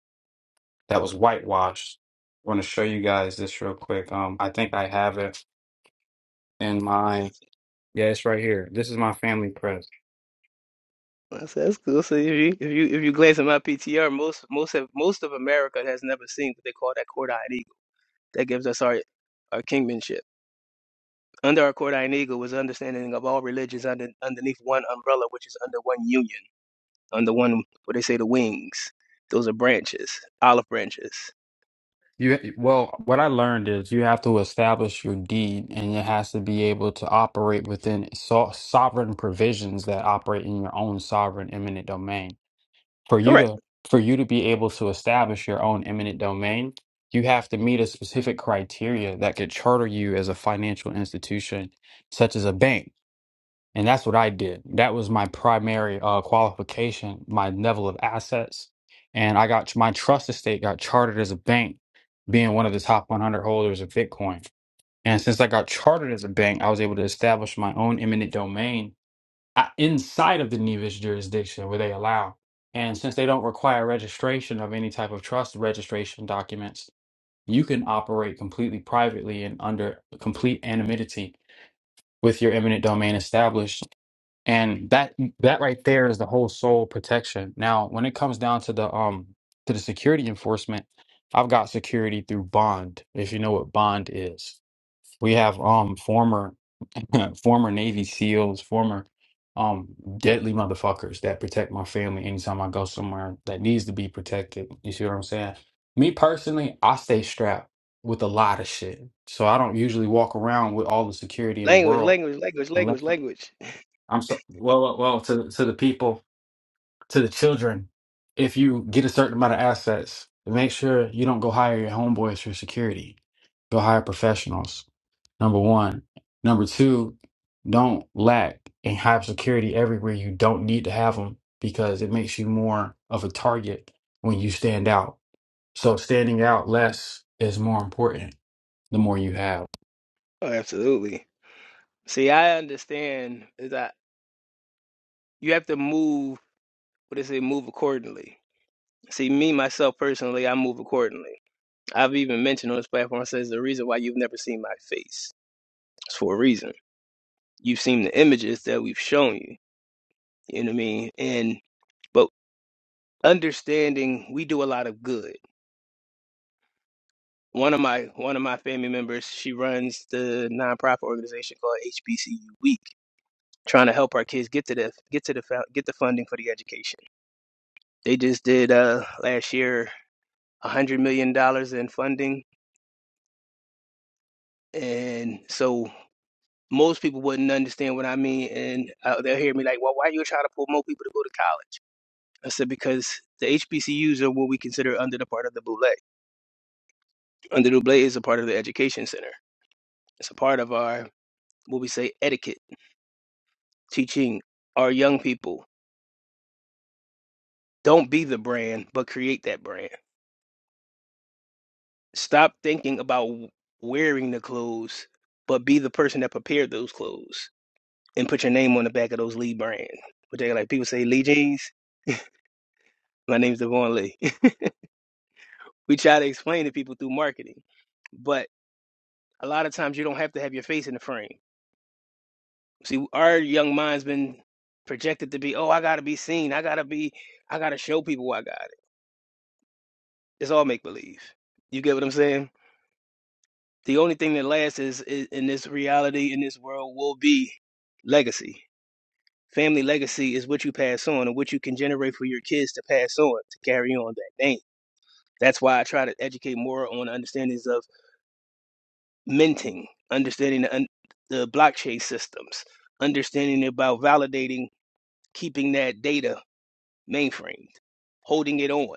Speaker 9: that was whitewashed. I want to show you guys this real quick. Um, I think I have it in my, yeah, it's right here. This is my family crest.
Speaker 5: I said, that's cool. So if you if you if you glance at my PTR, most most of most of America has never seen what they call that court-eyed eagle. That gives us our our kingmanship. Under our Cordine Eagle was understanding of all religions under underneath one umbrella, which is under one union, under one what they say the wings. Those are branches, olive branches.
Speaker 9: You well, what I learned is you have to establish your deed, and it has to be able to operate within so sovereign provisions that operate in your own sovereign eminent domain. For you
Speaker 5: Correct.
Speaker 9: to for you to be able to establish your own eminent domain, you have to meet a specific criteria that could charter you as a financial institution, such as a bank. And that's what I did. That was my primary uh, qualification, my level of assets. And I got my trust estate got chartered as a bank, being one of the top 100 holders of Bitcoin. And since I got chartered as a bank, I was able to establish my own eminent domain uh, inside of the Nevis jurisdiction where they allow. And since they don't require registration of any type of trust registration documents, you can operate completely privately and under complete anonymity with your eminent domain established and that that right there is the whole sole protection now when it comes down to the um to the security enforcement i've got security through bond if you know what bond is we have um former former navy seals former um deadly motherfuckers that protect my family anytime i go somewhere that needs to be protected you see what i'm saying me personally i stay strapped with a lot of shit so i don't usually walk around with all the security in the
Speaker 5: Language,
Speaker 9: world
Speaker 5: language, language,
Speaker 9: unless.
Speaker 5: language, language.
Speaker 9: I'm so well, well, well to to the people, to the children. If you get a certain amount of assets, make sure you don't go hire your homeboys for security. Go hire professionals. Number one. Number two, don't lack and have security everywhere you don't need to have them because it makes you more of a target when you stand out. So standing out less is more important the more you have.
Speaker 5: Oh, absolutely. See, I understand is that you have to move what they say, move accordingly. See, me myself personally, I move accordingly. I've even mentioned on this platform says the reason why you've never seen my face. It's for a reason. You've seen the images that we've shown you. You know what I mean? And but understanding we do a lot of good. One of my one of my family members, she runs the nonprofit organization called HBCU Week, trying to help our kids get to the get to the fou- get the funding for the education. They just did uh last year a hundred million dollars in funding, and so most people wouldn't understand what I mean, and uh, they'll hear me like, "Well, why are you trying to pull more people to go to college?" I said because the HBCUs are what we consider under the part of the Boule. Under the Boule is a part of the education center. It's a part of our what we say etiquette, teaching our young people don't be the brand, but create that brand. Stop thinking about wearing the clothes, but be the person that prepared those clothes and put your name on the back of those Lee brands. But they like people say Lee jeans. My name's Devon Lee. we try to explain to people through marketing but a lot of times you don't have to have your face in the frame. See, our young mind's been projected to be, oh, I gotta be seen, I gotta be, I gotta show people I got it. It's all make believe. You get what I'm saying? The only thing that lasts is, is in this reality, in this world, will be legacy. Family legacy is what you pass on and what you can generate for your kids to pass on to carry on that name. That's why I try to educate more on understandings of minting, understanding the, un- the blockchain systems, understanding about validating, keeping that data mainframed, holding it on,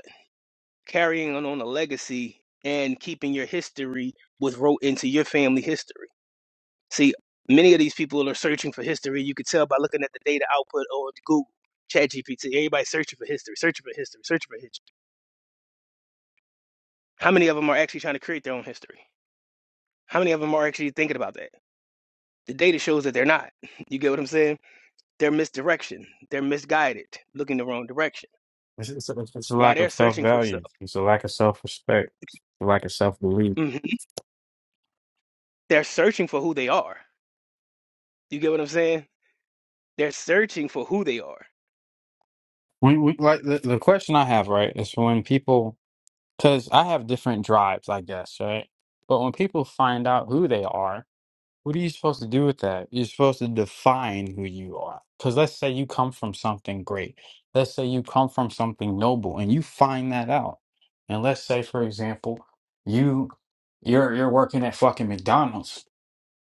Speaker 5: carrying on on a legacy, and keeping your history was wrote into your family history See, many of these people are searching for history. You could tell by looking at the data output on Google, ChatGPT. Everybody's searching for history, searching for history, searching for history. How many of them are actually trying to create their own history? How many of them are actually thinking about that? The data shows that they're not. You get what I'm saying? They're misdirection. They're misguided, looking the wrong direction. While they're searching for stuff,
Speaker 9: Right. Lack of self belief.
Speaker 5: Mhm. they're searching for who they are. You get what I'm saying? They're searching for who they are.
Speaker 9: When, we, like the, the question I have, right, is for when people Because I have different drives, I guess, right? But when people find out who they are, what are you supposed to do with that? You're supposed to define who you are. Because let's say you come from something great. Let's say you come from something noble and you find that out. And let's say, for example, you you're you're working at fucking McDonald's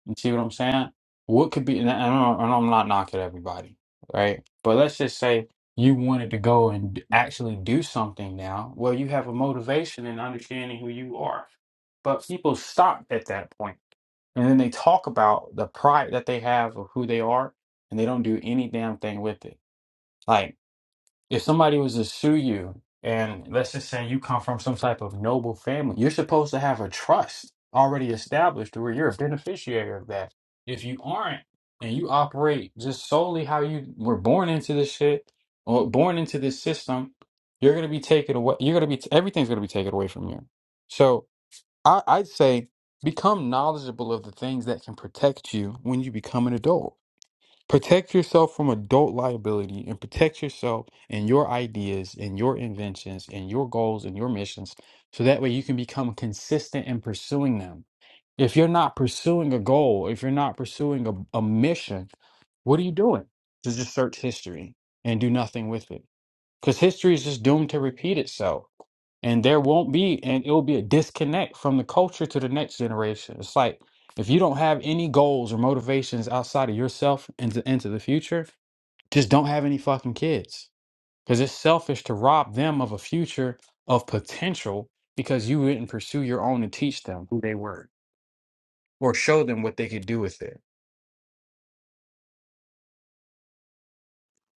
Speaker 9: you see what I'm saying? What could be, and, I don't, and I'm not knocking everybody, right? But let's just say you wanted to go and d- actually do something now. Well, you have a motivation and understanding who you are. But people stop at that point, and then they talk about the pride that they have of who they are, and they don't do any damn thing with it. Like, if somebody was to sue you and let's just say you come from some type of noble family you're supposed to have a trust already established to where you're a beneficiary of that if you aren't and you operate just solely how you were born into this shit or born into this system you're going to be taken away you're going to be everything's going to be taken away from you so I, i'd say become knowledgeable of the things that can protect you when you become an adult Protect yourself from adult liability and protect yourself and your ideas and your inventions and your goals and your missions so that way you can become consistent in pursuing them. If you're not pursuing a goal, if you're not pursuing a, a mission, what are you doing? To just search history and do nothing with it because history is just doomed to repeat itself and there won't be and it'll be a disconnect from the culture to the next generation it's like if you don't have any goals or motivations outside of yourself into into the future just don't have any fucking kids because it's selfish to rob them of a future of potential because you didn't pursue your own and teach them who they were or show them what they could do with it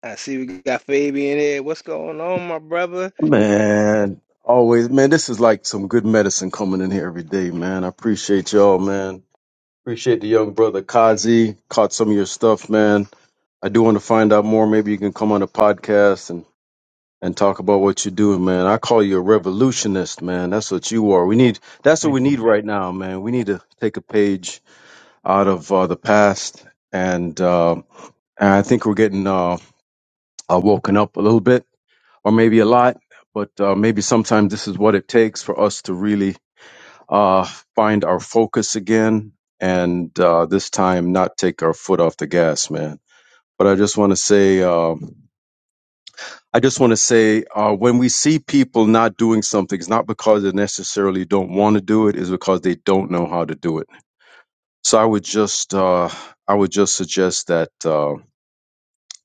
Speaker 5: I see we got Fabian there. What's going on, my brother?
Speaker 11: Man, always, man, this is like some good medicine coming in here every day, man. I appreciate y'all, man. Appreciate the young brother Kazi. Caught some of your stuff, man. I do want to find out more. Maybe you can come on the podcast and, and talk about what you're doing, man. I call you a revolutionist, man. That's what you are. We need, that's what
Speaker 9: thank
Speaker 11: we need
Speaker 9: you
Speaker 11: right now, man. We need to take a page out of uh, the past. And, uh, and I think we're getting uh, uh, woken up a little bit or maybe a lot, but uh, maybe sometimes this is what it takes for us to really uh, find our focus again and uh, this time not take our foot off the gas, man. But I just want to say, um, I just want to say, uh, when we see people not doing something, it's not because they necessarily don't want to do it, it's because they don't know how to do it. So I would just, uh, I would just suggest that uh,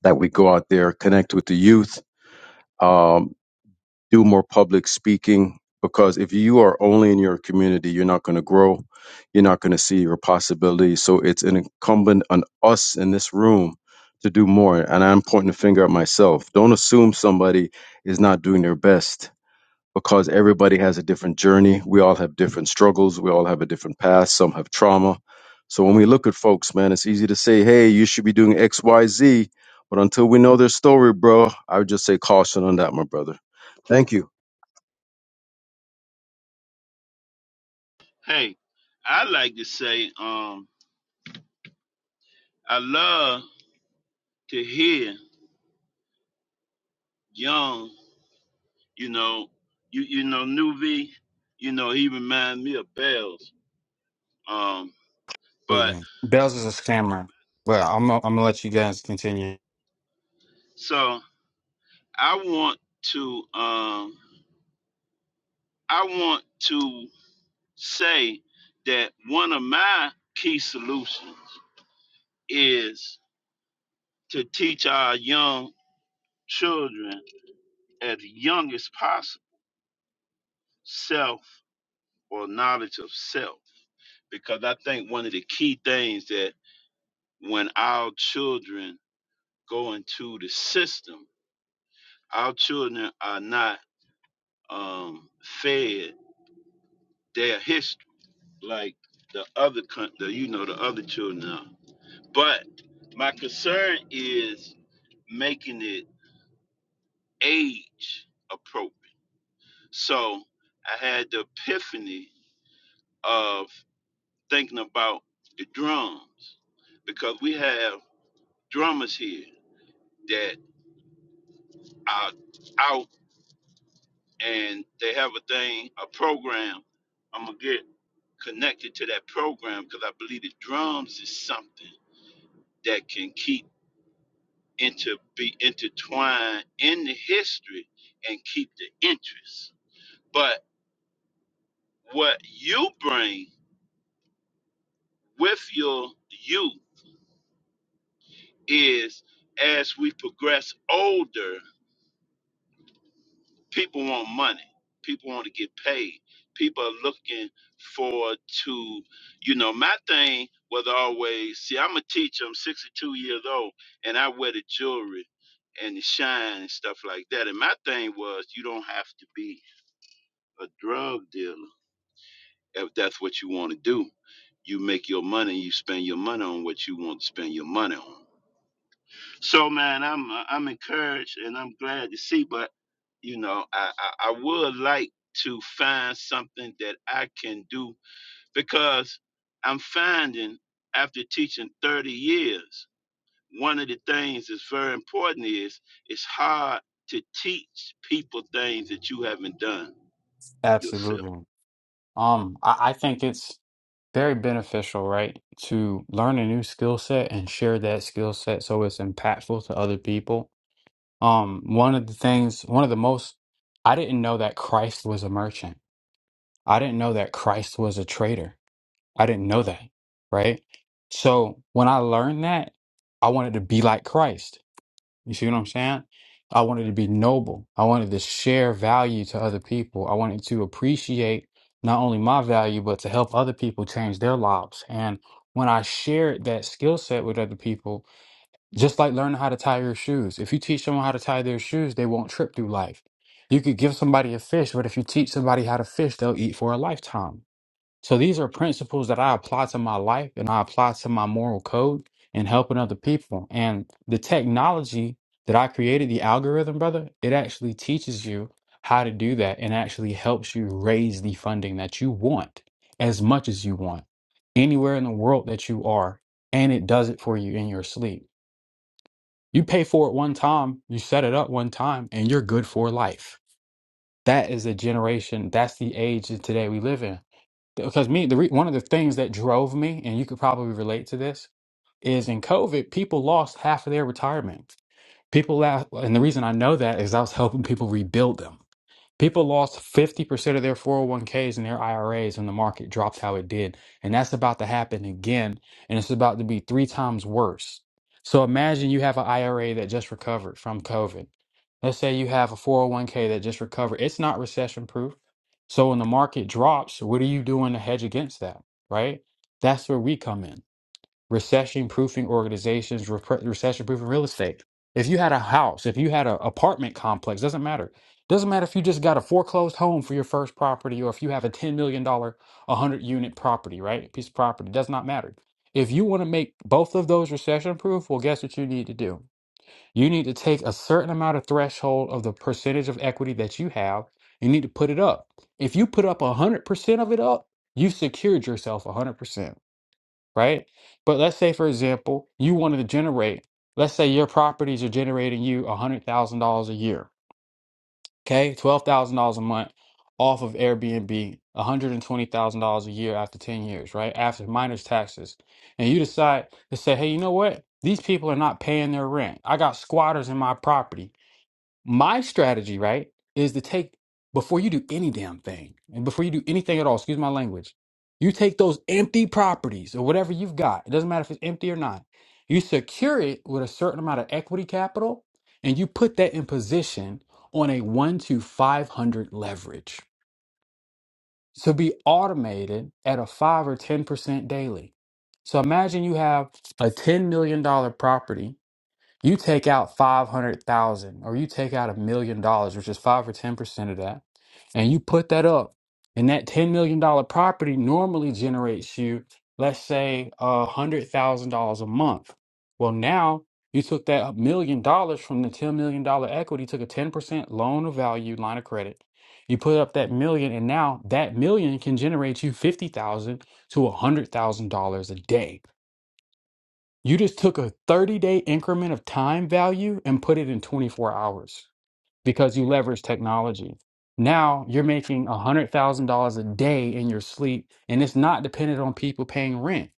Speaker 11: that we go out there, connect with the youth, Um, do more public speaking because if you are only in your community, you're not going to grow. You're not going to see your possibilities. So it's an incumbent on us in this room to do more. And I'm pointing the finger at myself. Don't assume somebody is not doing their best because everybody has a different journey. We all have different struggles. We all have a different past. Some have trauma. So when we look at folks, man, it's easy to say, hey, you should be doing X, Y, Z. But until we know their story, bro, I would just say caution on that, my brother. Thank you.
Speaker 6: Hey, I like to say, um, I love to hear young. You know, you you know, new V. You know, he remind me of Bells. Um, but
Speaker 9: absolutely bells is a scammer but i'm gonna- i'm gonna let you guys continue
Speaker 6: so I want to um I want to say that one of my key solutions is to teach our young children as young as possible self or knowledge of self. Because I think one of the key things that when our children go into the system, our children are not um, fed their history like the other coun- the you know the other children are. But my concern is making it age appropriate. So I had the epiphany of thinking about the drums because we have drummers here that are out and they have a thing, a program. I'm gonna get connected to that program because I believe the drums is something that can keep inter be intertwined in the history and keep the interest. But what you bring with your you is as we progress older people want money people want to get paid people are looking for to you know my thing was always see i'm a teacher i'm 62 years old and i wear the jewelry and the shine and stuff like that and my thing was you don't have to be a drug dealer if that's what you want to do you make your money you spend your money on what you want to spend your money on so man, I'm uh, I'm encouraged and I'm glad to see. But you know, I, I I would like to find something that I can do because I'm finding after teaching 30 years, one of the things that's very important is it's hard to teach people things that you haven't done yourself.
Speaker 9: absolutely Um, I, I think it's very beneficial, right, to learn a new skill set and share that skill set so it's impactful to other people. Um, one of the things, one of the most, I didn't know that Christ was a merchant. I didn't know that Christ was a trader. I didn't know that, right? So when I learned that, I wanted to be like Christ. You see what I'm saying? I wanted to be noble. I wanted to share value to other people. I wanted to appreciate not only my value, but to help other people change their lives. And when I shared that skill set with other people, just like learning how to tie your shoes, if you teach someone how to tie their shoes, they won't trip through life. You could give somebody a fish, but if you teach somebody how to fish, they'll eat for a lifetime. So these are principles that I apply to my life and I apply to my moral code and helping other people. And the technology that I created, the algorithm, brother, it actually teaches you how to do that and actually helps you raise the funding that you want as much as you want anywhere in the world that you are. And it does it for you in your sleep. You pay for it one time, you set it up one time, and you're good for life. That is a generation, that's the age that today we live in because me, the re one of the things that drove me, and you could probably relate to this, is in COVID, people lost half of their retirement. People laugh, and the reason I know that is I was helping people rebuild them. People lost 50% of their 401ks and their IRAs when the market dropped how it did. And that's about to happen again. And it's about to be three times worse. So imagine you have an IRA that just recovered from COVID. Let's say you have a 401k that just recovered. It's not recession proof. So when the market drops, what are you doing to hedge against that? Right? That's where we come in recession proofing organizations, recession proofing real estate. If you had a house, if you had an apartment complex, doesn't matter. Doesn't matter if you just got a foreclosed home for your first property or if you have a $10 million, 100 unit property, right? Piece of property, does not matter. If you want to make both of those recession proof, well, guess what you need to do? You need to take a certain amount of threshold of the percentage of equity that you have. You need to put it up. If you put up 100% of it up, you've secured yourself 100% right? But let's say, for example, you wanted to generate, let's say your properties are generating you $100,000 a year, okay? $12,000 a month off of Airbnb, $120,000 a year after 10 years, right? After minus taxes. And you decide to say, hey, you know what? These people are not paying their rent. I got squatters in my property. My strategy, right, is to take before you do any damn thing and before you do anything at all, excuse my language, you take those empty properties or whatever you've got, it doesn't matter if it's empty or not, you secure it with a certain amount of equity capital and you put that in position on a one to 500 leverage to be automated at a five or 10% daily. So imagine you have a $10 million dollar property you take out 500,000 or you take out a million dollars, which is 5 or 10% of that, and you put that up, and that $10 million dollar property normally generates you, let's say, a $100,000 a month. Well, now you took that million dollars from the $10 million dollar equity, took a 10% loan of value line of credit. You put up that million, and now that million can generate you 50000 to a $100,000 a day. You just took a 30 day increment of time value and put it in 24 hours because you leverage technology. Now you're making $100,000 a day in your sleep, and it's not dependent on people paying rent.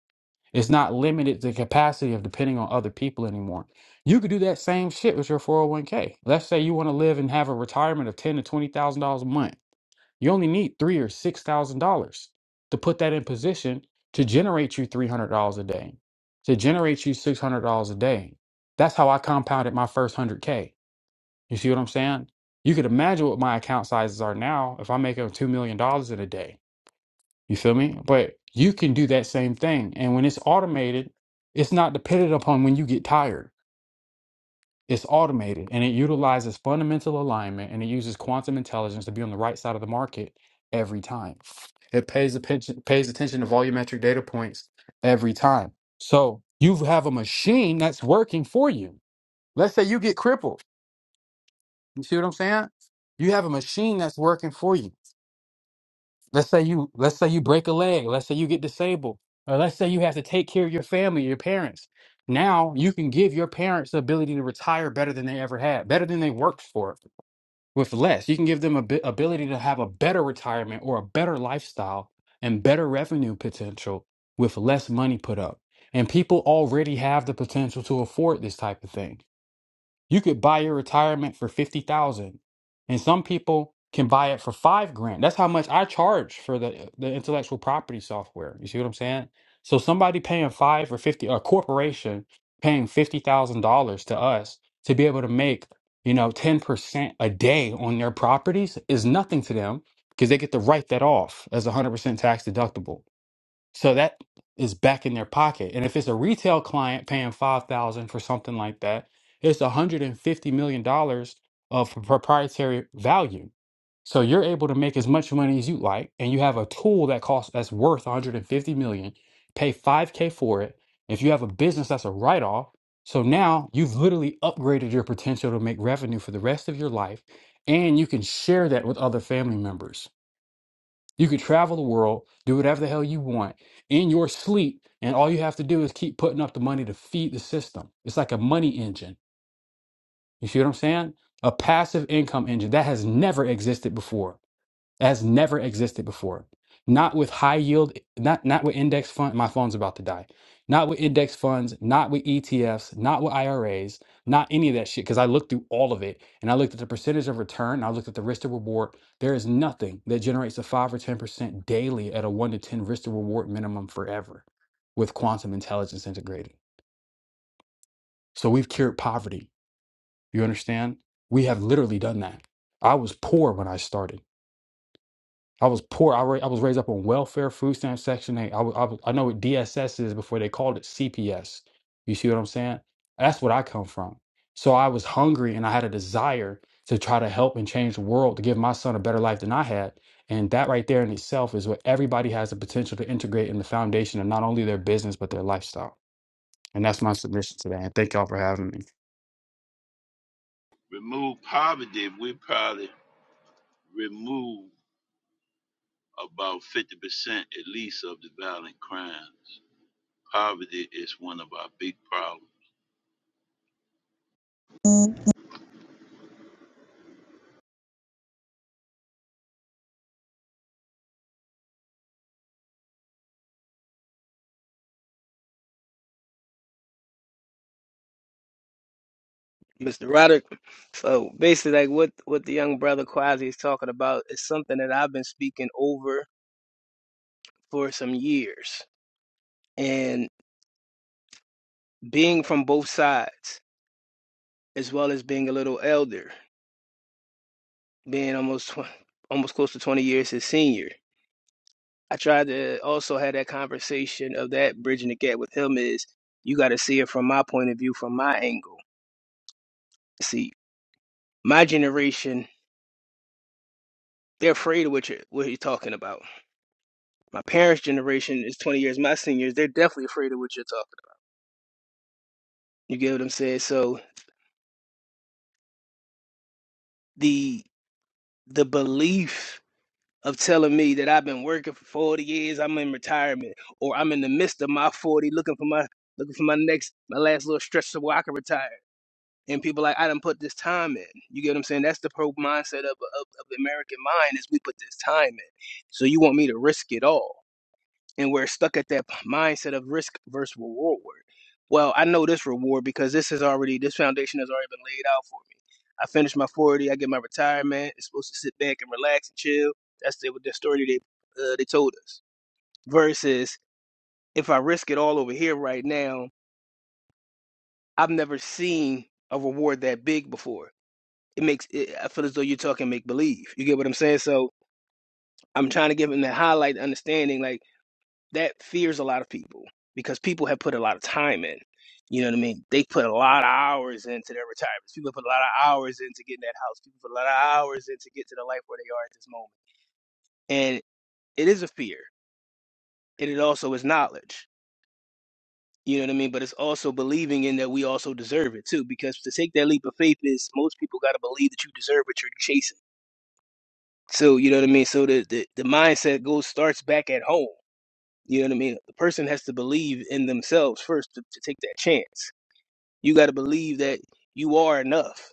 Speaker 9: It's not limited to the capacity of depending on other people anymore. You could do that same shit with your 401k. Let's say you want to live and have a retirement of ten to twenty thousand dollars a month. You only need three or six thousand dollars to put that in position to generate you three hundred dollars a day, to generate you six hundred dollars a day. That's how I compounded my first hundred K. You see what I'm saying? You could imagine what my account sizes are now if I'm making two million dollars in a day. You feel me? But you can do that same thing. And when it's automated, it's not dependent upon when you get tired. It's automated and it utilizes fundamental alignment and it uses quantum intelligence to be on the right side of the market every time. It pays attention pays attention to volumetric data points every time. So you have a machine that's working for you. Let's say you get crippled. You see what I'm saying? You have a machine that's working for you. Let's say you let's say you break a leg. Let's say you get disabled. Or let's say you have to take care of your family, your parents. Now you can give your parents the ability to retire better than they ever had, better than they worked for with less. You can give them a bi- ability to have a better retirement or a better lifestyle and better revenue potential with less money put up. And people already have the potential to afford this type of thing. You could buy your retirement for 50,000 and some people can buy it for 5 grand. That's how much I charge for the the intellectual property software. You see what I'm saying? So somebody paying 5 or 50 a corporation paying $50,000 to us to be able to make, you know, 10% a day on their properties is nothing to them because they get to write that off as 100% tax deductible. So that is back in their pocket. And if it's a retail client paying 5000 for something like that, it's $150 million dollars of proprietary value. So you're able to make as much money as you like and you have a tool that costs that's worth 150 million, pay 5k for it. If you have a business that's a write off, so now you've literally upgraded your potential to make revenue for the rest of your life and you can share that with other family members. You could travel the world, do whatever the hell you want in your sleep, and all you have to do is keep putting up the money to feed the system. It's like a money engine. You see what I'm saying? A passive income engine that has never existed before that has never existed before. Not with high yield, not not with index fund. My phone's about to die. Not with index funds, not with ETFs, not with IRAs, not any of that shit. Because I looked through all of it and I looked at the percentage of return. and I looked at the risk to reward. There is nothing that generates a five or ten percent daily at a one to ten risk to reward minimum forever with quantum intelligence integrated. So we've cured poverty. You understand? We have literally done that. I was poor when I started. I was poor. I, ra- I was raised up on welfare, food stamps, Section 8. I, wa- I, wa- I know what DSS is before they called it CPS. You see what I'm saying? That's what I come from. So I was hungry and I had a desire to try to help and change the world to give my son a better life than I had. And that right there in itself is what everybody has the potential to integrate in the foundation of not only their business, but their lifestyle. And that's my submission today. And thank y'all for having me.
Speaker 6: Remove poverty, we probably remove about 50% at least of the violent crimes. Poverty is one of our big problems.
Speaker 5: Mr. Roderick. So basically, like what what the young brother Quasi is talking about is something that I've been speaking over for some years, and being from both sides, as well as being a little elder, being almost tw- almost close to twenty years his senior. I tried to also have that conversation of that bridging the gap with him is you got to see it from my point of view, from my angle. See, my generation, they're afraid of what you're what you're talking about my parents' generation is 20 years my seniors, they're definitely afraid of what you're talking about. You get what I'm saying? So the the belief of telling me that I've been working for 40 years, I'm in retirement, or I'm in the midst of my 40 looking for my looking for my next my last little stretch to where I can retire. And people like, I done put this time in. You get what I'm saying? That's the pro mindset of, of, of the American mind is we put this time in. So you want me to risk it all. and we're stuck at that mindset of risk versus reward. Well, I know this reward because this is already this foundation has already been laid out for me. I finish my forty, I get my retirement. It's supposed to sit back and relax and chill. That's the, the story they uh, they told us. Versus if I risk it all over here right now, I've never seen a reward that big before. It makes it, I feel as though you're talking make believe. You get what I'm saying? So I'm trying to give them that highlight understanding. Like that fears a lot of people because people have put a lot of time in. You know what I mean? They put a lot of hours into their retirements. People put a lot of hours into getting that house. People put a lot of hours into to get to the life where they are at this moment. And it is a fear. And it also is knowledge. You know what I mean? But it's also believing in that we also deserve it too. Because to take that leap of faith is most people gotta believe that you deserve what you're chasing. So you know what I mean? So the, the, the mindset goes starts back at home. You know what I mean? The person has to believe in themselves first to, to take that chance You got to believe that you are enough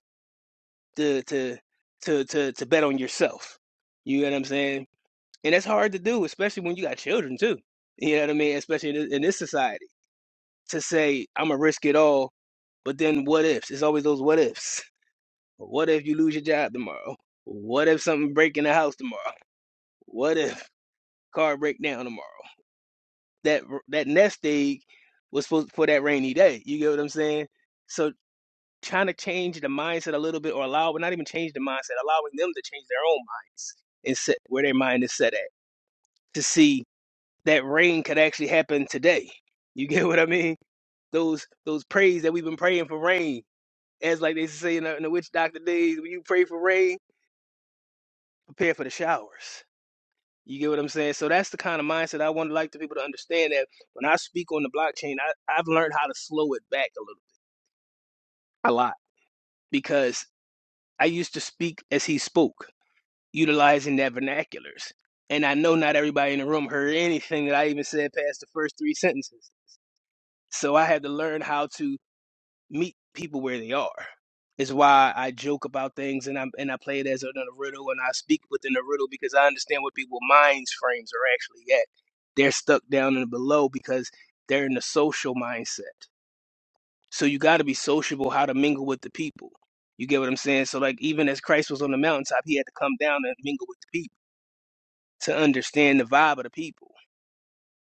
Speaker 5: to to to to to bet on yourself. You know what I'm saying? And that's hard to do, especially when you got children too. You know what I mean? Especially in this, in this society, to say I'm gonna risk it all, but then what ifs? It's always those what ifs. What if you lose your job tomorrow? What if something break in the house tomorrow? What if car break down tomorrow? That that nest egg was supposed for that rainy day. You get what I'm saying? So. trying to change the mindset a little bit or allow not even change the mindset allowing them to change their own minds and set where their mind is set at to see that rain could actually happen today you get what i mean those those prays that we've been praying for rain as like they say in the, in the witch doctor days when you pray for rain prepare for the showers you get what i'm saying so that's the kind of mindset i want to like the people to understand that when i speak on the blockchain I, i've learned how to slow it back a little a lot because i used to speak as he spoke utilizing that vernaculars. And I know not everybody in the room heard anything that I even said past the first three sentences. So I had to learn how to meet people where they are. It's why I joke about things and I and I play it as a, a riddle and I speak within a riddle because I understand what people's minds frames are actually at. They're stuck down and below because they're in the social mindset. So you got to be sociable how to mingle with the people. You get what I'm saying? So like even as Christ was on the mountaintop, he had to come down and mingle with the people to understand the vibe of the people.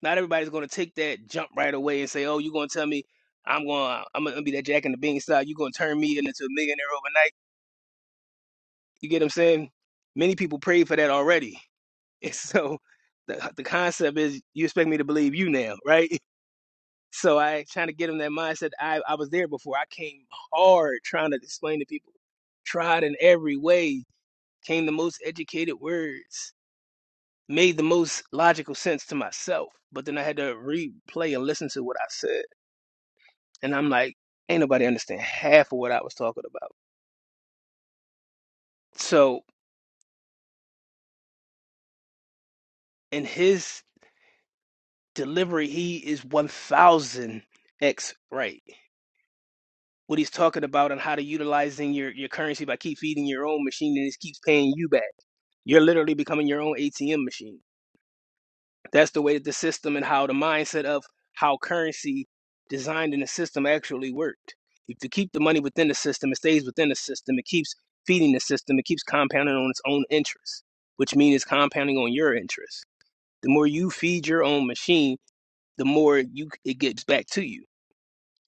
Speaker 5: Not everybody's going to take that jump right away and say, "Oh, you're going to tell me I'm going to I'm going to be that Jack and the Beanstalk. You're going to turn me into a millionaire overnight." You get what I'm saying? Many people prayed for that already, and so the the concept is you expect me to believe you now, right? So I trying to get them that mindset. I I was there before. I came hard trying to explain to people, tried in every way, came the most educated words made the most logical sense to myself. But then I had to replay and listen to what I said. And I'm like, ain't nobody understand half of what I was talking about. So in his delivery, he is 1000x right. What he's talking about and how to utilizing your, your currency by keep feeding your own machine and it keeps paying you back. You're literally becoming your own ATM machine. That's the way the system and how the mindset of how currency designed in the system actually worked. If you keep the money within the system, it stays within the system. It keeps feeding the system. It keeps compounding on its own interest, which means it's compounding on your interest. The more you feed your own machine, the more you it gets back to you.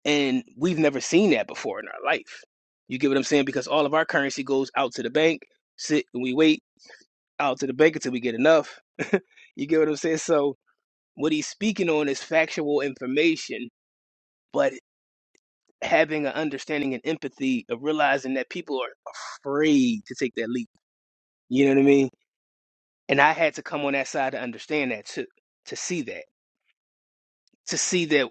Speaker 5: And we've never seen that before in our life. You get what I'm saying? Because all of our currency goes out to the bank. Sit and we wait out to the bank until we get enough. You get what I'm saying? So what he's speaking on is factual information, but having an understanding and empathy of realizing that people are afraid to take that leap. You know what I mean? And I had to come on that side to understand that too, to see that, to see that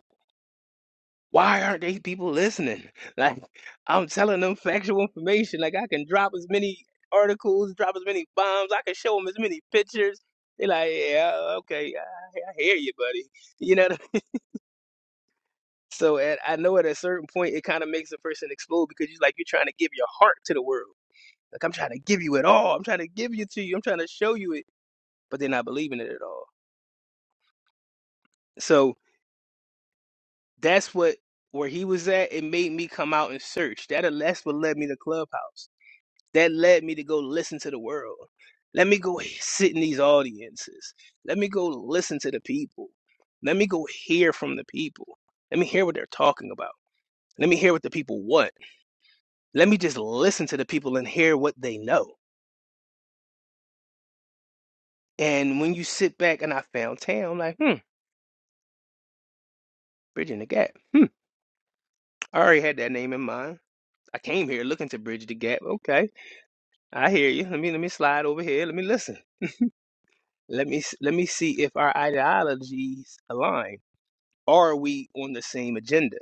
Speaker 5: why aren't they people listening? Like I'm telling them factual information. Like I can drop as many articles, drop as many bombs. I can show them as many pictures. They're like, yeah, okay, I, I hear you, buddy. You know, So at, I know at a certain point, it kind of makes a person explode because you're like, you're trying to give your heart to the world. Like, I'm trying to give you it all. I'm trying to give you to you. I'm trying to show you it, but they're not believing it at all. So that's what, where he was at, it made me come out and search. That, that's what led me to Clubhouse. That led me to go listen to the world. Let me go sit in these audiences. Let me go listen to the people. Let me go hear from the people. Let me hear what they're talking about. Let me hear what the people want. Let me just listen to the people and hear what they know. And when you sit back and I found Tam, I'm like, hmm, bridging the gap. Hmm. I already had that name in mind. I came here looking to bridge the gap. Okay. I hear you. Let me let me slide over here. Let me listen. Let me s- let me see if our ideologies align. Are we on the same agenda?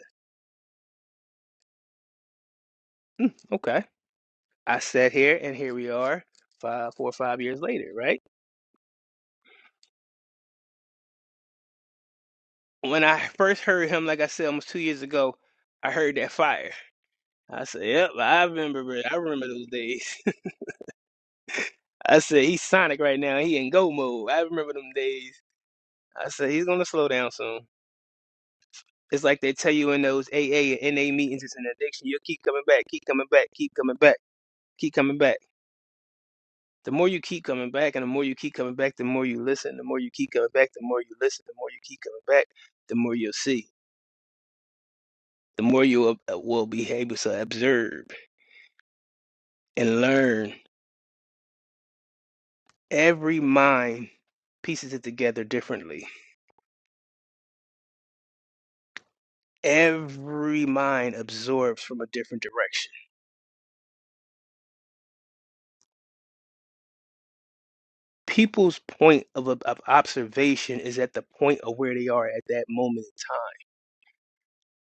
Speaker 5: Okay. I sat here and here we are five four or five years later, right? When I first heard him, like I said almost two years ago, I heard that fire. I said, yep, I remember it. I remember those days. I said, he's Sonic right now. He in go mode. I remember them days. I said, he's going to slow down soon. It's like they tell you in those AA and NA meetings, it's an addiction. You'll keep coming back, keep coming back, keep coming back, keep coming back. The more you keep coming back and the more you keep coming back, the more you listen. The more you keep coming back, the more you listen. The more you keep coming back, the more you'll see. The more you will uh, will be able to observe and learn. Every mind pieces it together differently every mind absorbs from a different direction. People's point of, of observation is at the point of where they are at that moment in time.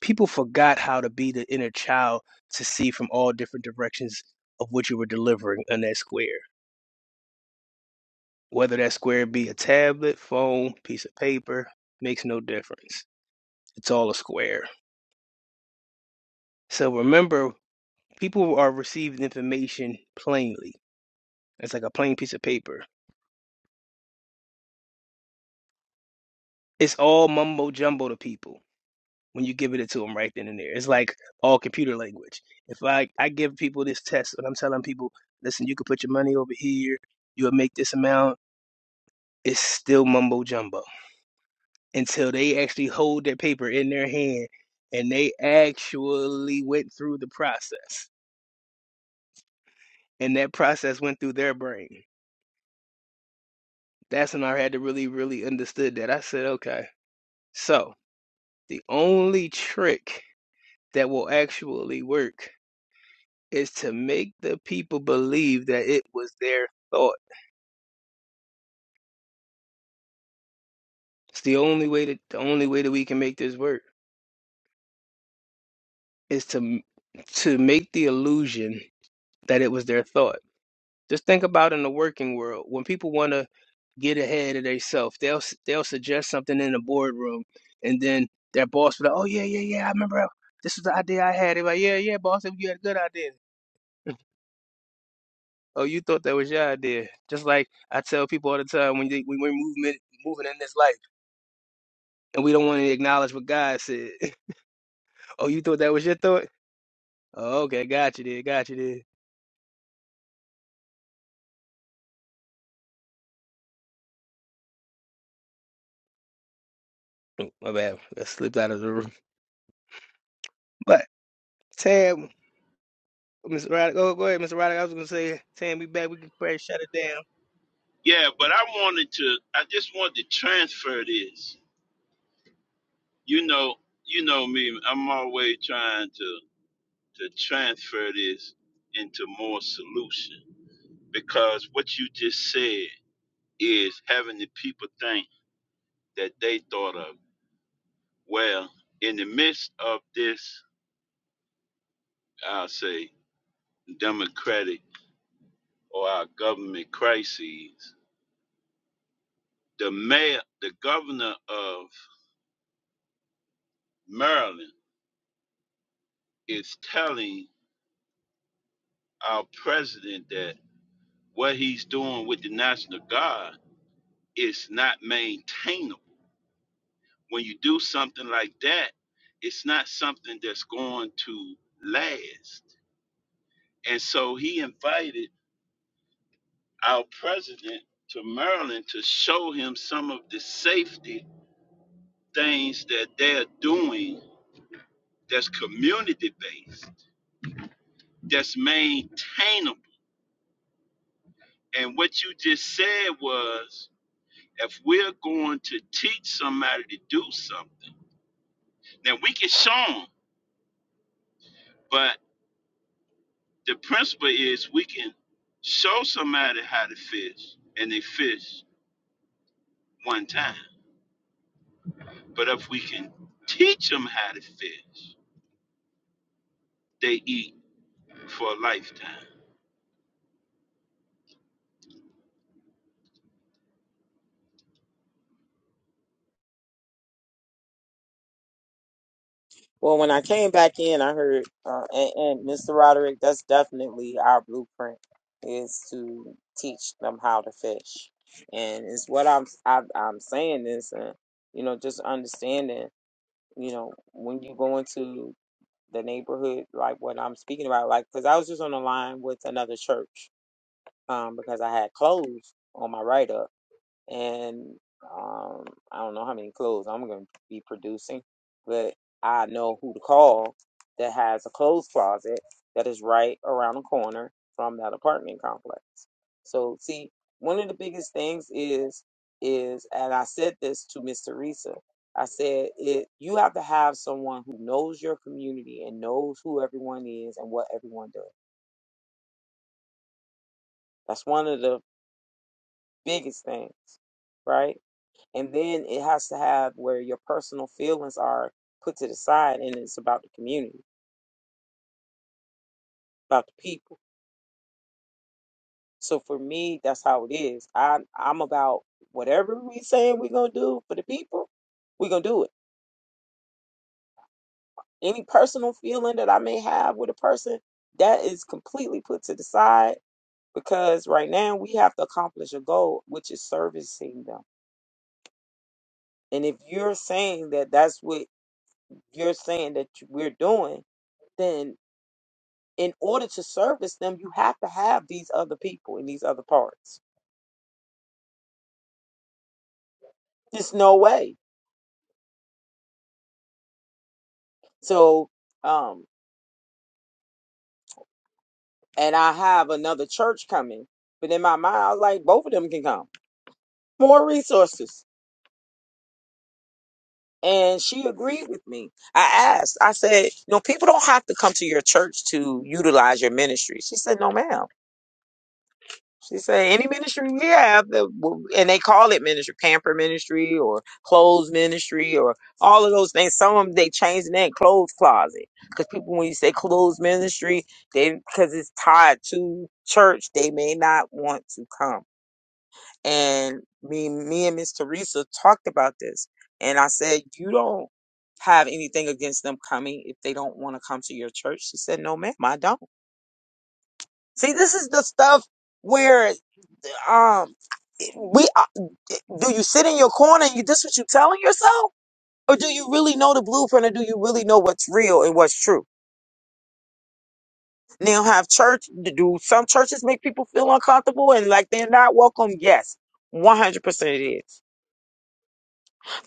Speaker 5: People forgot how to be the inner child to see from all different directions of what you were delivering in that square. Whether that square be a tablet, phone, piece of paper, makes no difference. It's all a square. So remember, people are receiving information plainly. It's like a plain piece of paper. It's all mumbo jumbo to people when you give it to them right then and there. It's like all computer language. If I, I give people this test and I'm telling people, listen, you can put your money over here, you'll make this amount, it's still mumbo jumbo until they actually hold their paper in their hand and they actually went through the process. And that process went through their brain. That's when I had to really, really understood that. I said, okay, so the only trick that will actually work is to make the people believe that it was their thought. It's the only way that the only way that we can make this work is to to make the illusion that it was their thought. Just think about in the working world when people want to get ahead of themselves, they'll s- they'll suggest something in the boardroom, and then their boss will be like, "Oh yeah, yeah, yeah, I remember I- this was the idea I had." They're like, "Yeah, yeah, boss, you had a good idea." Oh, you thought that was your idea. Just like I tell people all the time when they, when we're moving moving in this life. and we don't want to acknowledge what God said. Oh, you thought that was your thought? Oh, okay, got you there, got you there. Oh, My bad, I slipped out of the room. But Tam, Mr. Roddick, oh, go ahead, Mr. Roddick. I was gonna say, Tam, we back. We can pray, shut it down.
Speaker 6: Yeah, but I wanted to. I just wanted to transfer this. You know, you know me. I'm always trying to to transfer this into more solution because what you just said is having the people think that they thought of. Well, in the midst of this, I'll say democratic or our government crises, the mayor, the governor of Maryland is telling our president that what he's doing with the National Guard is not maintainable. When you do something like that, it's not something that's going to last. And so he invited our president to Maryland to show him some of the safety things that they're doing that's community based, that's maintainable. And what you just said was If we're going to teach somebody to do something, then we can show them. But the principle is we can show somebody how to fish and they fish one time. But if we can teach them how to fish, they eat for a lifetime.
Speaker 3: Well, when I came back in, I heard, uh, and, and Mr. Roderick, that's definitely our blueprint is to teach them how to fish, and it's what I'm I, I'm saying is, uh, you know, just understanding, you know, when you go into the neighborhood, like what I'm speaking about, like because I was just on the line with another church, um, because I had clothes on my write up and um, I don't know how many clothes I'm going to be producing, but I know who to call that has a clothes closet that is right around the corner from that apartment complex. So, see, one of the biggest things is is, and I said this to Miss Teresa. I said, it, you have to have someone who knows your community and knows who everyone is and what everyone does. That's one of the biggest things, right? and then it has to have where your personal feelings are put to the side and it's about the community about the people so for me that's how it is i i'm about whatever we saying we're gonna do for the people we're gonna do it any personal feeling that i may have with a person that is completely put to the side because right now we have to accomplish a goal which is servicing them and if you're saying that that's what you're saying that you- we're doing then in order to service them, you have to have these other people in these other parts. There's no way. So, um, and I have another church coming, but in my mind, I was like, both of them can come. More resources. And she agreed with me. I asked, I said, no, people don't have to come to your church to utilize your ministry. She said, no, ma'am. She said, any ministry you have that, will- and they call it ministry, pamper ministry or clothes ministry or all of those things. Some of them they change the name clothes closet because people when you say clothes ministry, they because it's tied to church, they may not want to come. And me, me and Miss Teresa talked about this, and I said, you don't have anything against them coming if they don't want to come to your church. She said, no, ma'am, I don't. See, this is the stuff. Where um we uh, do you sit in your corner and you this what you telling yourself or do you really know the blueprint or do you really know what's real and what's true now have church do some churches make people feel uncomfortable and like they're not welcome yes 100% it is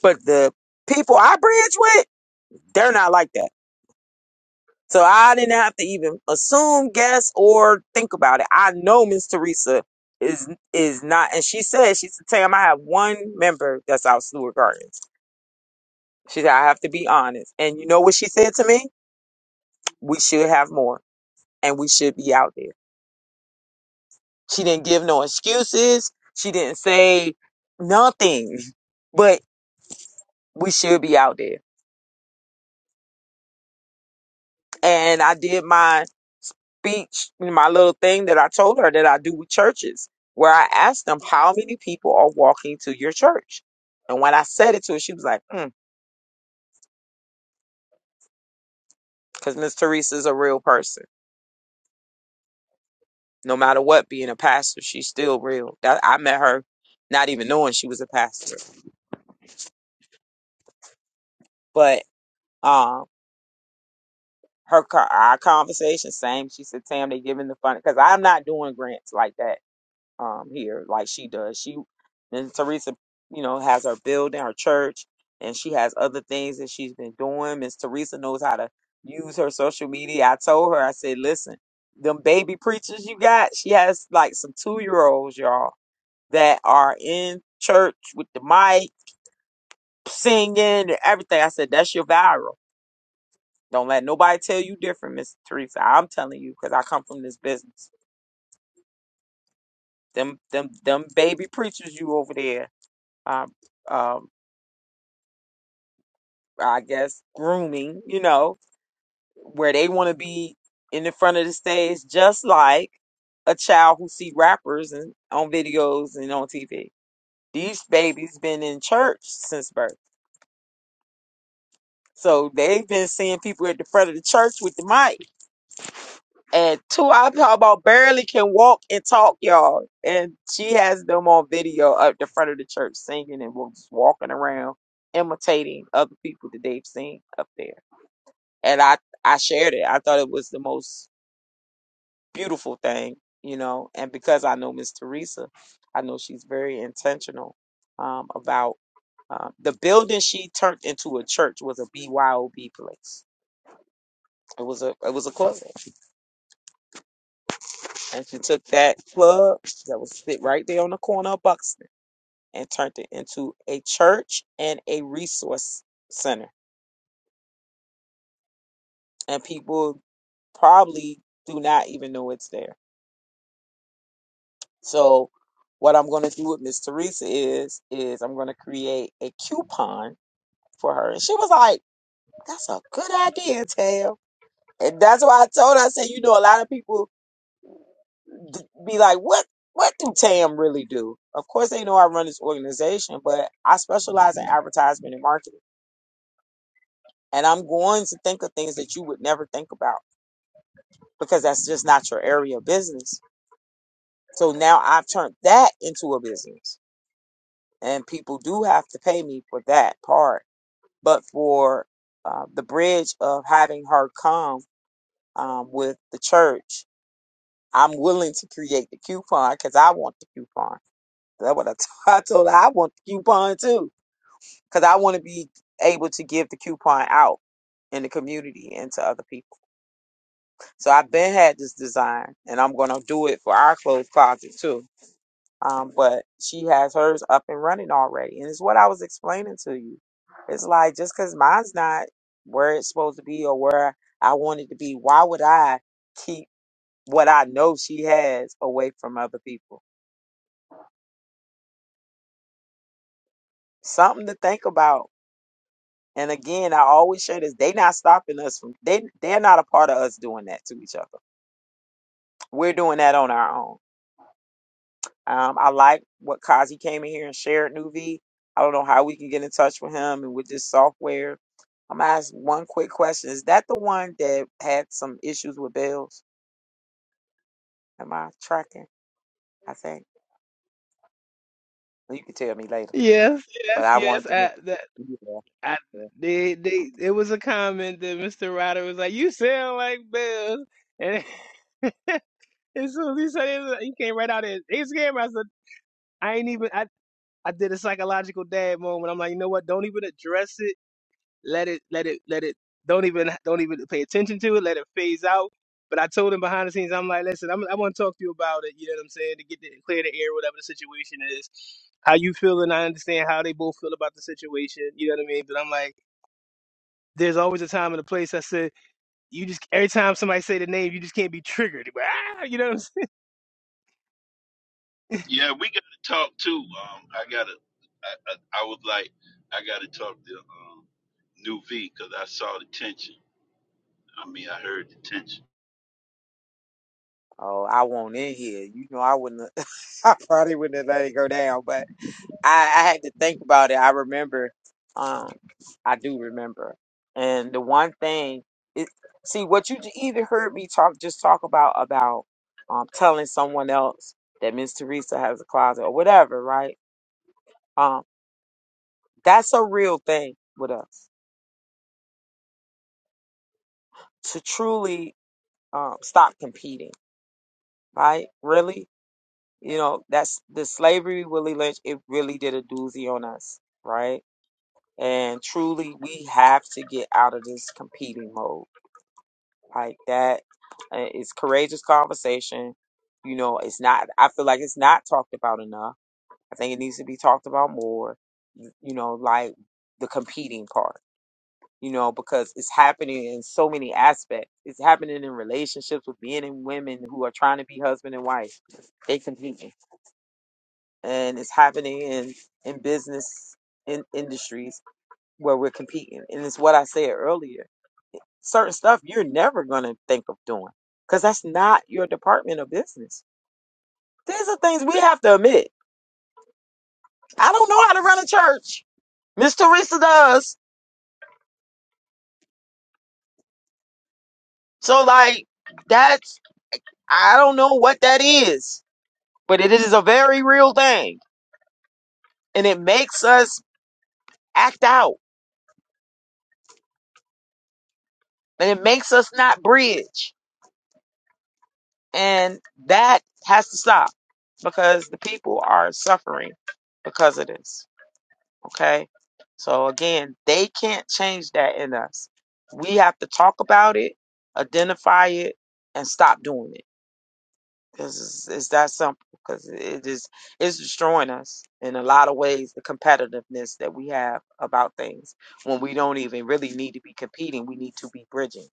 Speaker 3: but the people i bridge with they're not like that so i didn't have to even assume guess or think about it i know miss teresa is is not and she said she said tam i have one member that's out stewart gardens She said, I have to be honest. And you know what she said to me? We should have more and we should be out there. She didn't give no excuses. She didn't say nothing, but we should be out there. And I did my speech, my little thing that I told her that I do with churches, where I asked them, How many people are walking to your church? And when I said it to her, she was like, mm, Because Miss Teresa's a real person. No matter what, being a pastor, she's still real. That, I met her not even knowing she was a pastor But um, her car, our conversation, same. She said, "Tam, they giving the fund because I'm not doing grants like that um here, like she does. She and Teresa, you know, has her building, her church, and she has other things that she's been doing. Miss Teresa knows how to use her social media. I told her, I said, listen, them baby preachers you got. She has like some two year olds, y'all, that are in church with the mic singing and everything. I said, that's your viral. Don't let nobody tell you different, Miss Teresa. I'm telling you because I come from this business. Them, them, them baby preachers you over there, um, um, I guess grooming. You know where they want to be in the front of the stage, just like a child who see rappers and on videos and on TV. These babies been in church since birth, so they've been seeing people at the front of the church with the mic And two, I'm talking about barely can walk and talk, y'all. And she has them on video up the front of the church singing and was walking around imitating other people that they've seen up there. And I, I shared it. I thought it was the most beautiful thing, you know. And because I know Miss Teresa, I know she's very intentional um, about um, the building she turned into a church was a BYOB place. It was a it was a club. And she took that club that was sit right there on the corner of Buxton and turned it into a church and a resource center. And people probably do not even know it's there. So what I'm gonna do with Miss Teresa is is I'm gonna create a coupon for her. And she was like, That's a good idea, Tail. And that's why I told her, I said, you know, a lot of people d- be like, what what do TAM really do? Of course, they know I run this organization, but I specialize in advertisement and marketing, and I'm going to think of things that you would never think about because that's just not your area of business. So now I've turned that into a business, and people do have to pay me for that part, but for uh, the bridge of having her come um, with the church. I'm willing to create the coupon because I want the coupon. That's what I, t- I told her. I want the coupon too because I want to be able to give the coupon out in the community and to other people. So I've been had this design, and I'm gonna do it for our clothes closet too. Um, but she has hers up and running already, and it's what I was explaining to you. It's like just because mine's not where it's supposed to be or where I want it to be, why would I keep what I know she has away from other people? Something to think about And again, I always share this. They not stopping us from they they're not a part of us doing that to each other. We're doing that on our own. Um, I like what Kazi came in here and shared, Nuvi. I I don't know how we can get in touch with him and with this software. I'm gonna ask one quick question. Is that the one that had some issues with bills? Am I tracking? I think. Well, You can tell me later.
Speaker 5: Yes, yes,
Speaker 3: But I
Speaker 5: yes.
Speaker 3: wanted to make
Speaker 5: I that
Speaker 3: yeah,
Speaker 5: I
Speaker 3: yeah.
Speaker 5: they
Speaker 3: Okay.
Speaker 5: they it was a comment that Mr. Roddick was like, "You sound like Bill," and as soon as he said it, he came right out there. He's camera. I said, "I ain't even." I I did a psychological dad moment. I'm like, you know what? Don't even address it let it let it let it don't even don't even pay attention to it let it phase out but i told him behind the scenes i'm like listen I'm, i want to talk to you about it you know what i'm saying to get the, clear the air whatever the situation is how you feel and i understand how they both feel about the situation you know what i mean but i'm like there's always a time and a place i said you just every time somebody say the name you just can't be triggered
Speaker 6: Yeah, we got to talk too. Um, I got to, I, I, I was like, I got to talk to um, New V because I saw the tension. I mean, I heard the tension.
Speaker 3: Oh, I won't in here. You know I wouldn't I probably wouldn't have let it go down, but I, I had to think about it. I remember. Um, I do remember. And the one thing is, see, what you j- even heard me talk, just talk about about um telling someone else that Miss Teresa has a closet or whatever, right? Um, that's a real thing with us to truly um stop competing, right? Really, you know, that's the slavery Willie Lynch. It really did a doozy on us, right? And truly, we have to get out of this competing mode like that. Uh, It's courageous conversation. You know, it's not. I feel like it's not talked about enough. I think it needs to be talked about more. y- You know, like the competing part. You know, because it's happening in so many aspects. It's happening in relationships with men and women who are trying to be husband and wife. They competing, and it's happening in in business in industries where we're competing. And it's what I said earlier certain stuff you're never going to think of doing because that's not your department of business. These are things we have to admit. I don't know how to run a church. Miss Teresa does. So, like, that's, I don't know what that is, but it is a very real thing. And it makes us act out and it makes us not bridge. And that has to stop because the people are suffering because of this. Okay. So again, they can't change that in us. We have to talk about it, identify it, and stop doing it. Because it's, it's that simple. Because it is it's destroying us in a lot of ways. The competitiveness that we have about things when we don't even really need to be competing. We need to be bridging,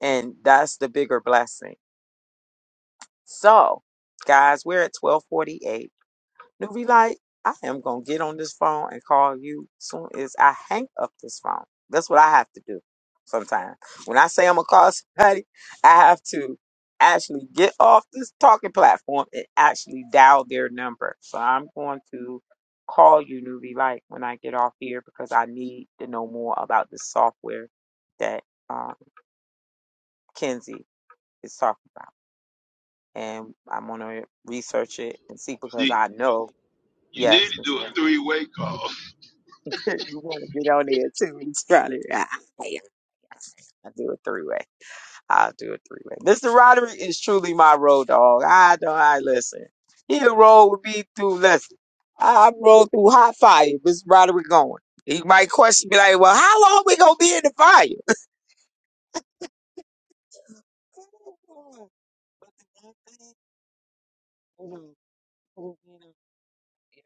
Speaker 3: and that's the bigger blessing. So, guys, we're at twelve forty eight. Newbie, like, I am gonna get on this phone and call you soon as I hang up this phone. That's what I have to do sometimes. When I say I'm gonna call somebody, I have to actually get off this talking platform and actually dial their number. So I'm going to call you, Newbie, Light, when I get off here because I need to know more about this software that um, Kenzie is talking about. And I'm gonna research it and see
Speaker 6: You
Speaker 3: because
Speaker 6: need,
Speaker 3: I know,
Speaker 6: you need
Speaker 3: yes,
Speaker 6: to
Speaker 3: Miss
Speaker 6: do a three way call.
Speaker 3: you want to get on there too. It's probably ah, yeah, I'll do a three way. I'll do a three way. Mr. Roderick is truly my road dog. I don't I listen. He'll roll with me through listen. I I roll through hot fire. Mr. Roderick going. He might question me like, well, how long we gonna be in the fire?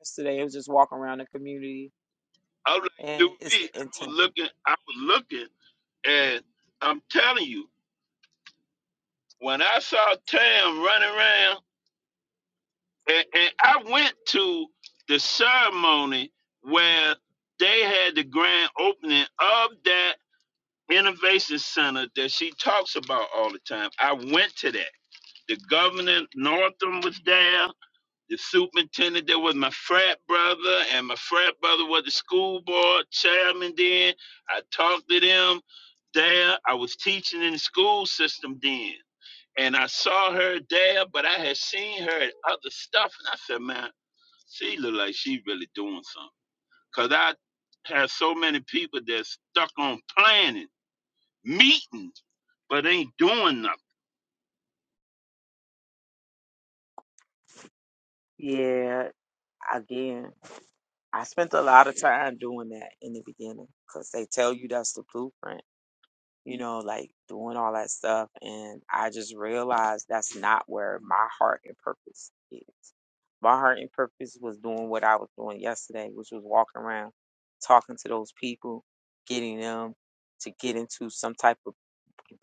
Speaker 3: Yesterday I was just walking around the community
Speaker 6: I was like, New
Speaker 3: and it's
Speaker 6: V, I
Speaker 3: the
Speaker 6: was
Speaker 3: intent.
Speaker 6: looking, I was looking, and I'm telling you, when I saw Tam running around, and, and I went to the ceremony where they had the grand opening of that innovation center that she talks about all the time. I went to that. The governor Northam was there. the superintendent there was my frat brother and my frat brother was the school board chairman then i talked to them there i was teaching in the school system then and i saw her there but i had seen her at other stuff and i said man she look like she really doing something because i have so many people that stuck on planning meetings but ain't doing nothing
Speaker 3: Yeah, again. I spent a lot of time doing that in the beginning because they tell you that's the blueprint, you know, like doing all that stuff. And I just realized that's not where my heart and purpose is. My heart and purpose was doing what I was doing yesterday, which was walking around, talking to those people, getting them to get into some type of,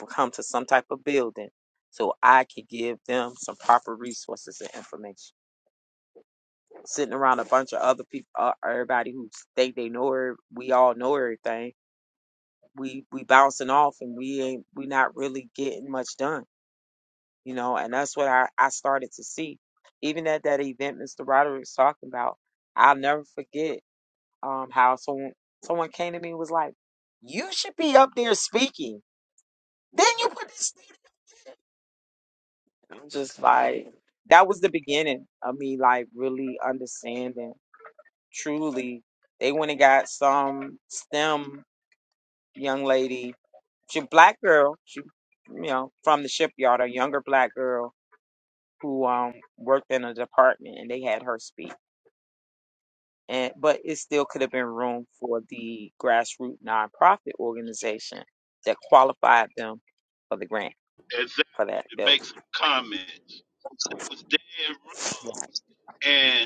Speaker 3: come to some type of building so I could give them some proper resources and information sitting around a bunch of other people, uh, everybody who think they know her. We all know everything. We we bouncing off, and we ain't we not really getting much done, you know. And that's what I I started to see, even at that event Mr. Roderick's talking about. I'll never forget um how someone someone came to me and was like, "You should be up there speaking." Then you put this. I'm just like that was the beginning of me like really understanding. truly. They went and got some STEM young lady, she a black girl, she you know, from the shipyard, a younger black girl who um worked in a department and they had her speak. And but it still could have been room for the grassroots nonprofit organization that qualified them for the grant
Speaker 6: exactly
Speaker 3: for that
Speaker 6: to make
Speaker 3: building.
Speaker 6: some comments that was dead wrong and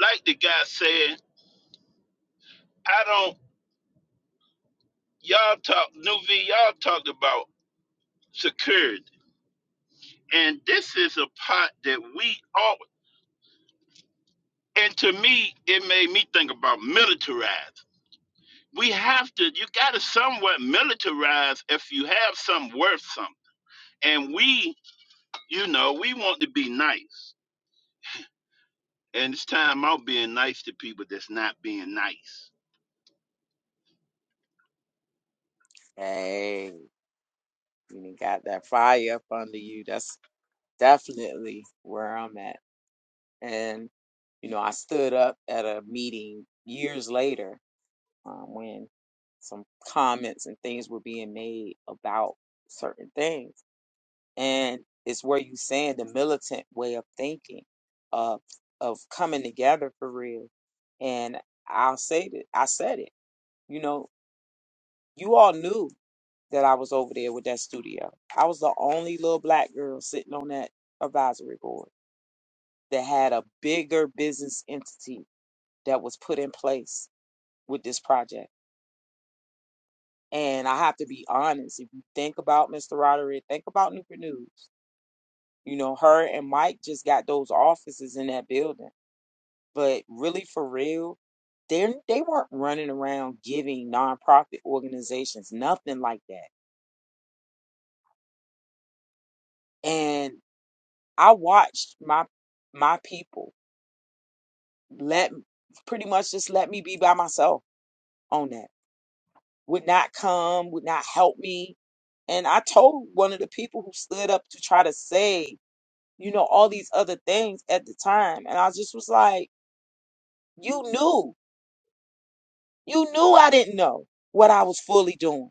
Speaker 6: like the guy said, I don't. Y'all talk, New V. Y'all talked about security, and this is a part that we all. And to me, it made me think about militarize. We have to. You got to somewhat militarize if you have some worth something. And we, you know, we want to be nice. And it's time out being nice to people that's not being nice.
Speaker 3: Hey, you done got that fire up under you. That's definitely where I'm at. And, you know, I stood up at a meeting years later um, when some comments and things were being made about certain things. And it's where you saying the militant way of thinking, of of coming together for real. And I'll say that I said it. You know, you all knew that I was over there with that studio. I was the only little black girl sitting on that advisory board that had a bigger business entity that was put in place with this project. And I have to be honest, if you think about Mr. Roderick, think about Newport News. You know, her and Mike just got those offices in that building. But really for real, they they weren't running around giving nonprofit organizations nothing like that. And I watched my my people let pretty much just let me be by myself on that would not come, would not help me. And I told one of the people who stood up to try to say, you know, all these other things at the time. And I just was like, you knew, you knew I didn't know what I was fully doing.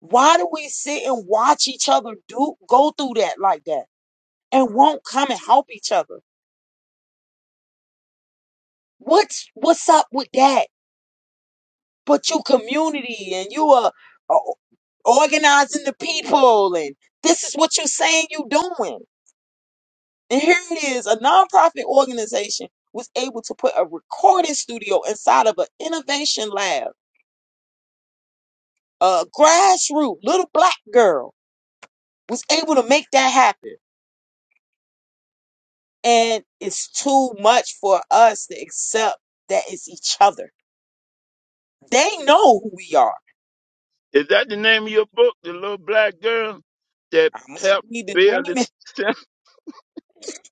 Speaker 3: Why do we sit and watch each other do go through that like that and won't come and help each other? What's what's up with that? But you community and you are uh, organizing the people and this is what you're saying you doing. And here it is a nonprofit organization was able to put a recording studio inside of an innovation lab. A grassroots little black girl was able to make that happen. And it's too much for us to accept that it's each other. They know who we are.
Speaker 6: Is that the name of your book, The Little Black Girl That
Speaker 3: I might
Speaker 6: Helped
Speaker 3: need to
Speaker 6: Build
Speaker 3: name it.
Speaker 6: the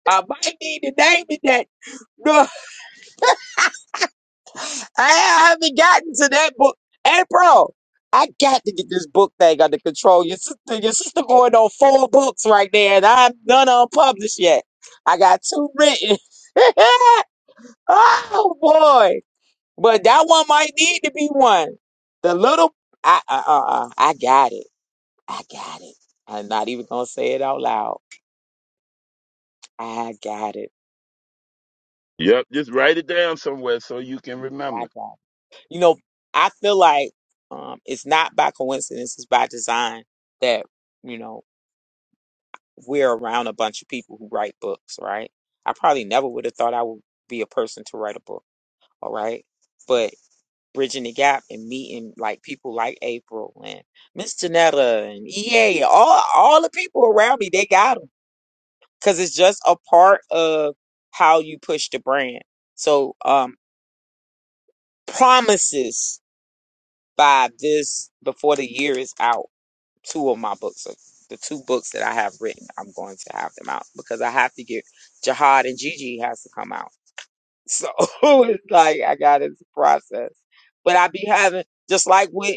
Speaker 3: I might need to name it that I haven't gotten to that book. April, I got to get this book thing under control. Your sister, your sister going on four books right there, and I'm none unpublished yet. I got two written. oh boy, but that one might need to be one. The little, I, uh, uh, uh, I got it. I got it. I'm not even gonna say it out loud. I got it.
Speaker 6: Yep, just write it down somewhere so you can
Speaker 3: Mm,
Speaker 6: remember.
Speaker 3: I got it. You know, I feel like um, it's not by coincidence, it's by design that, you know, we're around a bunch of people who write books, right? I probably never would have thought I would be a person to write a book, all right? But bridging the gap and meeting like people like April and Miss Janetta and EA, all all the people around me, they got them because it's just a part of how you push the brand. So um, promises by this before the year is out. two of my books are the two books that I have written. I'm going to have them out because I have to get Jihad and Gigi has to come out. So it's like I got this process, but I be having just like with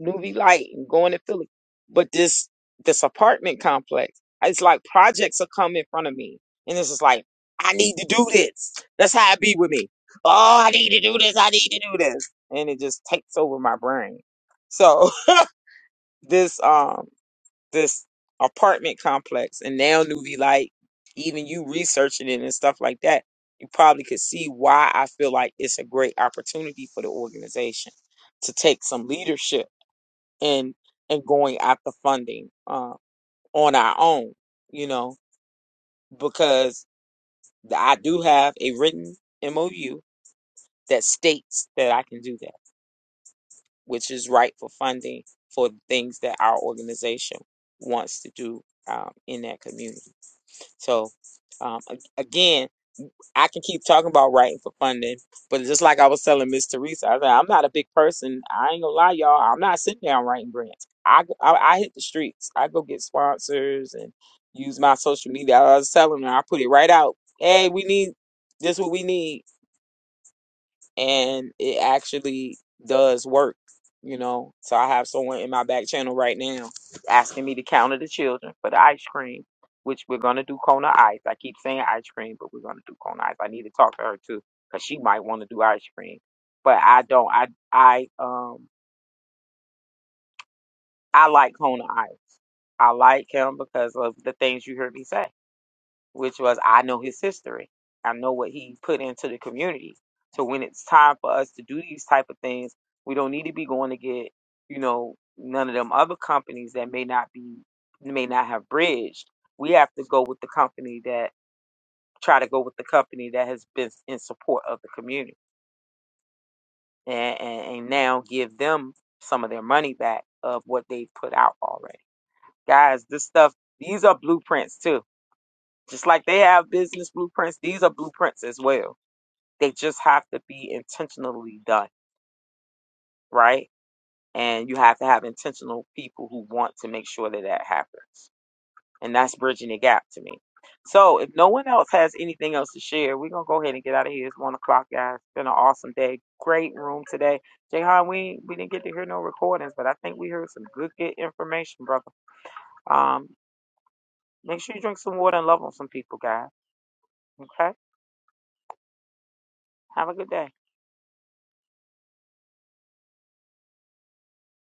Speaker 3: Newbie Light and going to Philly, but this this apartment complex. It's like projects are coming in front of me, and it's just like I need to do this. That's how it be with me. Oh, I need to do this. I need to do this, and it just takes over my brain. So this um this apartment complex and now Nuvi like even you researching it and stuff like that, you probably could see why I feel like it's a great opportunity for the organization to take some leadership in and going after funding uh, on our own, you know, because I do have a written MOU that states that I can do that, which is right for funding for things that our organization wants to do um, in that community. So, um, a- again, I can keep talking about writing for funding, but just like I was telling Miss Teresa, I said, I'm not a big person. I ain't gonna lie, y'all. I'm not sitting down writing grants. I, go- I I hit the streets. I go get sponsors and use my social media. I was telling them, I put it right out. Hey, we need this. What we need and it actually does work, you know. So I have someone in my back channel right now asking me to counter the children for the ice cream, which we're gonna do Kona Ice. I keep saying ice cream, but we're gonna do Kona Ice. I need to talk to her too, cause she might want to do ice cream, but I don't. I I um I like Kona Ice. I like him because of the things you heard me say. which was I know his history. I know what he put into the community. So when it's time for us to do these type of things, we don't need to be going to get, you know, none of them other companies that may not be may not have bridged. We have to go with the company that try to go with the company that has been in support of the community and, and, and now give them some of their money back of what they put out already. Guys, this stuff, these are blueprints too. Just like they have business blueprints, these are blueprints as well They just have to be intentionally done, right? And you have to have intentional people who want to make sure that that happens. And that's bridging the gap to me. So if no one else has anything else to share, we're gonna go ahead and get out of here. It's one o'clock, guys. It's been an awesome day. Great room today. Jayhan, we we didn't get to hear no recordings, but I think we heard some good good information, brother. Um, make sure you drink some water and love on some people, guys. Okay? Have a good day.